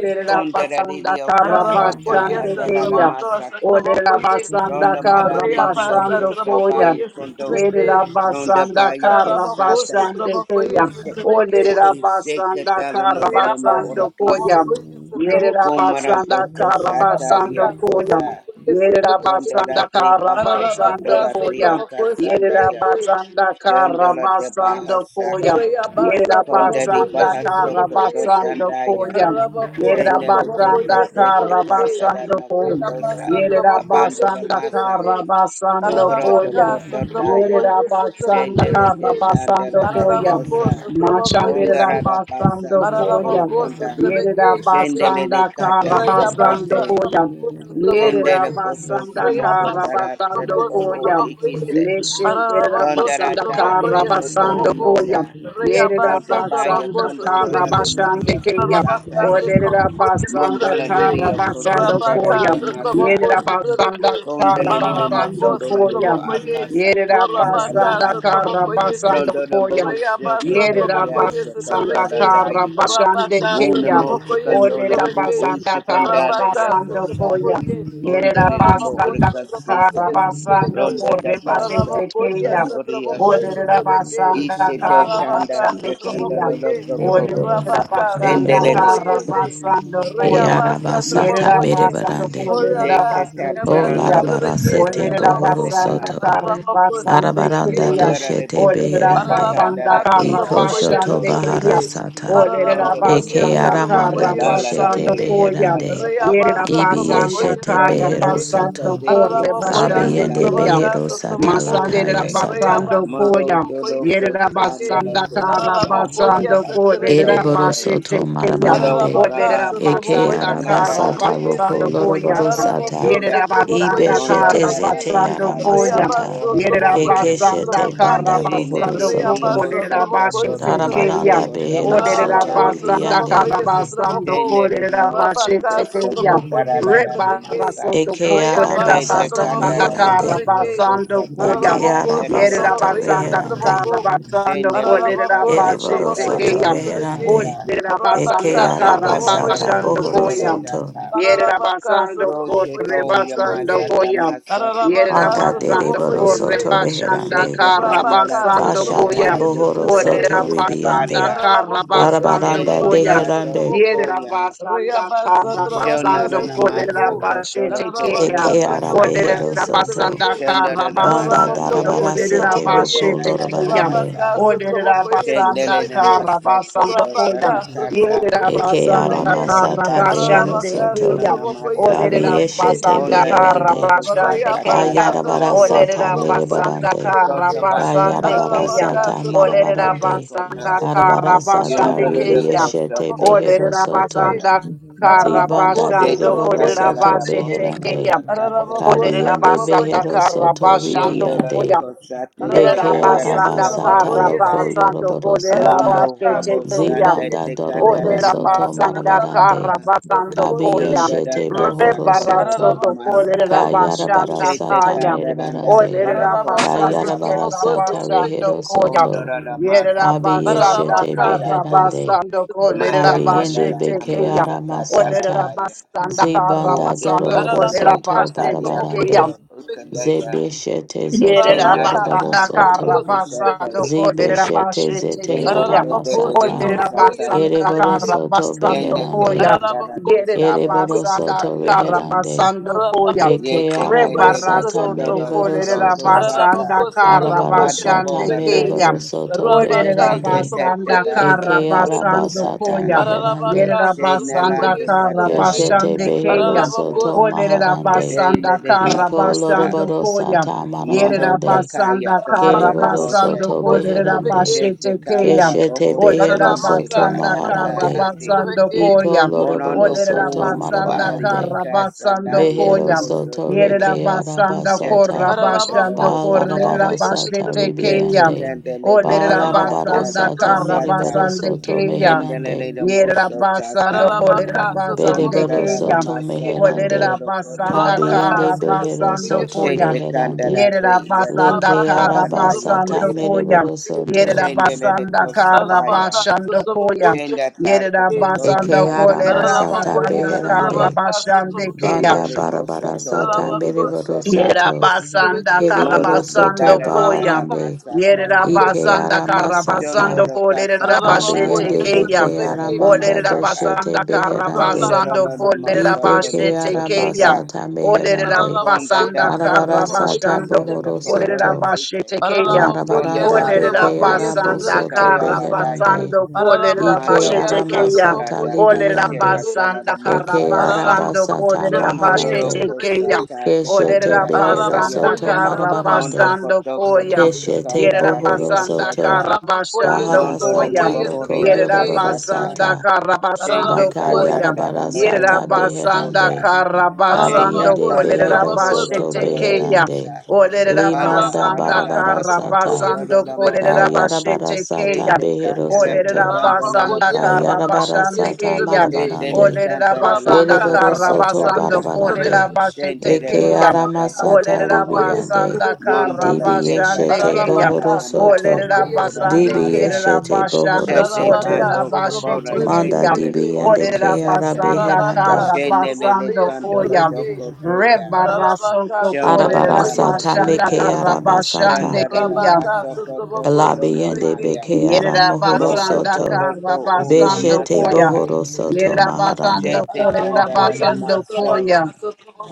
you.
Ronda
basanda
radio
Thank
karra
santa
Ararabako,
basande
yes,
adalala
keya.
Satrabako,
masako.
Olerera
Satrabako, yes.
basanda
Ronda
karra
maradio
Reabasa,
basando
costa
Trabako,
koya.
bayo
yes,
condo.
Satrabake.
Ronda
Yerabasanda
bayo
Ararabako,
costata.
Karabasande
Satrabako, yes,
Kaya. O
Satrabake.
Lerabasanda
Shekatala no lolomo
Reabasa,
Karabasando Koya.
orakisu.
Trabako, yes, Satrabako,
Comarado
Yerabasanda
costata
Karabasando
ria
Rabaka,
Koya.
cosa.
Satrabako, yes,
Ronda
Satrabake.
Yerabasanda
bato
Karabasando
Ararabaka,
cotora tia
Koya.
Satrabako,
casanda ya.
Satrabake.
Yerabasanda
Jondola de baja
basando Koya.
Saka
Reya basa
Kondari
trabajo y
Yerabasanda
ese
bahaso
trabajo
you.
y
koto
ese
Karabasando
tandaya.
Koya.
Ararabaco, se
Shendele
trabajo y
teke
Yerabasanda
ese
tete
trabeque
katara no
Reya
kotosa.
basa trabajo y
Papandora
ese
basa.
trabeque
Karabasando Koya. Yerabasanda basando
Kobroto
Koya.
Ararabaca,
koto
se
Yere
daya.
trabajo y ese
rabasanda ka
Shendele
trabeque
te
rabasando
kandala
koya.
Ararabaco,
tokosa.
se trabajo
Machande
y
Pondara
ese
da basa
rabasando koya.
kotoro
Ararabako
konda.
Yere
sotrebeke shete.
Shendele
rabasanda
de
ka
kata
rabasando
sekete.
Rayabasa
koya.
trabako
Yere
Kendele
sotrabakoye.
koso
rabasanda
somo
ka
Rayabasa
kotara
rabasando
Thank
trabako
terebo or
koya.
sotrabakoye.
ikise.
Leshe de
Ararabako
Kondara
rabasanda ka
se
sotrabakoye
kotoro
rabasando
sotrabako.
koya.
noya.
Yere
Rayabasa
Roda baya
trabako
rabasanda ka
condola la
sotrebeke.
ne
rabashande
Maria
keya.
Cosanta
Rabaka
Olere
Sotrabokoye
rabasanda
Mondola
ka
Sotrabeke,
di Dio
rabasando
Cosanta da
Rabaka
koya.
da
Yere
Sotraboko
masa.
you.
rabasanda
Sotrabeke,
ka
Thank
Condole lile
rabasando
Pararabako
you.
mosundola de
koya.
bo
Sotrabokoye,
akasa takanda
Gorabaka
Yerabasanda
se.
kata.
trabocó y Rabaka se trabocó y se
Karabasando
Rondo da
you.
Koya.
boho
Rayaba
sioko to
Sotrabokoye
kiasa
Yerabasanda
Sotrabeke,
katola da yiki.
Karabashande
Rabaka
Una
Kaya.
mosa
Sotrabokoye
condola de bo
Sotrabeke,
Oderabasanda
ushikandale
Rabaka
ya
Karabasando
cosa.
Koya.
Sotrabokoye.
Condole limo
Ararabako
Yerabasanda
sotrabako
orcasite.
Karabasando
yesotrabeke.
Rondo da
Korebashete
basso
Ararabako
Kaya.
proto
yesotrabako
oriashi.
yesotrabeke.
Oderabasanda
Ishete
Ararabaka
tanda
Karabashande
de
Thank
sotrabako
Kaya.
candelo lo
ye.
you.
Dede
broco,
Olerera
borosa,
Rabaka
mede
basanda
dendele de
sotrabako
borosa,
kara
co,
yese.
basando
ke
koya.
Reyabasa
arabasata
Yerera
trabako
mede
ye.
basando
barande.
kolerera
Oraba
zeketa
basete
O
yabasa
keya.
telano de
trabake
coto
larabarasete
da
Olerera
sotrabako.
bohoro
basanda
baseca,
soto,
kara
Ararabako
basande
sotrabeke
arabaranda
keya.
shete.
condora de
doshete
Olerera
bihisete
beherande.
basanda
candara
Ararabacá, seu
de
kara
Iko
trabalho
shoto
isso,
basande
candaranosa,
keya.
trabequei.
baharasata,
Olerera
rondo
Ararabacó,
eke
isso,
basanda
bahutu to
trabalho
kara
aramanda
isso,
sondala la
doshete
basando
baby
trabequei.
de
koya.
beherande.
casa
Yerera
Reabassa,
batato,
Ibi
trabalho
basanda
eshete
isso,
kara
rondo
behero
trabequei.
basando
soto,
bosucate,
kore
Ararabacó,
basande
isetana
isso,
abiyende
trabalho,
keya.
dandola la
behero
seu
bohura
sata
trabalho.
Masande,
lakaya
casete.
sata.
basando
Reabassa,
koya.
Mondo
trabalho
Dodo
isso,
Yerera
trabequei.
Sandana
basanda kara
Tecata
Ararabacó,
Tara
basando
isso,
ko lerera
Casa
trabequei,
basete
Ereborosoto
keya. O
Moro
marabarande.
Ararabaka,
lerera
Rabba
Sotroboko,
Eke
Sete
basanda
yes,
Kanala
kara
Sotroboko,
Lana
arabasata
yes,
basando
loko
Masa
koya.
Kotobo
Araraboko,
loroborosata.
Yerera
Sotaya
Sotroboko,
Ibe
basanda
yes,
Monda
shete
kara
Dada
Sotrobeke,
zete
Basa
koya.
Tama
Reabas,
aramasata.
Yeah.
Orabo
Sotroboko,
Eke
yes,
Sete
Yerabasanda
shete
Sotroboka,
banda
ye,
Shinde
Karabasando
Diduri
Reabas,
bohorosoto.
Moso
Sotroboko,
Koto
yes,
Tomato
Kolerabashetekeya.
Darabaranda
Sotrobeke,
Kotama
beherosoto
Araraboko,
Ariake Se
Olerabasanda
Sotroboko,
ribiande.
yes,
Karabasando
Sotroboko,
Shinde Didi Moso
Rabaka,
Kolerabashetekeya.
Kosoko
Sotroboko, yes,
Tararana
Sotrobeke,
Masa
Rebarasoto
Eke
Reabasa
Shete
arabasata
trabajo
Kolerabasanda
Kandara
meherande.
sotrebeke.
Koto
Karabasando Koya.
Eke
Usatanara
Ararabaco
Derio
arabasata
sotrabaco y
Yerabasanda
Kosata
reherande.
sotrabaco.
Karabasando
Shinde Lidi
Ararabaco
Kata
sotrabaco
Sata
y
Ereborosoto
Kolerabashetekeya.
Ororo
sotrebeke.
reherande.
Masa
Eke
Rabaka
Olerabasanda
Shete
sotrabaco y
kandala
arabasata
to
Karabasando
tokotora
Koya.
sotrebeke.
bohorosoto.
taka.
Yerera
Ararabaca
basando
Roche
sotrabaco y
corre
kau
basando
yamasa
koya.
tamasa
Yerera
kotora
Banda
basando
namasa.
corre
dereborosoto
basanda
reherande.
Shete
carra
kandala
Rabaka,
basando
teke
Bashata
koya.
Sotravokoye,
nabande
bohoro
koto
soto
Orera
Sotravakashite,
basanda
ribiande.
usabaria.
carra
Ararabokoye,
basando
Tele
Barabaranda
de
koya.
Sotravaka,
kato
deherande.
Sotravoko,
Yerera
dokoya.
basanda
Rayaba,
Thank
carra
Sotravaka,
basando
Shonara
corera
namasa
Sotravoko,
basete
kotora ko
keya.
ora
Ararabaka,
Eke ara
Orera
basaka.
Sotravokoye,
behero soto.
basanda
Sotravake,
carra
Shonara
Banda
namasa
basando
Ararabokoye,
darabara
nabasa
corera
sete
koto
Sotravokoye,
roko
taka
basete keya.
lorabarande.
basa.
Rabaka,
Olerera
Sotravokoye,
basanda
Shendele
kara
Sotravake,
namasa
basando
koto
koyam.
Rabaka,
tarakasa.
Yerera
Sotravokoye,
Eke ara
basanda
Sotravake,
Pondere la
kara
masata
basso
behero
basande
koto
Ararabaka,
soto.
tona
keyam.
Sotravokoye,
masa.
Olerera
Kabiyeshete
basanda
Sotravake,
Pondere di
kara
beherande.
moho
basande
Ararabaka,
sakata
keyam.
da
Kayarabara
nario
sata
Olerera
koba.
basanda
merebarande.
kara
Toto baha
basande
Kayarabara
satan
keyam.
dara
sata
di kato
Olerera
to
marabarande.
konda.
basanda kara
Arabara sata
basande
Yunduru de
keyam.
koso
ribiyeshete
to
behero
koto
Olerera
no
soto.
kanda.
basanda kara
Zibanda
basando
Jete
dereboro
kolerera
kandara
soto
la moho
basete
beherande.
sata
keyam.
kato to
Olerera
Kabiende
kanda.
basanda
behero
kara
soto
basando
Yunduru la
ribiende
koyam.
you.
kosa te te
Beke
Sotomoko,
Thank
kandara
yes,
te
you.
Lerabasanda
arabasata loko
Karabasando
Mondo
yoroborosata.
Kolerabashe
robo
Cheteya.
sande
Zibanda
te
doroboro
kandara na
soto
moso
Olerabasanda
marabarande.
koto
Trebeke.
Karabasando Koya.
Sunda da
Kabiyeshete
casa
bohoro
koto da
soto.
Rebarasoto
namasa.
Kolerabashanda
Shete
Kayarabarasata
Kaya.
kandaranda
meribarande.
dodo kosa
Ararabako
Olerabasande
sotroboko
Kayarabarasata
babasoko.
Kerabasando
sotrebeke.
rehero
Koya.
Mondo
soto.
da namasa koto
Yerabasanda
Abiyeshete
Ararabaka
osikataya.
sotroboko
beherande.
ye
Karabasando
Mata
sotrebeke.
kandara
Kolerabashe
Abiyende
da
beke
Cheteya.
namasa
aramasata.
kataradaya.
Olerabasanda
O
Zibanda
de
Karabasando
doroboro
basande de
Ararabaka
soto
Kolerabashe
karia
sotroboko ye
Cheteya.
koto
barabarande.
sotrebeke.
ukandaya.
Zebeshete zoto
Yerera
Rabaka
Shenata
yoroboro
basanda
ala
sotroboko
kara
soto.
teke shata.
basando
sotrebeke.
kolera
Zibeshete
bashete
zete
Dende kende
Ararabako
limo
aramasata.
sotroboko ye
sataya.
basanda
Ereboro
sotrebeke.
kara
soto
Dende
basando
te
beherande.
koya.
kandara da
Ararabako
toko
Yerera
to
sotroboko
Ereboro
ye
basanda
soto
sotrebeke.
kara
beherande.
basando
Ararabako
koya.
Eke
Ye te
sotroboko ye
kende
Rebara
de
arabasata
soto
sotrebeke.
kondoro no
mereboro
kolera
broso
soto.
basanda
Ararabako
sata.
kara
sotroboko ye
Pando
Arabarasata
basande
bola
sotrebeke.
keya.
mereboro
naya.
soto
Olera
Rabaka
She te
beherande.
sotroboko
teta
basanda
ye
da
Eke
kara
radio
sotrebeke.
basando
arabasata
kosata.
koya.
meherande.
Ararabaka,
Yerera
She
basanda
Sotobokoye,
nalande
kara
katala
Sotobeke,
da
Keshete
basande
katala
behero
keya.
loko.
Ararabako,
soto
Olerera
Sotobokoye,
maharande.
She
basanda
le de
kara
Iko
katasa.
basando
loroboro
koya.
sata
Yerera
Mondo da
marabarande.
basanda
kaya
kara
kondoro no
Ararabaka,
Kereboro
mose.
basando
soto
Sotobokoye,
kolerera
beherande.
She
Sotobeke,
bashete
te kala
keya.
la
Keshete
bohora
behero
Olerera
Ararabaka,
soto
bayishika
basanda kara
anda
Sotobokoye,
maharande.
ahazik.
basando
Sotobeke,
Iko
koya.
loroboro
Morando
Olerera
soto
ko
basanda
varia
marabarande.
kara
casa
basando
naria
Behero
koya.
soto
Yerera
reke
kosotoya.
basanda
Cheta
korra
arabasata.
Baba
kondola
Basha,
basando
Ararabako,
do
Baba
kolerera
konda.
Balarabara
Sotobokoye,
sata
bashete
Sotobeke,
Jete
keya.
ribiande.
candele de
Olerera
Basha.
Balarabara
Ararabako,
candata
basanda
de
sata
kara
Thank
Sotobokoye,
cosata,
mereboro
basande
soto
Sotobeke,
keya.
meherande.
candele de
Yerera
moso
basando
taka,
kolerera
Ararabaka,
basande
pondera
Bereboro
Sotobokoye,
la la
keya.
soto
masa
Sotobeke,
co
Olerera
meherande.
oro
basanda
condola la
Rabaka,
Kabiende
kara
masa,
behero
basando
Sotobokoye,
soto
koya.
shete
Sotobeke,
candela
beherande.
de
Yerera
yato
basanda
Leke
Rabaka,
kara
cotoranda
arabasata
basando
Sotobokoye,
yakasa,
koya.
mereboro
Sotobeke,
soto.
Yerera
shendele de
basanda kara
cosabaya,
Aralabaka,
basando koya.
Sotobokoye,
shenda
Yerera
tato
Sotobeke,
cotola
basanda
naya
Ekeara
kolerera
catasa
masata
Aralabokoye,
basanda
talandi,
kara
beherande
Sotobaka,
basande keya.
Sotobokoye,
banda
candele
barabara
mosato
sata
odi
Aralabako,
meriboro
bosata,
Yerera
soto
Sotobokoye,
basanda
Sotobeke,
kara
keriboro
mondo
soto
basando
cotara la la
koya.
la
Rabaka,
baharande
masa
Yerera
Sotobokoye,
cato.
basanda
Ikeara
kara
Sotobeke,
masata
basando
Shundoro
kolerera
kasata ba
basete
Aralabokoye,
abiyende
keya.
asoko
bekeara
dororo
Sotobeke,
manda
Olerera
masaka.
doshete
basanda kara
beherande
Rabaka,
Shundoro
basando
no no
kolerera
Sotobokoye,
masoko no
bashete
ibekeara
Sotobeke,
keya.
sokota.
basata
you.
Olerera
meherande
Konda
basanda
Aralabokoye,
da
Thank
arabara
kara
katara la
Sotobokoye,
sata
basando
katara la
bohoro
Sotobeke,
kolerera
kotoro
soto
bashete
site.
keya.
Aralabokoye,
Pronda
larabaranda
Olerera
basa
Sotobokoye,
bekeara
ola
basanda
bisa
bosoto
Sotobeke,
kara
katala
beherande
basando kolerera
Ararabako,
Manda
bashete
Ikeara
yes,
koto
keya.
tara
masata
Atrabako,
da
yes,
Olerera
katsia
libiyande
Atrabake.
katala
basanda
da
kara
Eke
mosata.
basando
Ararabako,
arabasata
kolerera
Satrabako, yes,
Shundoro
bashete
maharande.
keya.
Atrabake.
kosata te
Olerera
Keshete
kandara te
behero
basanda
kaya.
Ararabako,
soto
yes,
kara
Atrabaka,
Mondo
marabarande.
basando
koto
Satrabako,
koya.
koto te
say.
Keshete
kandara te
bohoro
Yerabasanda
soto.
osata.
Ararabako, yes,
Karabashando
Bahara
Mandala la
Atrabako,
Koya.
sata
yes,
loko
bohoria
Atrabake.
yoroboro
kasata.
Yerabasanda
sata.
Shete
Karabasando
Baka
Ararabako,
kata
Koya.
yarabara
tarano
Satrabako, yes,
la
sata
Atrabake.
Yerabasanda
bohosota.
beherande.
Sheta
Karabasando
Ararabako,
Kabiyende
kandala
behero
to
Satrabako,
soto
Kolerabashete
kotoro la
Satrabake.
Keya.
beherande.
mosa. Panda
Limanda
Arabaka,
Olerabasanda
arara
barabara
masa
Satrabako,
sata.
yes,
katoro
Karabasando
la
Atrabake.
mosa.
Kayarabara
Kolerabashete
sata
Keya.
Shete
behero
kandala te
soto.
kandala la
Olerabasanda
Rabakoye
you.
kosata.
Kayarabara
sotrobokoye
Karabashande
sata
Keya.
Thank
sotrobeke.
you.
Shete le
marabarande.
kandala la
Olerabasanda
Rabaka
Ereboro
bohora
soto
sotrobokoye
Karabasando
basata.
sotrobeke.
barabarande.
Kolerabashete
Shete le
Eke
Keya.
masata
Rabaka
aramasata
Olerera
basato.
sotrobokoye
libiande.
basanda
sotrobeke.
kara
Mandala
Dibi
te
basande
kata
eshete
keya.
bohoro
Rabaka
tarana
soto.
Olerera
masako
sotrobokoye
urana
basande
Dibi
sotrobeke.
masa.
kerera
eshete bohoro
basando
Shate
soto.
Rabaka
kolerera
Bato Copora
basete
sotrobokoye
the
Manda
keya.
Kita de
dibi
sotrobeke.
yande
Coto
Olerera
ke
Sata
basanda
Rabaka
arabeherande.
kara
Shenele de
sotrobokoye
basando
Condola
koya.
sotrobeke.
Tocotoya
Reba
Rabaka
rasoto
Shondola
kolerera
la
sotrobokoye
Arabarasata
basanda
meke
sotrobeke.
Masaka
kara basande
arabasata.
Sandara la
keya.
Rabaka
Baso Coto
sotrobokoye
Torona
Labiende
sotrobeke.
Maya
beke
Yerera
aramohoro
Moto
basanda
soto.
kara
Rabaka,
Cototo Uma
basando
Beshete
koya.
Masaka
bohoro soto
Yerera basando
maharande.
Shete
korera
Candara
Thank
la
basando
Maso
koya.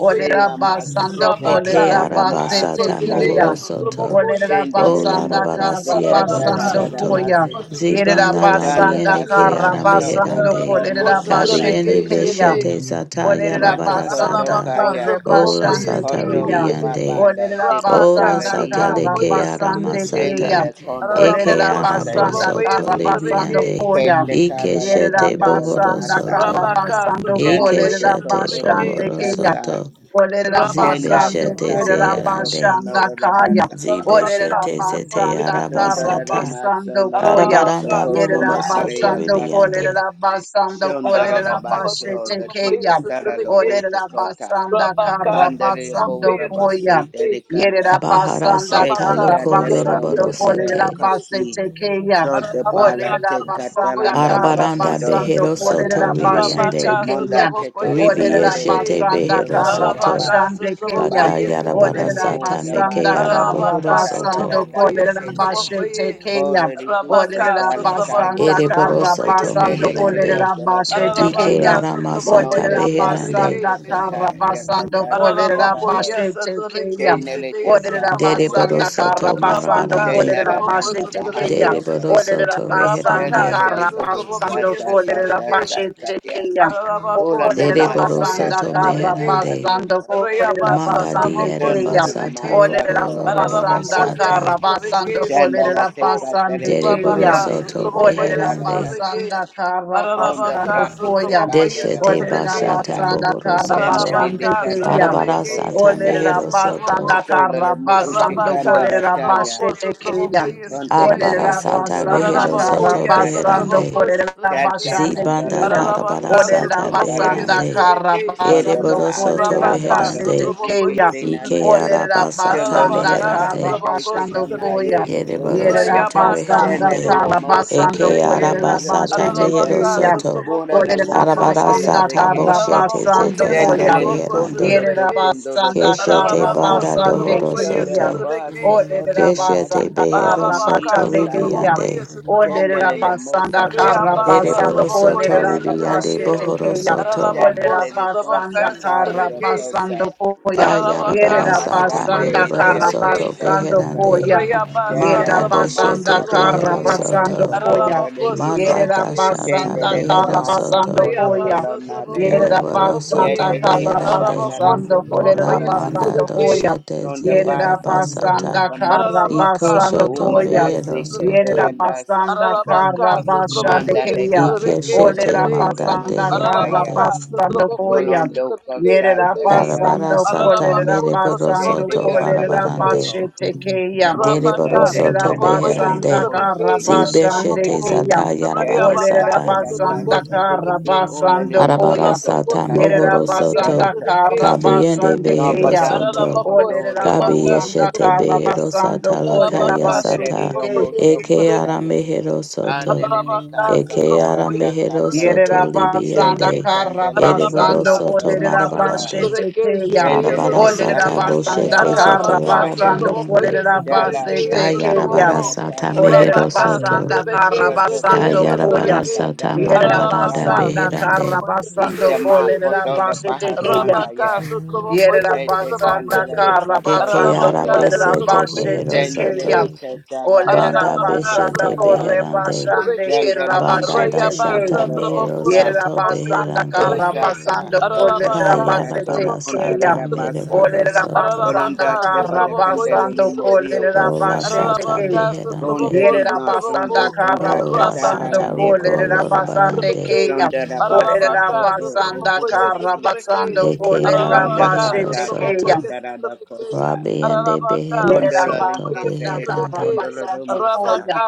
Orera basando
Masike
Eke
korera
de la
basete
arabasata
Thank
mohoro
keya.
Maasakaya
soto.
Orera
O
Shendele
basanda
mo
larabara
Usta
kara
siere
Catara
basando
da
borosoto.
koya.
Masi
Yerera
Zibana
Danda
basanda
labiende ke
basika
kara
ara
to o
basando
didi
meherande.
korera
mosatan.
basete
Kabiende
keya.
beshete zata
Olerera
yarabara
Matoko
basanda
sata.
tokaya.
korre
O la
basande
sata
Koto
keya.
ribiande.
mababanda
Olerera
O la
basanda
sata
diketalalia.
kara
leke ara
basande
Shele
keya.
le
masata.
kondola
Olerera
Eke
Ararabako,
loko
ara
sete.
Sotrabako,
basanda
bosoto
kara basando
Sotrabeke,
libiande.
koya.
Kete
Ike
kala la
Yerera
shete
kondola la
basanda
masa.
kara
bohorosoto.
Rabaka,
basando
Shende
Ike
Sotrobokoye,
kolerera
toko
shete
toro
basande
Sotrobeke,
keya.
kotasa.
bohorosoto.
Olerera
Shenda
Rabaka,
basande
Zibeshete
takanda
kerera
la
Sotrobokoye,
zeherande.
toko
basanda
Sotrobokoye,
nodo la
kaya.
basa
Olerera
Rabaka,
kabasoko ko.
Zibeshete zete
Sotrobokoye,
basanda kara
Dondora la
Sotrobeke,
arabasata
maso
basando
no
koya.
domo
arabaranda
Rabaka,
soko
Yerera
doma
bohoro
Sotrobokoye,
soto
areya
basando
kasa.
ribiande
kolerera
Sotrobeke,
basando kolerera
Rabaka,
basete
Shondarabaso, Late
Sotrobokoye,
keya.
Sotrobeke, Rabaka, Sotrobokoye,
Katara
you.
Sotrobeke,
Loosha
Olerera
Kota,
basanda kara
Rabaka,
Pandere
basando
Russia,
koya.
Borabasi,
Yerera
Dedicanda,
basanda
baharasata
Shete
kara
loko
Catare
basando
yoroboro
Sotrobokoye,
Dono Maria
kolerera
sete
Sotrobeke,
Kasi,
basete keya.
Pronte Pala
Rabaka,
Olerera
Te
basanda
Sotrobokoye, Sotroveke,
Catalanda
kara
La
arabaranda
Condoro
basando
behero
Tocaya,
kolerera
soto
basete
Rabaka
ribiande
keya.
Monda Te
Sotraboko yes at the
Olerera
Catarande
Beke.
ribieshete
basanda
Lilicoto
behero
kara
soto
Sataba,
Arabaka
basande keya.
Sotraboko
baka
Bato
yes at the
yarabara
Koto
Olerera
Beke.
sata
Ota
basanda
meke
Maria Ku,
kara
arabohoro
Arabaka
basando
soto
Sotraboko
Batataranda
yes
kolerera
at the
Yekese,
basete
Bokoye.
keya.
Holy Rikisa
Rabaka
Olerera
Sotraboko
basanda
Talataya,
ereboro
kara
Sotraboko
soto
yes at the
basando
Tele Te
Beke.
meherande
kolerera basete
Cotolo
ike
keya.
Arabaka Sotraboko
aramasata
Olerera
yes at
Monondoka
the
beherande
basanda
Beke.
kara
Yakosanta
basando
Yakata
kolerera
Ararabacoia,
Katarando
basete keya.
Satrabequei, Cheteia,
Chenelete Kandelele
dereboro
Satrabacoia,
Olerabasanda
Kosa
soto
karabasando
Rabacá,
marabarande
Satrabacoia,
Chenaradanda
kolerabashete keya.
Satrabequei,
dereboro
Bahasoko
Cheteia,
soto
Olerabasanda
Rabacá,
reherande
Thank
Chendelele
yes,
karabasando
Satrabacoia,
Bohusata Sata
Satrabequei, Cheteia,
kolerabashete
Sataya
keya.
Ararabacó,
Ula
Dereboro
Namasa
Satrabacoia,
Olerabasanda
soto
Katanata
Satrabequei,
meherande.
karabasando
Adiokosata
Reabassa,
Manda
kolerabasande
diere
Trabacoia,
keya.
Chendarada
basata
Satrabequei,
roko
Masako Oda
loroboro
Olerabasanda
Araraboko yes
Brata
sata.
at the
karabasando
vacation, Trabako,
Chendelete
kolerabasande
Katarele
Dereboro
keya.
Rabaka,
Andale
soto
Sotraboko
Isala
yes at the
Talata
meherande.
Olerabasanda
Koto
vacation,
Konda
Ararabaka,
karabasando
braki se
koya.
Sotraboko yes
bandera
at
Deshete
the
moho
bashata
santa.
vacation,
Olerabasanda
bohoro soto.
Shendele
karabasande
de
Ararabaka,
keya.
candela de
Arabara
Sotrabeke,
sata
Setea
boosa.
Olerera
mehero
Sotraboko,
soto.
basanda
Potola
kara
le muusi
basando
Rabaka,
candela
kolerera
Sotraboko,
taya.
basete
Sotraboko
keya.
yes at
Ponto
the
Arabara
Olerera
vacation,
cubato
sata
dolo la
basanda
rehero
muya
Ararabako
kara
soto
yes,
shakata.
basando
beherande.
Sotraboko,
kolerera
Shalta
Sotrabeke,
basande
candela
Zibanda
keya.
lo
darabara
Ararabaka,
muusa
Olerera
sata
Sotraboko
condala
basanda
yes at
beherande.
kese.
kara
Pronto
basando
ma
Ereboro soto
kolerera
asando
Rabaka,
lo
basete
reherande.
koshi
Sotraboko,
keya.
kese
yes,
nana.
Ike
Sotrabeke,
Olerera
arabasata
Shendele
basanda
la
Arabaka,
kara
kase
meherande.
te
Sotraboko,
basando
kitana
Sotrabeke,
ya
koya.
Ereboro
lukosa.
Yerera
soto
Rayabaka,
basanda
reherande.
Candele
kara
Sotraboko,
mosa
Eke
basando
te
Sotrabeke,
you.
kolerera
candele de
arabasata
basete
mehero
cusando.
Arabaka,
keya.
Thank
soto.
Sotraboko,
Mura da
yes,
Olerera
mosa
Sotrabeke,
dala
basanda
te
Arabarasata
que.
kara
boshete
Arabako,
basando
zete
yes,
koya.
Candele de
Sotraboko,
arabeherande.
condolo to
Sotrabeke,
condolo da
Yerabasanda
Keshete
Arabako,
procosa.
banda
Karabasande
dohoro
Sotraboko,
Shonda
yes,
Kaya.
da
soto.
Sotrabeke,
bahaso corta bahaso
Keshete
Olerabasanda
cartolo
behero
ni
Ararabaka,
soto
yiche
Karabasande
canda.
Kaya.
Sotrobokoye,
ribiande.
Candele de
Sotrobokoye,
Olerabasanda
mosa tatara lo
Reabasa,
Karabasando
Dereboro
cosa
soto
Trabokoye,
dala la
ribiande
Sotrobeke,
Kolerabasete
basso.
Kaya. Olerabasanda basando kolere rabasete
bohoro
keya.
soto.
Olere
Ararabako,
Candele de
rabasanda
Sotrobaka,
consantale
karra
de
Sotrobeke,
basando
Shitty,
cosa.
Koya.
Sondera
Ararabaka,
Kayarabarasata
Sotrobokoye,
Yerabasanda
masande de
mereboro
Sotrobeke,
soto
Shitty,
basando
okosata kas
beherande.
Koya.
Reabasa,
Manda
Shatara la
Traboko,
Yerabasanda
deshete
mosata
behero
Sotrobokoye,
basando
tamasata
soto.
Koya.
bora de
Ararabako,
ise
Manda
Sotrobokoye,
dashata
Yerabasanda
Shendere la
Sotrobeke,
behero
masa
Karabasando
soto.
kotoro
Koya.
lo
Reabasa,
nabea
Traboko,
Kereboro
Yerabasanda
Sotrobokoye,
Yete
soto
se
beherande.
Ararabako,
katandara
Karabasando
toko
La
Sotrobokoye,
ora
manda
Korerabasando
basa
Sotrobeke,
Koya.
doshete
Ronda
ziera
basa ko
Yerabasanda
basata.
you.
obanise
Iko
Ararabaka,
Karabasando
shoto
Thank
Koya.
Satrabokoye,
Umadase
behero
you.
soto.
Satrabeke,
ketelandasa
Yerabasanda
kondo
Thank
Ararabaka,
Karabasande
Manda
Satrabokoye,
de
Kaya.
ba
Ike
Satrabeke,
shete
asokobo
Shete,
ore
manda
Olerabasanda
mishikaya
deherande.
Ararabaka,
Karabasando
Satrabokoye,
Koya.
Molondo
Satrabeke, Shete,
kosandale ya
Yerabasando
Karabara sata
kasata
Ararabako,
mereboro
Te
Kolerabasando
te
soto
Satrabokoye,
kana la
Satrabeke,
toko.
barabarande.
Kolerabashete
Shete,
Kaya.
Manda la
Dereboro
Rabaka,
te
Olerera
soto
kata la
Satrabokoye,
de
basanda
beherande.
boho
kara
Satrabeke,
sanda la
Zibe
basande
taya.
shete
Yesatraboko,
keya.
zata
Te
yarabara
te
Olerera
Rayabaka,
kata
sata.
la
basanda
Satraboko,
kase.
kara
Satrabeke,
Ola le
basando
moto
Arabara
koya.
tota
Ararabako,
sata
kanda
Yerera
mohoro
Satrabokoye,
satara
basanda
soto.
taka.
kara
Satrabeke,
Kabiende
basande
Ramba
behero
keya.
soto.
dambra
Ararabacô, se
Olerera
kodora le
Kabi
mori
trabacar,
o
se
basanda
yeshete
kara
kosata
trabacoie.
behero
kata.
basando
sata
kolerera
lakaya
Ararabacá, se
Sondere
basete
le
sata.
o
trabacoie,
mosho
se
Eke ara
kotaya.
trabequeixe.
mehero soto.
Andele le
Ararabacá,
kata
se
Eke
tala
ara
trabacoie, se
mehero
takato.
soto
Te
trabequeixe.
Yerabasanda
te
libiande.
kanda le le o
Ereboro
Ararabaka,
Karabasando
soto
kosoro
Sotroboko,
konda.
marabarande.
Sotrobeke,
Kolerabashetekeya.
Shedeya,
Shendele
Arabara
le
sata
Sotrobeke,
kasa tala
Olerabasanda
la
boshete zete
boho
you.
Ararabaka,
ara
saya.
Karabasando
Sotroboko,
Thank
beherande.
Dala
Sotrobeke,
Delele
Kolerabasetekeya.
Sotroboko,
Kayarabara sata
Satana
mehero
Nolia
Rabaka,
soto.
Olerabasanda
Sotrobeke,
Delta
Shedeya,
Karabasando
Condola
Koya.
Kayarabara
Sotrobeke,
sata
Takandala the
marabaranda
Ararabaka,
Otala
Yerabasanda
beherande.
Sotroboko,
Karabasando
Sotrobeke,
Ishama
Shedeya,
Kotola
Kolerabasetekeya.
Bahasanda
Rabaka,
Ya
Sotroboko,
Sete
Yerabasanda
Candela
Sotroboko,
Le
Eke
Katota
Karabasando
ara
Ararabaka,
Kanda
besete
Sotroboko,
you.
mehero
Sendele
Kolerabasetekeya.
Le
Sotrobeke,
soto.
Katala
Banda
Kotola
Ararabaka,
Olerabasanda
beshete
Kosata
Sotroboko,
beherande.
Korebasande
Satrabeke,
Sendele Le
Banda
Kata
Rayaba
Kerabashetekeya.
dashata
Condola
mehero
Satraboko
Osa
soto
Satraboko
Yerabasanda
beherande
Satrabeke,
Osata
Karabasanda
Arabaka
kayara
Okasata Toro
Satraboko
Kolerabasetekeya.
Condora
barasata mere
Satrabeke,
Rabasa
borosoto
Olerabasanda
Arabaka
Cononda Debada
Satraboko
Karabasando
Candela Morio
Satrabeke,
ola
Kosata
sata
Kolerabasheteke.
Arabaka
beherande
Satraboko
you.
Kondari di
Satraboko,
Yerabasanda
masondo
Thank
conda
ola
Rabaka
tatara
Karabasando
la
sata
nero
roko
Satraboko
loro
cosa.
barande
Satrabeke,
Kolerabasandekeya.
Pronda da basa
Ararabaka,
koto o
Olerabasanda
Sotrobokoye,
koto la lise.
Sotrobeke,
Karabasando
eke ara
Pronda
Ararabaka,
mehero
kata
Kolerabashetekeya.
soto
Sotrobokoye,
takanda da da
Sotrobeke,
cosa.
rabiende
Ararabaka,
behero
Yerera
soto
linke
Sotrobokoye,
basanda
selete
kara
Sotrobeke,
beherande
kondola la
basando
romosa.
koya.
Rabaka,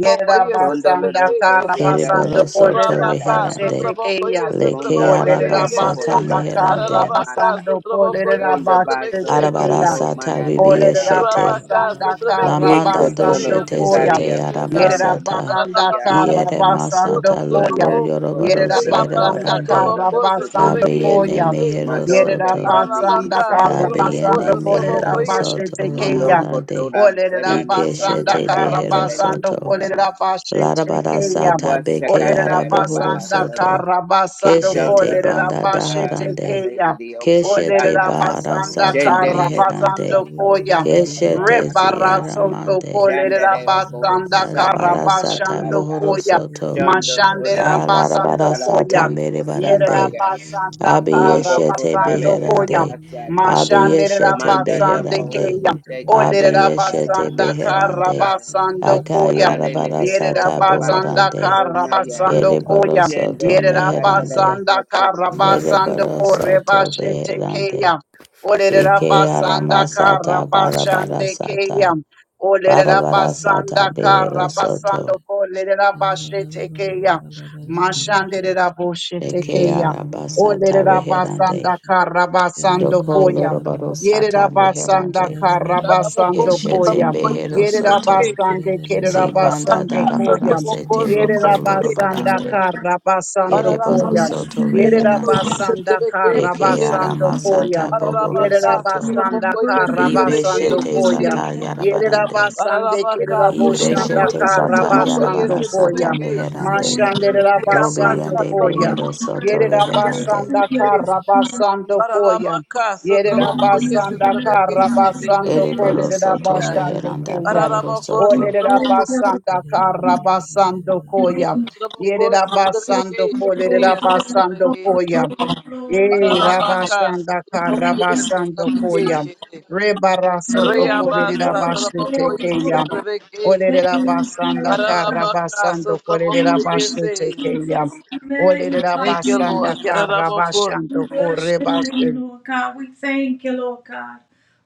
Yerera
Condo la
basanda
do
Sotrobeke,
kara
Shede,
cosa
kere
la
basando
da ke
borosoto
se
kolerera
Rabaka,
taya.
basete
beherande
keya.
Sotrobokoye,
leke
Conda
ara
Sotrobokoye,
ala
Olerera
la
yes,
boho
basata
da
eh.
basanda
basa te
kara
da
meherande
Ararabaka,
masa.
basando kolerera
Sotrobokoye,
Ronda
Sotrobeke,
basete
baso
believe
keya.
you
koto
arabarasata
receive.
Olere
manadaya.
ribieshete
Rabaka,
rabasanda
Sotrobeke,
Lamanda
Shede, the
karabasando
Ikotolo
answer
doshete
to the
koya.
zete
takaria
mysteries,
Yere
God.
you.
kasando
arabasata.
rabasanda
takandia
Ararabaka,
Iere
karabasando
Sotrobokoye,
masata
koya.
loco
Anda
Sotrobeke,
Yere
tokotora
yorobaros
na
rabasanda
Reabasa,
yerebarande.
masakatora da
Trabocosa,
karabasando
pepepe.
Trabeque,
Kabiene
koya.
mehero
Mado
Yere
soto.
terini mi
rabasanda
Ararabaca,
isandele ne
Kabiene
karabasando
Trabocosa,
kasa.
kolere
mehero
Trabocoyes,
soto
rabashete
Mondo
keya.
laharade.
kotora
Olere
deda ne
Ike
rabasanda
shete
kasanda
behero
lele
karabasando
soto.
kolere rabashete
Larabara
keya.
sata
was
beke
Olere
Wasakandara la
arabohoro
baha
rabasanda
sota.
soto.
karabasando
Thank
Keshete
Donda
kolere
do
banda
kondara
rabashete
de
daharande.
kane
keya.
de lioko
Keshete
Olerera
santa.
bahara
basanda
sata
kara
Shendele le
basando
masa
meherande.
to
koya.
kotora
Keshete
la
Rebara
kasa.
soto
ziaramande.
kolerera
Shandere o boho
basanda kara
santa la
Arabarasata
basando
kasata.
mohoro
koya.
soto.
Jondo ora
Mashandera
de musa
basando
tara de
Kalarabarasata
koya.
kosa
merebarande.
Yerera
baya.
basanda kara
Bonondo
Abiyeshete
kotale
basando
de
koya.
beherande.
akasata.
Mashandere
Abiyeshete
Manda da
rabasande
po
beherande.
keya.
kote
Odere
kadara dara
Abiyeshete
rabasanda
masa
beherande.
kotaya.
karabasando koya.
Alalele
Yere
Akayarabarasata
kosa
rabasanda
pato
bohorande.
koto
karabasando koya.
Shende
Ereborosoto
Yere
te kadara
meherande.
rabasanda
koto koya.
karabasando
Ereborosoto
korebashete
beherande.
keya. Odere
Ike
rabasanda
aramasata
you.
karabashande
barabarasata.
keya.
Get it,
Odere
Barabarasata
rabasanda
beherosoto.
karabasando korebashete keya. Mashandere raboshete
Eke
keya.
arabasata
Olerera basanda
reherande.
karabasando
Doko
koya.
loroboro sata
Yerabasanda
reherande.
Karabasando
Ararabacosa,
Keshete
Koyam.
Trabocoyes,
behero soto.
Trabeque,
Yerabasande
Zibanda
Kerabasando
Rabaca,
darabara
Koyam.
sete
Trabocosa,
roko
Trabeque,
Yerabasanda
lorobarande.
Karabasando
Ararabaca,
Kereboro
Koyam.
soto
Trabocoyes,
reherande.
Yerabasanda
Eke
Trabeque,
Karabasando Koyam.
aramasata bohoro
Ararabaca,
soto.
Yerabasanda
Trabocoyes,
Karabasando
Ibeshete
Trabeque,
Koyam.
sata
you.
yarabarande.
Yerabasande
Pararabacá,
Thank you,
Keraboshanda
sotrobocoí,
Ibeshete
Lord
sata
sotrobocoí,
Karabasando
yarabara sata
Koyam.
sotrobequei, xerê.
meherande.
Mashande
Dobi
Rabasando
Raiabassa,
yande
Koyam.
behero
trabacô,
soto
sotrobocoí,
Hallelujah.
reherande.
Yerabasanda
sotrobequei.
Jesus.
Karabasando Koyam.
Pararabacá,
Yerera
sotrobocoí,
basanda kara
sotrobequei, xerê.
basando
Believe you
Ereboro
kolerera
receive,
soto
God.
basande
meheranda
keya.
bohoro
Pararabacô,
soto.
Olerera
sotrobocoí,
basanda kara basando koya.
sotrobocoí,
Yerera basando
sotrobequei,
kolerera
xerê,
basando
sotrobequei.
koya. Yerera
Pararabacá,
basanda kara
sotrobocoí,
basando
sotrobequei,
koya.
xerê.
Rebara soto kolerera
Raiabassa,
basete
trabocoí,
keya.
sotrobequei.
Olerera basanda kara
Yarabaka,
basando
Sotoboko,
kolerera basete
Yese.
keya. Olerera
Magnify
Thank you,
me.
basanda
Lord.
kara
Yarabako.
We
basando
bless
kore
your name, Lord God. We thank you, Lord God.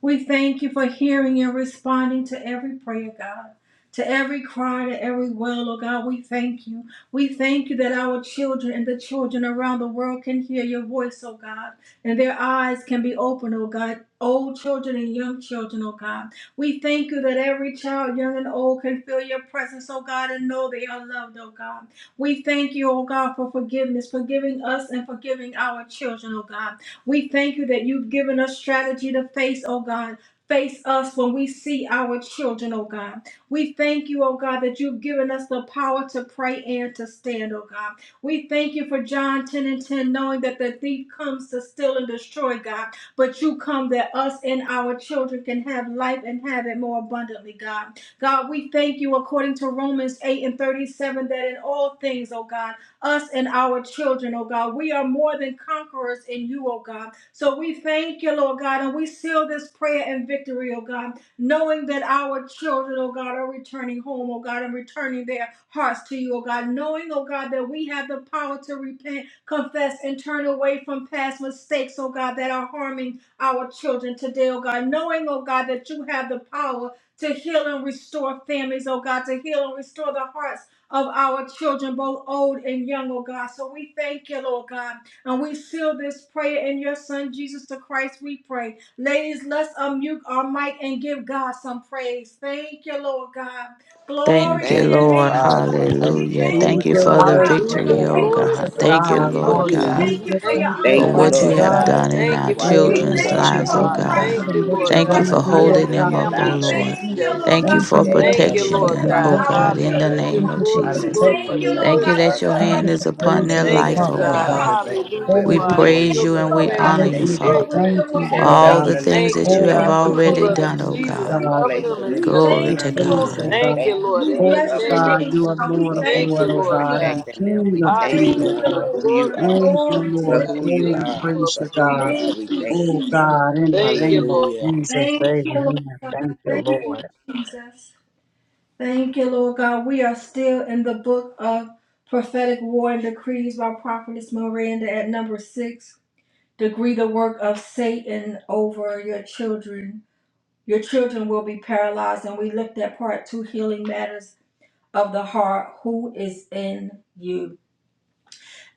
We thank you for hearing and responding to every prayer, God, to every cry, to every well, Lord God. We thank you. We thank you that our children and the children around the world can hear your voice, oh God, and their eyes can be opened, oh God. Old children and young children, oh God. We thank you that every child, young and old, can feel your presence, oh God, and know they are loved, oh God. We thank you, oh God, for forgiveness, forgiving us and forgiving our children, oh God. We thank you that you've given us strategy to face, oh God. Face us when we see our children, oh God. We thank you, oh God, that you've given us the power to pray and to stand, oh God. We thank you for John 10 and 10, knowing that the thief comes to steal and destroy, God, but you come that us and our children can have life and have it more abundantly, God. God, we thank you according to Romans 8 and 37 that in all things, oh God, us and our children, oh God, we are more than conquerors in you, oh God. So we thank you, Lord God, and we seal this prayer in victory, oh God, knowing that our children, oh God, are returning home, oh God, and returning their hearts to you, oh God, knowing, oh God, that we have the power to repent, confess, and turn away from past mistakes, oh God, that are harming our children today, oh God, knowing, oh God, that you have the power to heal and restore families, oh God, to heal and restore the hearts of our children, both old and young, oh God. So we thank you, Lord God. And we seal this prayer in your Son, Jesus the Christ, we pray. Ladies, let's unmute our mic and give God some praise. Thank you, Lord God.
Thank
Glory
you,
to
Thank
your
you,
Lord.
name, God.
Father. Thank
We
you
Hallelujah.
for
thank you,
Thank
Thank
what
you
you,
you've
for
Lord
the
God,
Lord.
done.
for
Thank
your
Hallelujah.
victory,
you
oh
for
Glory
Glory
what you
to
God.
faithfulness,
be
oh
Thank you,
unto
God.
God.
you,
continue to
Thank
Lord
Lord
you,
We
do.
God.
God,
God.
thank
We
you
Hallelujah.
for
thank
your
Thank
you,
you,
for
Thank you,
unconditional
God.
what
You
Father
you
Lord
know my
have
love,
God.
life
God,
oh
done
and
that
in
my
God.
Thank
you
our
you for
children,
watched
Oh,
We
Lord
healing the
children's
over
what
God.
thank
us
you're
you
broken
lives,
for
oh
all
heart.
doing,
night
Hallelujah.
God,
God.
correction
Thank
Bless
and
you,
and
what
your
long.
you're
Lord
holy
Thank you
going
God,
to
for
for
redirection,
do,
oh
name,
mending
Lord
God.
holding
Lord
them
God,
Hallelujah.
God.
up,
with
oh
our
families
We
Allowed us
back
to
Lord.
children.
thank
see
you,
Thank
this
together.
you
Lord
Thank you
that
Thank
God,
new
our
you,
for
for
day.
Lord
Thank
keeping
children
God,
you,
Let
you,
are
it
protection,
for
be
Lord
them,
protecting
healthy.
oh
delivering
God.
prosperous
our
and
God,
them,
unto
we're
in
God.
the
children,
us.
healthy
oh
in
Hallelujah.
the
name
Thank
God.
of
you for
home.
Glory,
We
Jesus.
glory
Hallelujah.
for
protecting
thank you,
them, oh
Because
Lord
Thank
God.
you
you
God,
deliverance,
are
that
that
your
no
Thank
God.
God
hand
you
weapon
is
for
and,
Thank
upon
formed
you that
their
raising
you
and
them
Thank
against
there's
you,
life,
us
up,
died
oh
shall
none
oh
on
God.
God.
these
God.
other
prosper,
but,
oh God.
Hallelujah
veterans
but
Oh,
We
for
all
we
We
our
thank
thank
around
before
praise
the
you,
you
children,
you,
you,
God.
and
Lord
we
we
Lord
God.
God,
And
thank
we
honor
Thank
that
you,
you
thank
grandchildren,
you
you,
you
that
we
for
go
great
Father,
with
thank
them
you
you,
for
say,
grandchildren.
wherever
Lord
Godly
all
they
Suffer
the
God.
the
go.
little
friendship,
things
Thank
that
We
you,
love
you
children
have
to
thank
Oh,
God,
children,
for
we
you,
come
the
Lord
give
under
already
Lord
you
blood
God.
of
you.
done,
God.
Thank
oh
you,
glory,
So
Lord,
Jesus
God.
that
we
God.
you're
covering
place
them
the
Oh,
and
leading
little
We
them,
set
we give
them
Glory
you
children
guiding
free.
thank
to
them,
you,
under
lining
you.
Lord
praise,
God.
And
oh
God.
them
we
up.
God.
Thank you,
thank
to your
you
Lord,
We
in
for
will.
the
Oh,
bless your
covering
name
them.
God,
of
name,
you are
God.
Jesus.
We
Lord
We
of
thank
Thank
thank
We
you
you,
Lord,
you,
oh
for
thank
Lord
God,
Jesus.
you and we
God.
and
protecting
praise
them.
you
King
We
and
of
we
thank
bless
King,
you,
Thank
oh
your
Hallelujah.
Lord,
you,
name,
God.
for
God.
who
Lord
Glory
you
God.
In
be
are.
Thank you,
Jesus'
unto
Glory to
name.
For
you,
your
Lord.
God.
who you
Oh,
Thank
we
name,
you,
God.
are,
Lord.
praise
for
you,
who
Believe
God.
you
you
are,
Thank
we
you,
receive
thank
it.
Oh
you.
Jesus.
God, in the
Thank you,
name of
Lord.
Hallelujah.
Jesus,
Thank you, Lord
amen.
God.
Thank you,
Thank you,
Lord.
Jesus. Thank you, Lord God. We are still in the book of prophetic war and decrees by Prophetess Miranda at number six. Degree the work of Satan over your children. Your children will be paralyzed. And we looked at part two healing matters of the heart. Who is in you?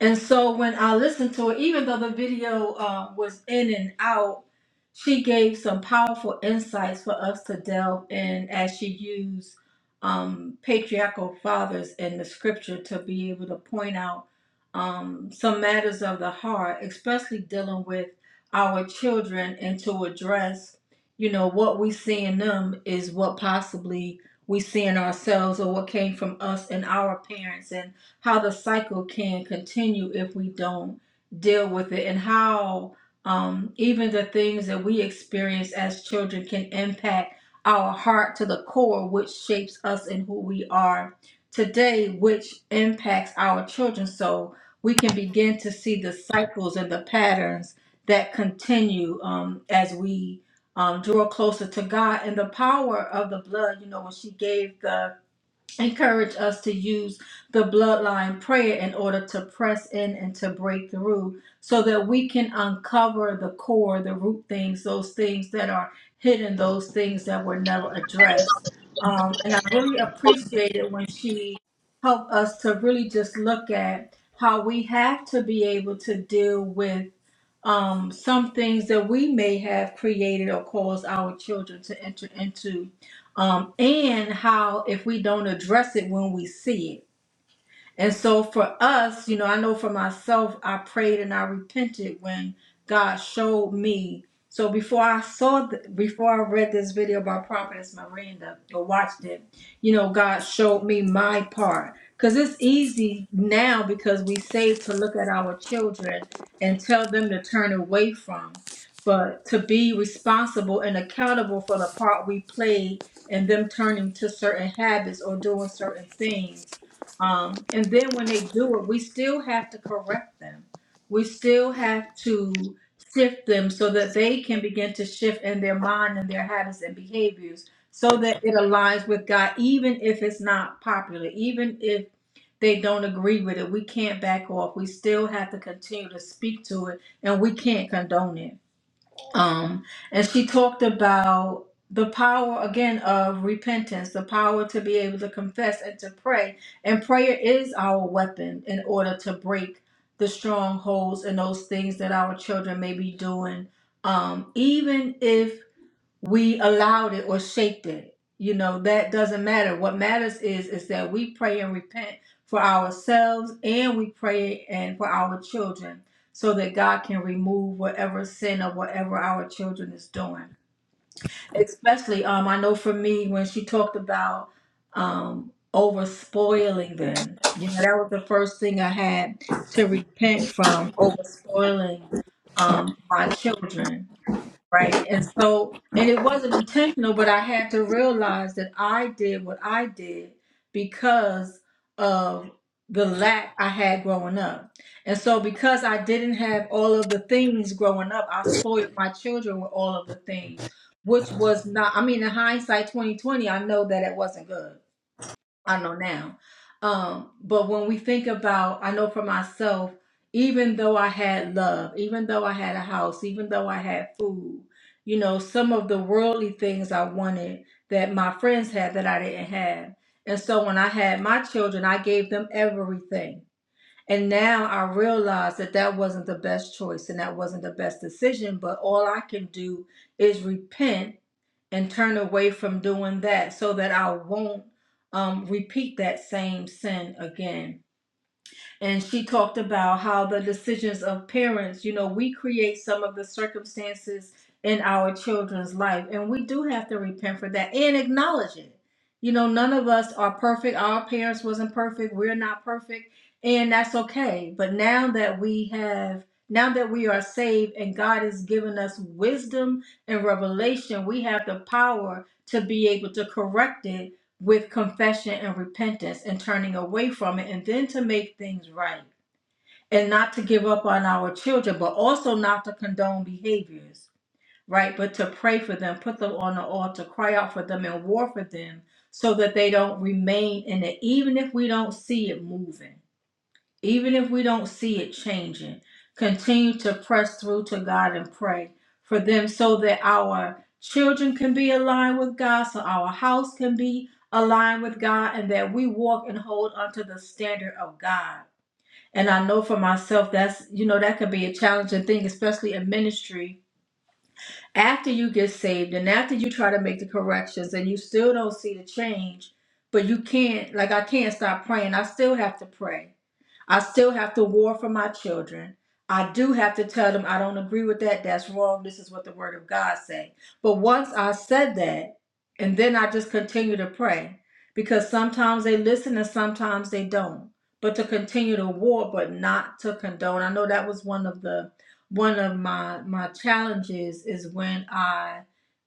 And so when I listened to it, even though the video uh, was in and out, she gave some powerful insights for us to delve in as she used um, patriarchal fathers in the scripture to be able to point out um, some matters of the heart, especially dealing with our children and to address, you know, what we see in them is what possibly we see in ourselves or what came from us and our parents. And how the cycle can continue if we don't deal with it and how um, even the things that we experience as children can impact our heart to the core which shapes us and who we are today which impacts our children so we can begin to see the cycles and the patterns that continue um, as we um, draw closer to god and the power of the blood you know when she gave the encourage us to use the bloodline prayer in order to press in and to break through so that we can uncover the core, the root things, those things that are hidden, those things that were never addressed. Um, and I really appreciated when she helped us to really just look at how we have to be able to deal with um, some things that we may have created or caused our children to enter into um, and how if we don't address it when we see it and so for us, you know, I know for myself, I prayed and I repented when God showed me. So before I saw, th- before I read this video by Prophetess Miranda or watched it, you know, God showed me my part. Because it's easy now because we say to look at our children and tell them to turn away from. But to be responsible and accountable for the part we played and them turning to certain habits or doing certain things um, and then when they do it, we still have to correct them. We still have to shift them so that they can begin to shift in their mind and their habits and behaviors so that it aligns with God, even if it's not popular, even if they don't agree with it. We can't back off. We still have to continue to speak to it and we can't condone it um, and she talked about the power again of repentance, the power to be able to confess and to pray. And prayer is our weapon in order to break the strongholds and those things that our children may be doing. Um, even if we allowed it or shaped it. You know, that doesn't matter. What matters is is that we pray and repent for ourselves and we pray and for our children so that God can remove whatever sin or whatever our children is doing. Especially um I know for me when she talked about um over spoiling them. You know, that was the first thing I had to repent from over spoiling um my children Right. And so, and it wasn't intentional, but I had to realize that I did what I did because of the lack I had growing up. And so, because I didn't have all of the things growing up, I spoiled my children with all of the things, which was not, I mean, in hindsight 2020, I know that it wasn't good I know now. Um, but when we think about, I know for myself, even though I had love, even though I had a house, even though I had food, you know, some of the worldly things I wanted that my friends had that I didn't have. And so when I had my children, I gave them everything. And now I realize that that wasn't the best choice and that wasn't the best decision, but all I can do is repent and turn away from doing that so that I won't um, repeat that same sin again and she talked about how the decisions of parents, you know, we create some of the circumstances in our children's life, and we do have to repent for that and acknowledge it. You know, none of us are perfect. Our parents wasn't perfect. We're not perfect, and that's okay. But now that we have now that we are saved and God has given us wisdom and revelation, we have the power to be able to correct it with confession and repentance and turning away from it and then to make things right and not to give up on our children but also not to condone behaviors right but to pray for them put them on the altar cry out for them and war for them so that they don't remain in it even if we don't see it moving even if we don't see it changing, continue to press through to God and pray for them so that our children can be aligned with God, so our house can be aligned with God, and that we walk and hold onto the standard of God. And I know for myself, that's, you know, that could be a challenging thing, especially in ministry after you get saved and after you try to make the corrections and you still don't see the change, but you can't, like, I can't stop praying. I still have to pray. I still have to war for my children. I do have to tell them I don't agree with that. That's wrong. This is what the word of God say. But once I said that, and then I just continue to pray because sometimes they listen and sometimes they don't. But to continue to war, but not to condone. I know that was one of the one of my my challenges is when I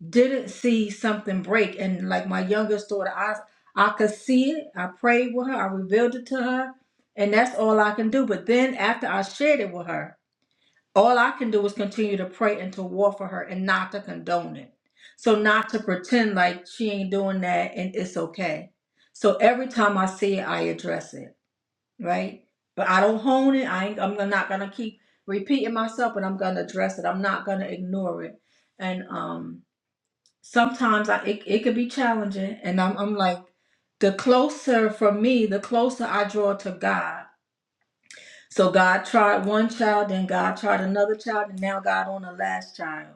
didn't see something break and like my youngest daughter I I could see it I prayed with her I revealed it to her and that's all I can do but then after I shared it with her all I can do is continue to pray and to war for her and not to condone it so not to pretend like she ain't doing that and it's okay so every time I see it I address it right? But I don't hone it. I ain't, I'm not gonna keep repeating myself, but I'm gonna address it. I'm not gonna ignore it. And um, sometimes I it, it could be challenging, and I'm I'm like, the closer for me, the closer I draw to God. So God tried one child, then God tried another child, and now God on the last child.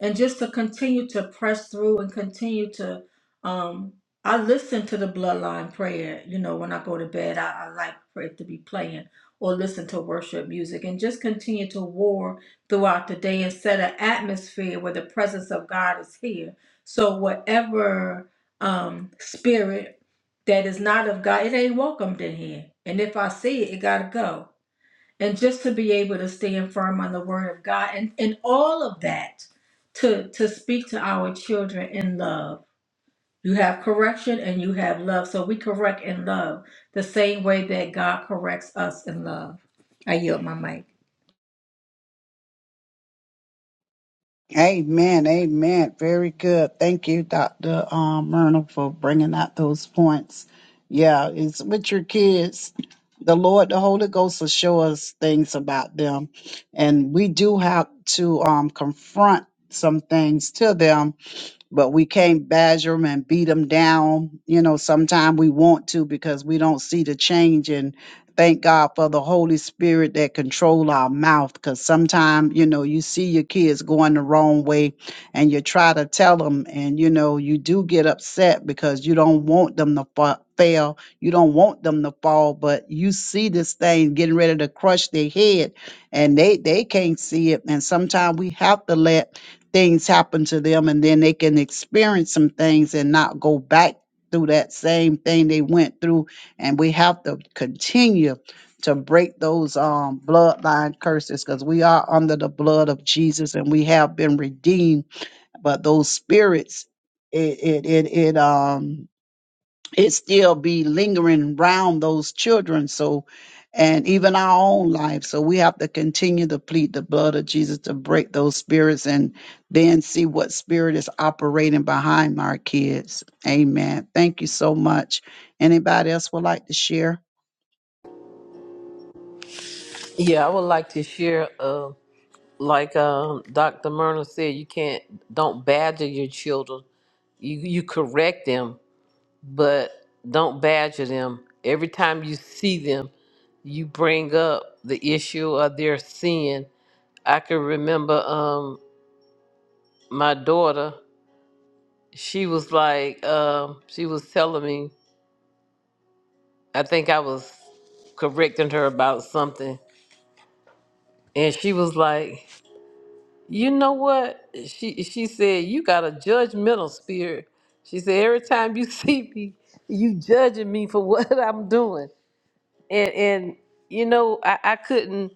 And just to continue to press through and continue to, um, I listen to the bloodline prayer. You know, when I go to bed, I, I like for it to be playing or listen to worship music and just continue to war throughout the day and set an atmosphere where the presence of God is here. So whatever um, spirit that is not of God, it ain't welcomed in here. And if I see it, it gotta go and just to be able to stand firm on the word of God and, and all of that to to speak to our children in love. You have correction and you have love. So we correct in love the same way that God corrects us in love. I yield my mic.
Amen, amen. Very good. Thank you, Dr. Um, Myrna, for bringing out those points. Yeah, it's with your kids. The Lord, the Holy Ghost will show us things about them. And we do have to um, confront some things to them but we can't badger them and beat them down. You know, sometimes we want to because we don't see the change. And thank God for the Holy Spirit that control our mouth. Because sometimes, you know, you see your kids going the wrong way, and you try to tell them, and you know, you do get upset because you don't want them to fa- fail. You don't want them to fall, but you see this thing getting ready to crush their head, and they they can't see it. And sometimes we have to let things happen to them and then they can experience some things and not go back through that same thing they went through and we have to continue to break those um bloodline curses because we are under the blood of Jesus and we have been redeemed but those spirits it it it, it um it still be lingering around those children so and even our own life so we have to continue to plead the blood of Jesus to break those spirits and then see what spirit is operating behind our kids. Amen. Thank you so much. Anybody else would like to share?
Yeah, I would like to share, uh, like um, Dr. Myrna said, you can't, don't badger your children. You, you correct them, but don't badger them. Every time you see them, you bring up the issue of their sin. I can remember. Um, my daughter, she was like, um, she was telling me, I think I was correcting her about something, and she was like, you know what? She she said, you got a judgmental spirit. She said, every time you see me, you judging me for what I'm doing, and and you know I, I couldn't.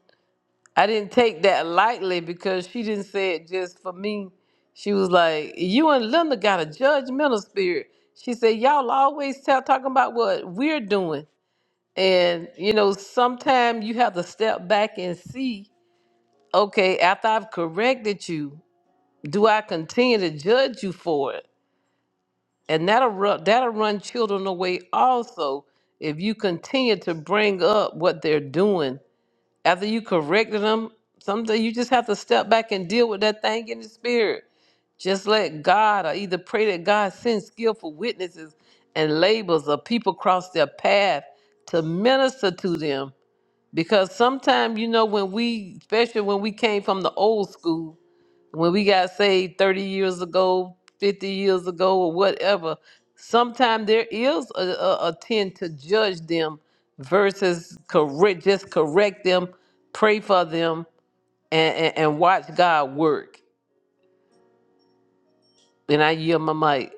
I didn't take that lightly because she didn't say it just for me. She was like, "You and Linda got a judgmental spirit." She said, "Y'all always tell talking about what we're doing, and you know, sometimes you have to step back and see. Okay, after I've corrected you, do I continue to judge you for it? And that'll run, that'll run children away also if you continue to bring up what they're doing." after you corrected them, sometimes you just have to step back and deal with that thing in the spirit. Just let God, or either pray that God sends skillful witnesses and labels of people cross their path to minister to them. Because sometimes, you know, when we, especially when we came from the old school, when we got saved 30 years ago, 50 years ago, or whatever, sometimes there is a, a, a tend to judge them versus correct, just correct them, pray for them, and, and, and watch God work. And I yield my mic.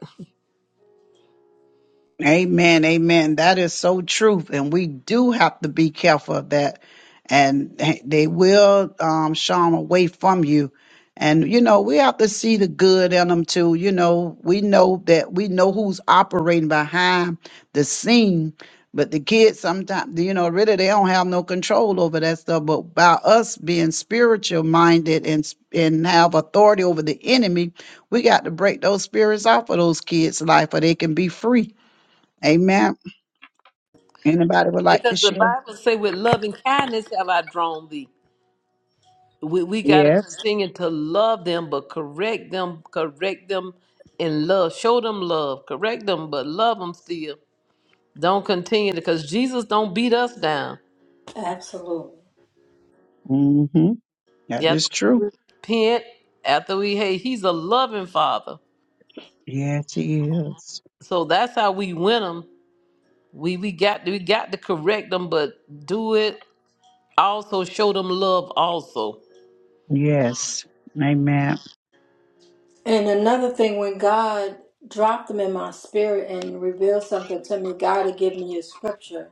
Amen. Amen. That is so true. And we do have to be careful of that. And they will um, shun away from you. And, you know, we have to see the good in them too. You know, we know that we know who's operating behind the scene. But the kids sometimes, you know, really they don't have no control over that stuff. But by us being spiritual minded and and have authority over the enemy, we got to break those spirits off of those kids' life, or they can be free Amen. Anybody would like to
Because the
share?
Bible say with love and kindness have I drawn thee. We, we got to
Yes.
continue to love them, but correct them, correct them in love. Show them love, correct them, but love them still Don't continue because Jesus don't beat us down.
Mm-hmm.
You
That
have
is
to
true.
repent after we hate. He's a loving father.
Yes, he is.
So that's how we win them. We we got we got to correct them, but do it also show them love also.
Yes. Amen.
And another thing, when God dropped them in my spirit and revealed something to me, God had given me a scripture.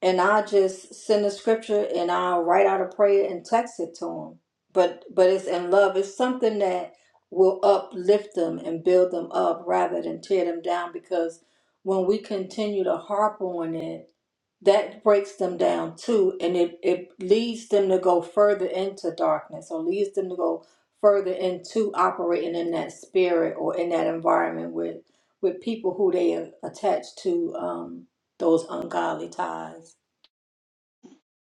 and I just send the scripture and I'll write out a prayer and text it to them. But but it's in love. It's something that will uplift them and build them up rather than tear them down because when we continue to harp on it, that breaks them down too and it, it leads them to go further into darkness or leads them to go further into operating in that spirit or in that environment with with people who they attach to um, those ungodly ties.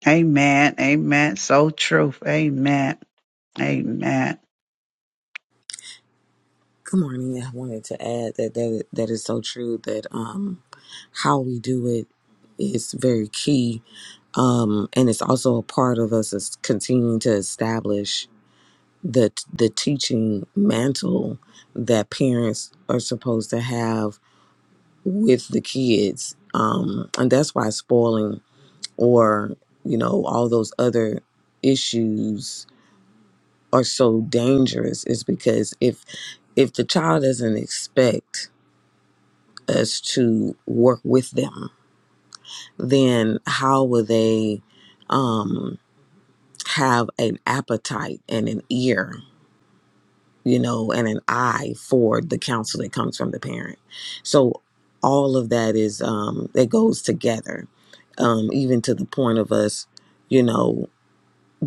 Amen. Amen. So true. Amen. Amen.
Good morning. I wanted to add that that, that is so true that um, how we do it is very key, um, and it's also a part of us is continuing to establish the the teaching mantle that parents are supposed to have with the kids, um, and that's why spoiling or you know all those other issues are so dangerous is because if if the child doesn't expect us to work with them, then how will they um, have an appetite and an ear, you know, and an eye for the counsel that comes from the parent? So all of that is um, it goes together, um, even to the point of us, you know,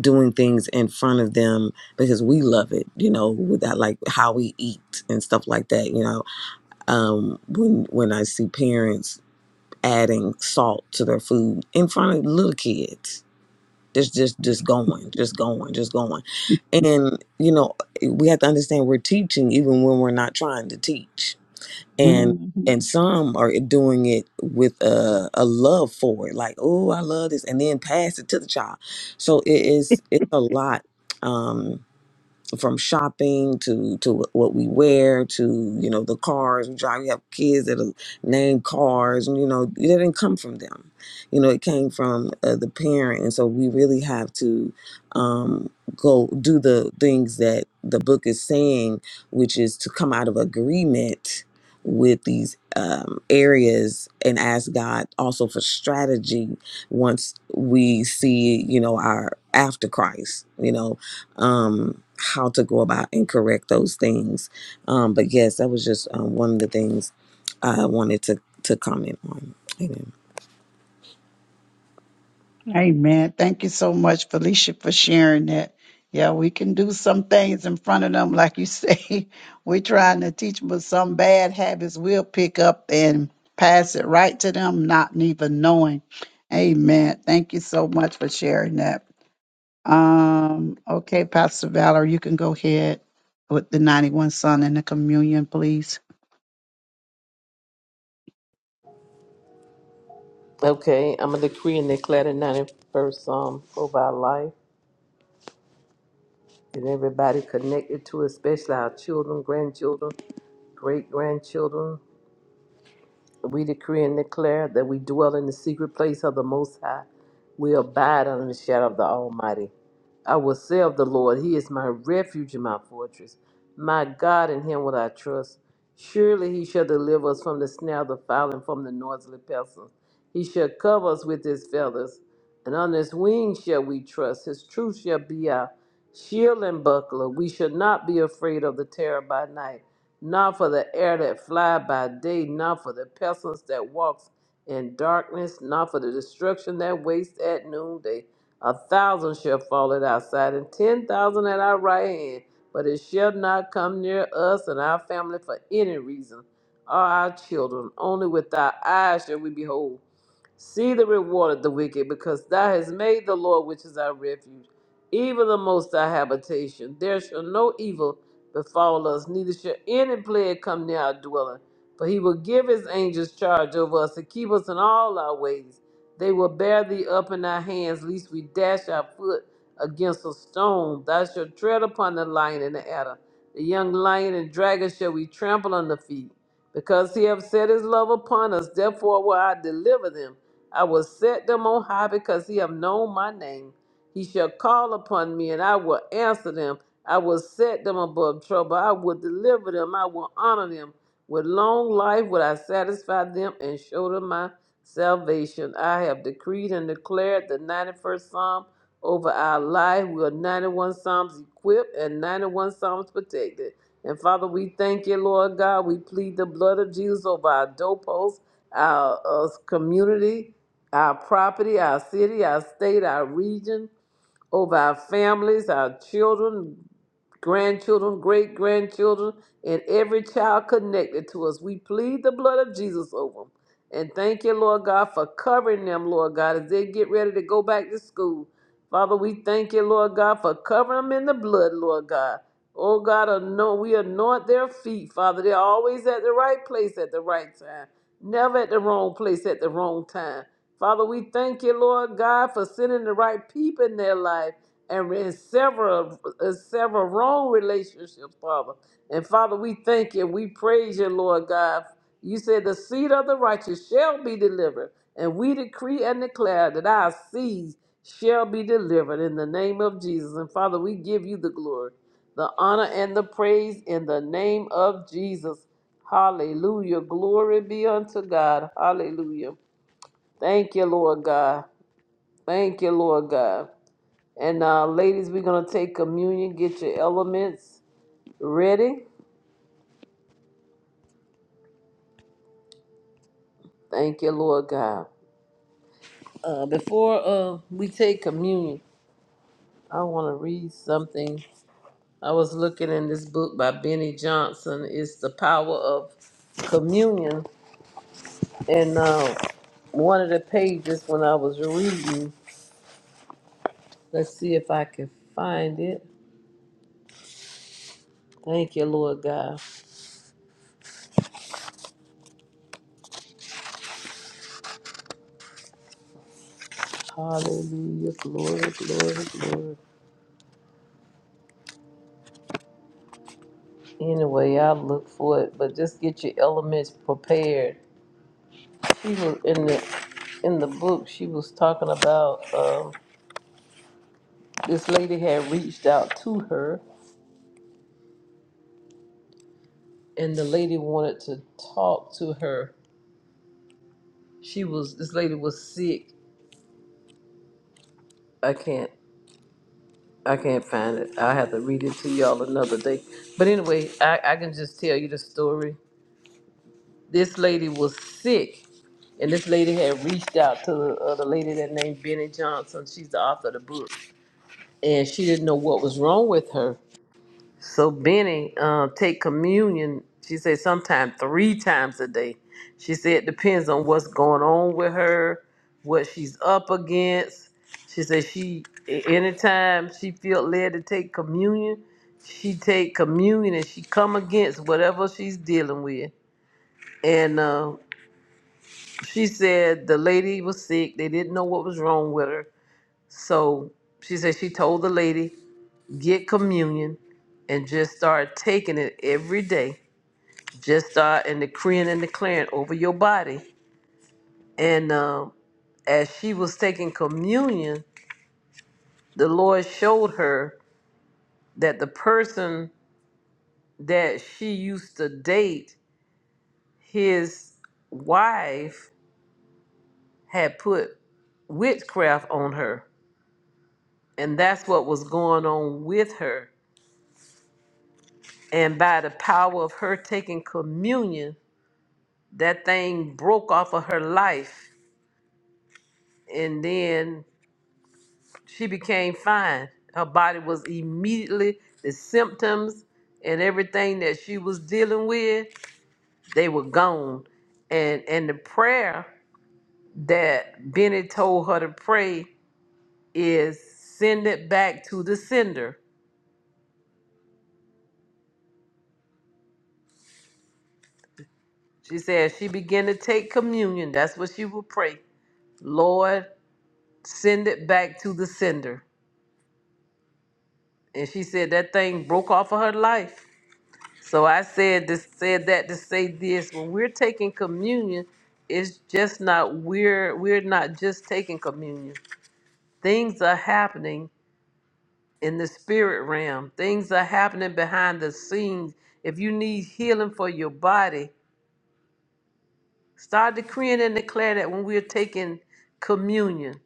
doing things in front of them because we love it, you know, with that like how we eat and stuff like that, you know. Um when when I see parents adding salt to their food in front of little kids. Just, just, just going, just going, just going. And, you know, we have to understand we're teaching even when we're not trying to teach. And,
hmm
and some are doing it with a, a love for it, like, oh, I love this, and then pass it to the child. So it is, it's a lot. Um, from shopping to to what we wear to you know the cars we drive. We have kids that are named cars, and you know it didn't come from them. You know it came from uh, the parent, and so we really have to um, go do the things that the book is saying, which is to come out of agreement with these um, areas and ask God also for strategy once we see you know our after Christ. You know um, how to go about and correct those things. Um, but yes, that was just um, one of the things I wanted to to comment on. Amen.
Amen. Thank you so much, Felicia, for sharing that. Yeah, we can do some things in front of them, like you say. We're trying to teach them, but some bad habits we'll pick up and pass it right to them, not even knowing. Amen. Thank you so much for sharing that. Um, okay, Pastor Valor, you can go ahead with the 91 Son and the communion, please.
Okay, I'm a decree and declare the 91st Psalm over our life and everybody connected to, it, especially our children, grandchildren, great grandchildren. We decree and declare that we dwell in the secret place of the Most High. We abide under the shadow of the Almighty. I will say of the Lord, He is my refuge and my fortress. My God, in Him will I trust. Surely He shall deliver us from the snare of the fowler and from the noisily pestilence. He shall cover us with His feathers, and on His wings shall we trust. His truth shall be our shield and buckler. We shall not be afraid of the terror by night not for the air that fly by day, not for the pestilence that walks in darkness, not for the destruction that wastes at noonday. A thousand shall fall at our side, and ten thousand at our right hand, but it shall not come near us and our family for any reason, or our children. Only with our eyes shall we behold. See the reward of the wicked, because thou hast made the Lord, which is our refuge, even the most High habitation. There shall no evil befall us, neither shall any plague come near our dwelling. For he will give his angels charge over us to keep us in all our ways. They will bear thee up in our hands, lest we dash our foot against a stone. Thou shalt tread upon the lion and the adder. The young lion and dragon shall we trample under feet. Because he hath set his love upon us, therefore will I deliver them. I will set them on high because he have known my name. He shall call upon me, and I will answer them. I will set them above trouble. I will deliver them. I will honor them. With long life will I satisfy them and show them my salvation. I have decreed and declared the 91st Psalm over our life. We are 91 Psalms equipped and 91 Psalms protected. And Father, we thank you, Lord God. We plead the blood of Jesus over our doorposts, our uh, community, our property, our city, our state, our region over our families, our children, grandchildren, great grandchildren, and every child connected to us. We plead the blood of Jesus over them. And thank you, Lord God, for covering them, Lord God, as they get ready to go back to school. Father, we thank you, Lord God, for covering them in the blood, Lord God. Oh God, anoint, we anoint their feet, Father. They're always at the right place at the right time, never at the wrong place at the wrong time. Father, we thank you, Lord God, for sending the right people in their life and in several uh, several wrong relationships, Father. And Father, we thank you. We praise you, Lord God. You said the seed of the righteous shall be delivered. And we decree and declare that our seed shall be delivered in the name of Jesus. And Father, we give you the glory, the honor, and the praise in the name of Jesus. Hallelujah. Glory be unto God. Hallelujah. Thank you, Lord God. Thank you, Lord God. And now, ladies, we're going to take communion. Get your elements ready. Thank you, Lord God. Uh, before uh, we take communion, I want to read something. I was looking in this book by Benny Johnson. It's the power of communion, and uh, one of the pages when I was reading. Let's see if I can find it. Thank you, Lord God. Hallelujah. Glory, glory, glory. Anyway, I'll look for it, but just get your elements prepared. She was in the in the book. She was talking about um, this lady had reached out to her and the lady wanted to talk to her. She was this lady was sick. I can't I can't find it. I'll have to read it to y'all another day. But anyway, I, I can just tell you the story. This lady was sick and this lady had reached out to the other lady that named Benny Johnson. She's the author of the book. And she didn't know what was wrong with her. So Benny uh, take communion. She said sometime three times a day. She said it depends on what's going on with her, what she's up against. She said she a- anytime she felt led to take communion, she take communion and she come against whatever she's dealing with. And uh, she said the lady was sick. They didn't know what was wrong with her. So she said she told the lady get communion and just start taking it every day. Just start and decreeing and declaring over your body. And um, as she was taking communion, the Lord showed her that the person that she used to date, his wife had put witchcraft on her. And that's what was going on with her. And by the power of her taking communion, that thing broke off of her life and then she became fine. Her body was immediately the symptoms and everything that she was dealing with, they were gone. And and the prayer that Benny told her to pray is send it back to the sender. She said she began to take communion. That's what she would pray. Lord, send it back to the sender. And she said that thing broke off of her life So I said this, said that to say this. When we're taking communion, it's just not we're we're not just taking communion. Things are happening in the spirit realm. Things are happening behind the scenes. If you need healing for your body, start decreeing and declare that when we're taking communion,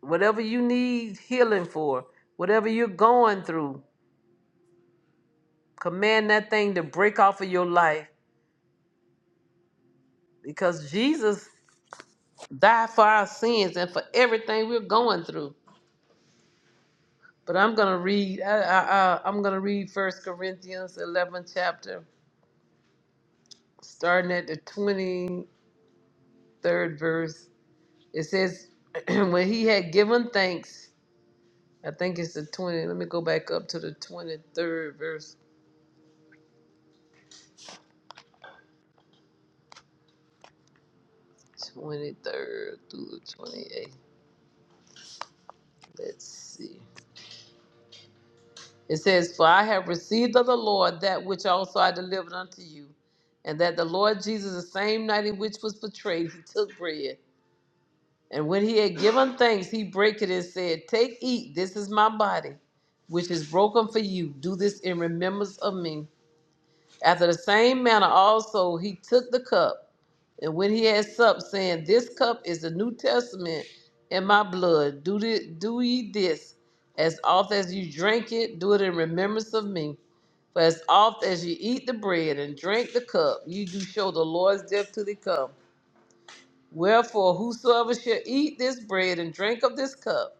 whatever you need healing for, whatever you're going through, command that thing to break off of your life because Jesus die for our sins and for everything we're going through. But I'm gonna read. I, I, I, I'm gonna read First Corinthians 11 chapter, starting at the 23rd verse. It says, "When he had given thanks, I think it's the 20. Let me go back up to the 23rd verse, 23rd through the 28th. Let's see. It says, For I have received of the Lord that which also I delivered unto you, and that the Lord Jesus, the same night in which was betrayed, he took bread. And when he had given thanks, he brake it and said, Take, eat, this is my body, which is broken for you. Do this in remembrance of me. After the same manner also he took the cup, and when he had supped, saying, This cup is the New Testament in my blood. Do, thi- do ye this, as oft as you drink it, do it in remembrance of me. For as oft as ye eat the bread and drink the cup, ye do show the Lord's death till he come. Wherefore, whosoever shall eat this bread and drink of this cup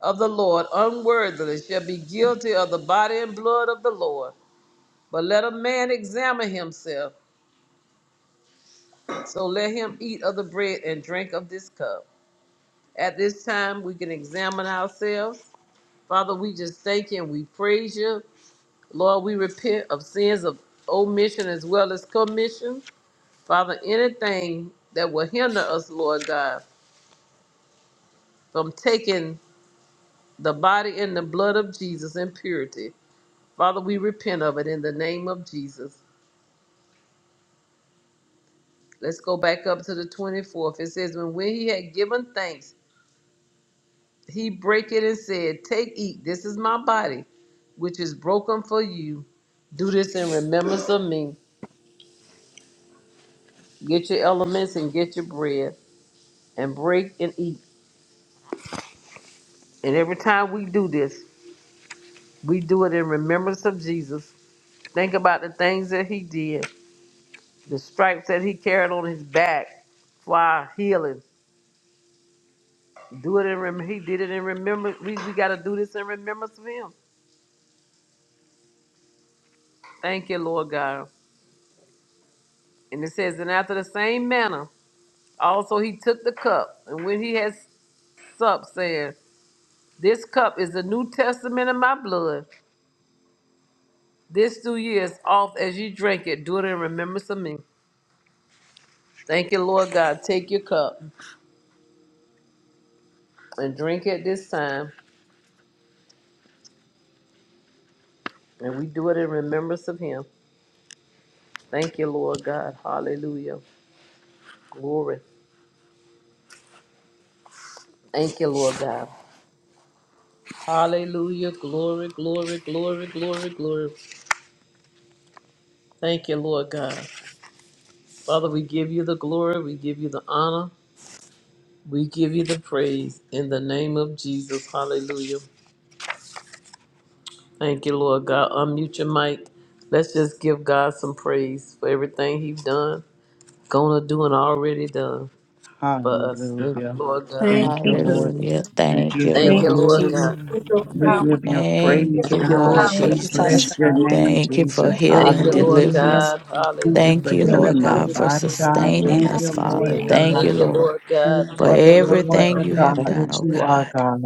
of the Lord unworthily shall be guilty of the body and blood of the Lord. But let a man examine himself, so let him eat of the bread and drink of this cup. At this time, we can examine ourselves. Father, we just thank you and we praise you. Lord, we repent of sins of omission as well as commission. Father, anything that will hinder us, Lord God, from taking the body and the blood of Jesus in purity, Father, we repent of it in the name of Jesus. Let's go back up to the 24th. It says, when when he had given thanks, he brake it and said, Take, eat, this is my body, which is broken for you. Do this in remembrance of me. Get your elements and get your bread and break and eat. And every time we do this, we do it in remembrance of Jesus Think about the things that he did, the stripes that he carried on his back for our healing. Do it in rem- he did it in remembrance. We, we got to do this in remembrance of him. Thank you, Lord God. And it says, and after the same manner, also he took the cup, and when he had supped, saying, This cup is the New Testament in my blood. This do ye as oft as ye drink it, do it in remembrance of me. Thank you, Lord God. Take your cup and drink it this time, and we do it in remembrance of him. Thank you, Lord God. Hallelujah. Glory. Thank you, Lord God. Hallelujah. Glory, glory, glory, glory, glory. Thank you, Lord God. Father, we give you the glory. We give you the honor. We give you the praise in the name of Jesus. Hallelujah. Thank you, Lord God. Unmute your mic. Let's just give God some praise for everything He's done, gonna do, and already done for us. Thank you,
Hallelujah.
Lord God.
Thank you, Lord.
Hallelujah.
We
Thank
give
you,
you
Thank
Thank
Thank
you,
you,
you,
Lord.
Lord
Lord,
glory.
for
God.
Jesus.
what
God, we
you
We
did.
Praise.
thank
give you
Thank
you,
Thank
praise,
you,
Thank
you,
you,
Lord
God.
God.
Lord
Jesus,
God.
We
for
Thank
We
you,
paying
Father
bless
the
Jesus.
your
God.
price for
name,
our
Thank you
Jesus.
for
Calvary's
Thank you for
cross.
Thank
your
healing,
you,
mercy
Lord
and your
Hallelujah.
deliverance.
God.
Give you
Thank you
glory.
Thank
for
thank
you,
Hallelujah.
you
praise
Lord
healing
We
my
give
and
God,
Glory,
you
for
body,
honor,
glory.
Lord.
God.
sustaining
Thank
us,
you,
You
for
paid the
Lord
Father.
your
Thank
ultimate
God.
you,
Thank you,
price.
Lord,
Lord
Thank
God.
you
for
for
Thank you,
the
Lord
Thank
Lord,
everything
you,
the
God.
you
your
God.
God
have
That's
done,
that
oh
name.
you are,
God.
God.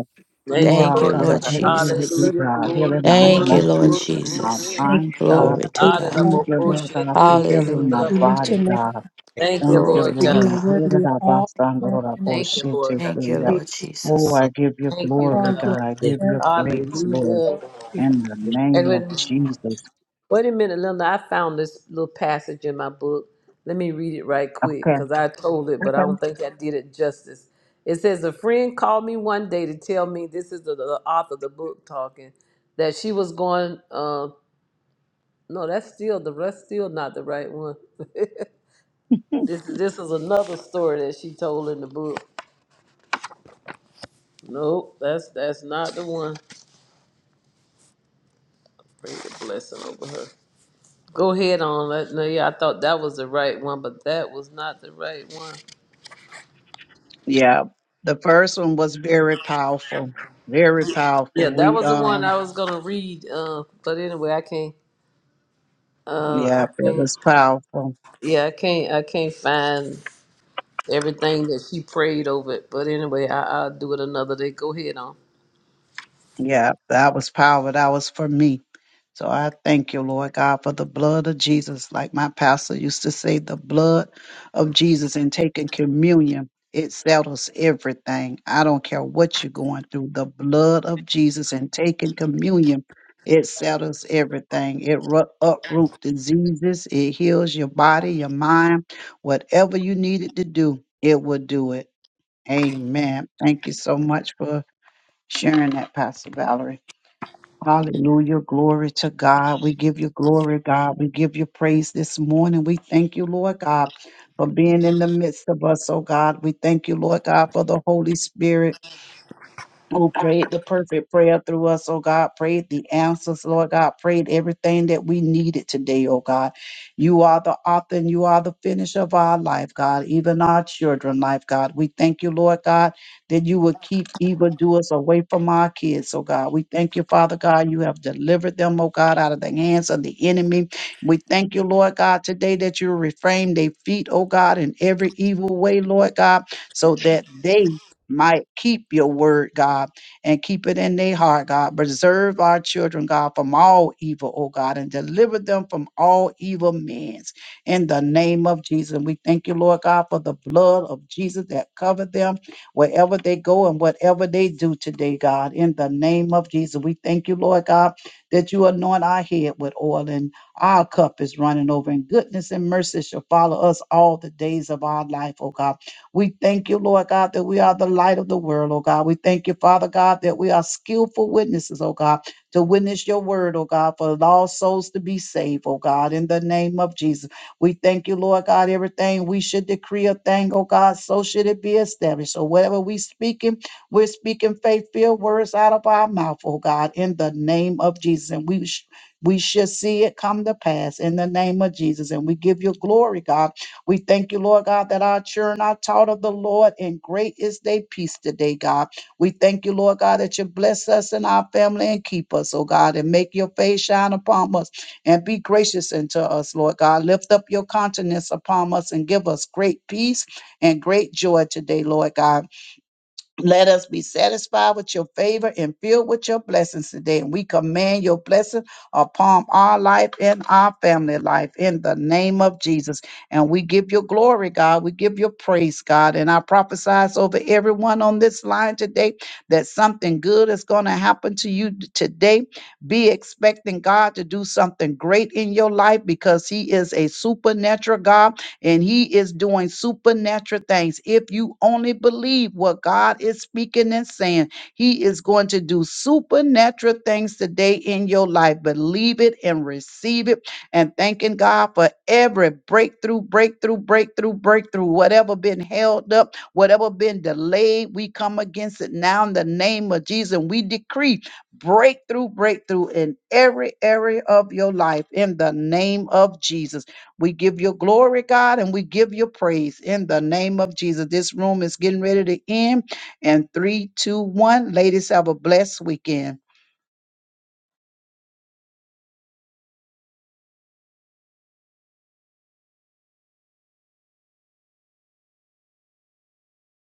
You
Thank you,
Thank
are
you,
Lord
God
Lord
for
God.
that
grace.
healeth me,
Jesus.
Lord.
Hallelujah.
God.
Glory,
Healing my
Thank
glory,
you, Lord
emotions,
glory,
healing my
Jesus.
glory.
Thank you
minds,
no
for
way
God.
Glory
that we
to God.
exalt
Thank
Honorable
you,
you.
Lord God,
Koshe
for
Teye
healing my
We
Hallelujah.
Sabarabo
lift your
body,
Kuru.
name,
God.
up,
Thank you,
Thank you,
Glory
Lord
for
to
you
God.
are
God.
Lord.
worthy of all honor and worthy
Thank
of
you, Lord God.
Thank you, Lord
praise,
Oh,
Jesus.
I
I give you
Thank you,
glory,
all
God.
glory
God.
I
live.
give you
and thanks.
praise, Lord.
Hallelujah.
In the
And
name of
when
Jesus.
Wait a minute, Linda. I found this little passage in my book. Let me read it right quick
Okay.
because I told it, but I
Okay.
don't think I did it justice. It says, A friend called me one day to tell me this is the, the author of the book talking that she was going. Uh, no, that's still the rest, still not the right one.
Hmm.
this this is another story that she told in the book. Nope, that's that's not the one. Bring the blessing over her. Go ahead on. Let- No, yeah, I thought that was the right one, but that was not the right one.
Yeah. The first one was very powerful. Very
Yeah,
powerful.
that
We
was the one
um
I was gonna read, uh, but anyway, I can't. Uh,
yeah,
I
it
can't.
was powerful.
Yeah, I can't. I can't find everything that she prayed over it. But anyway, I, I'll do it another day. Go ahead on.
Yeah, that was powerful. That was for me. So I thank you, Lord God, for the blood of Jesus. Like my pastor used to say, the blood of Jesus and taking communion, it settles everything. I don't care what you're going through, the blood of Jesus and taking communion, it settles everything. It ru- uproot diseases, it heals your body, your mind, whatever you needed to do, it will do it. Amen. Thank you so much for sharing that, Pastor Valerie. Hallelujah. Glory to God. We give you glory, God. We give you praise this morning. We thank you, Lord God, for being in the midst of us, oh God. We thank you, Lord God, for the Holy Spirit who prayed the perfect prayer through us, oh God. Prayed the answers, Lord God. Prayed everything that we needed today, oh God. You are the author and you are the finisher of our life, God, even our children life, God. We thank you, Lord God, that you will keep evildoers away from our kids, oh God. We thank you, Father God, you have delivered them, oh God, out of the hands of the enemy. We thank you, Lord God, today that you reframe their feet, oh God, in every evil way, Lord God, so that they might keep your word, God and keep it in their heart, God. Preserve our children, God, from all evil, oh God, and deliver them from all evil means. In the name of Jesus, we thank you, Lord God, for the blood of Jesus that covered them wherever they go and whatever they do today, God. In the name of Jesus, we thank you, Lord God, that you anoint our head with oil and our cup is running over, and goodness and mercy shall follow us all the days of our life, oh God. We thank you, Lord God, that we are the light of the world, oh God. We thank you, Father God, that we are skillful witnesses, oh God, to witness your word, oh God, for lost souls to be saved, oh God, in the name of Jesus. We thank you, Lord God, everything we should decree a thing, oh God, so should it be established. So whatever we speaking, we're speaking faith-filled words out of our mouth, oh God, in the name of Jesus. And we sh- we should see it come to pass in the name of Jesus. And we give you glory, God we thank you, Lord God, that our children are taught of the Lord, and great is their peace today, God. We thank you, Lord God, that you bless us and our family and keep us, oh God, and make your face shine upon us and be gracious unto us, Lord God. Lift up your countenance upon us and give us great peace and great joy today, Lord God. Let us be satisfied with your favor and filled with your blessings today. And we command your blessing upon our life and our family life in the name of Jesus. And we give your glory, God. We give your praise, God. And I prophesize over everyone on this line today that something good is going to happen to you t- today. Be expecting God to do something great in your life because He is a supernatural God and he is doing supernatural things. If you only believe what God is speaking and saying, he is going to do supernatural things today in your life. Believe it and receive it. And thanking God for every breakthrough, breakthrough, breakthrough, breakthrough, whatever been held up, whatever been delayed, we come against it now in the name of Jesus. And we decree breakthrough, breakthrough in every area of your life in the name of Jesus. We give your glory, God, and we give your praise in the name of Jesus. This room is getting ready to end. And three, two, one. Ladies, have a blessed weekend.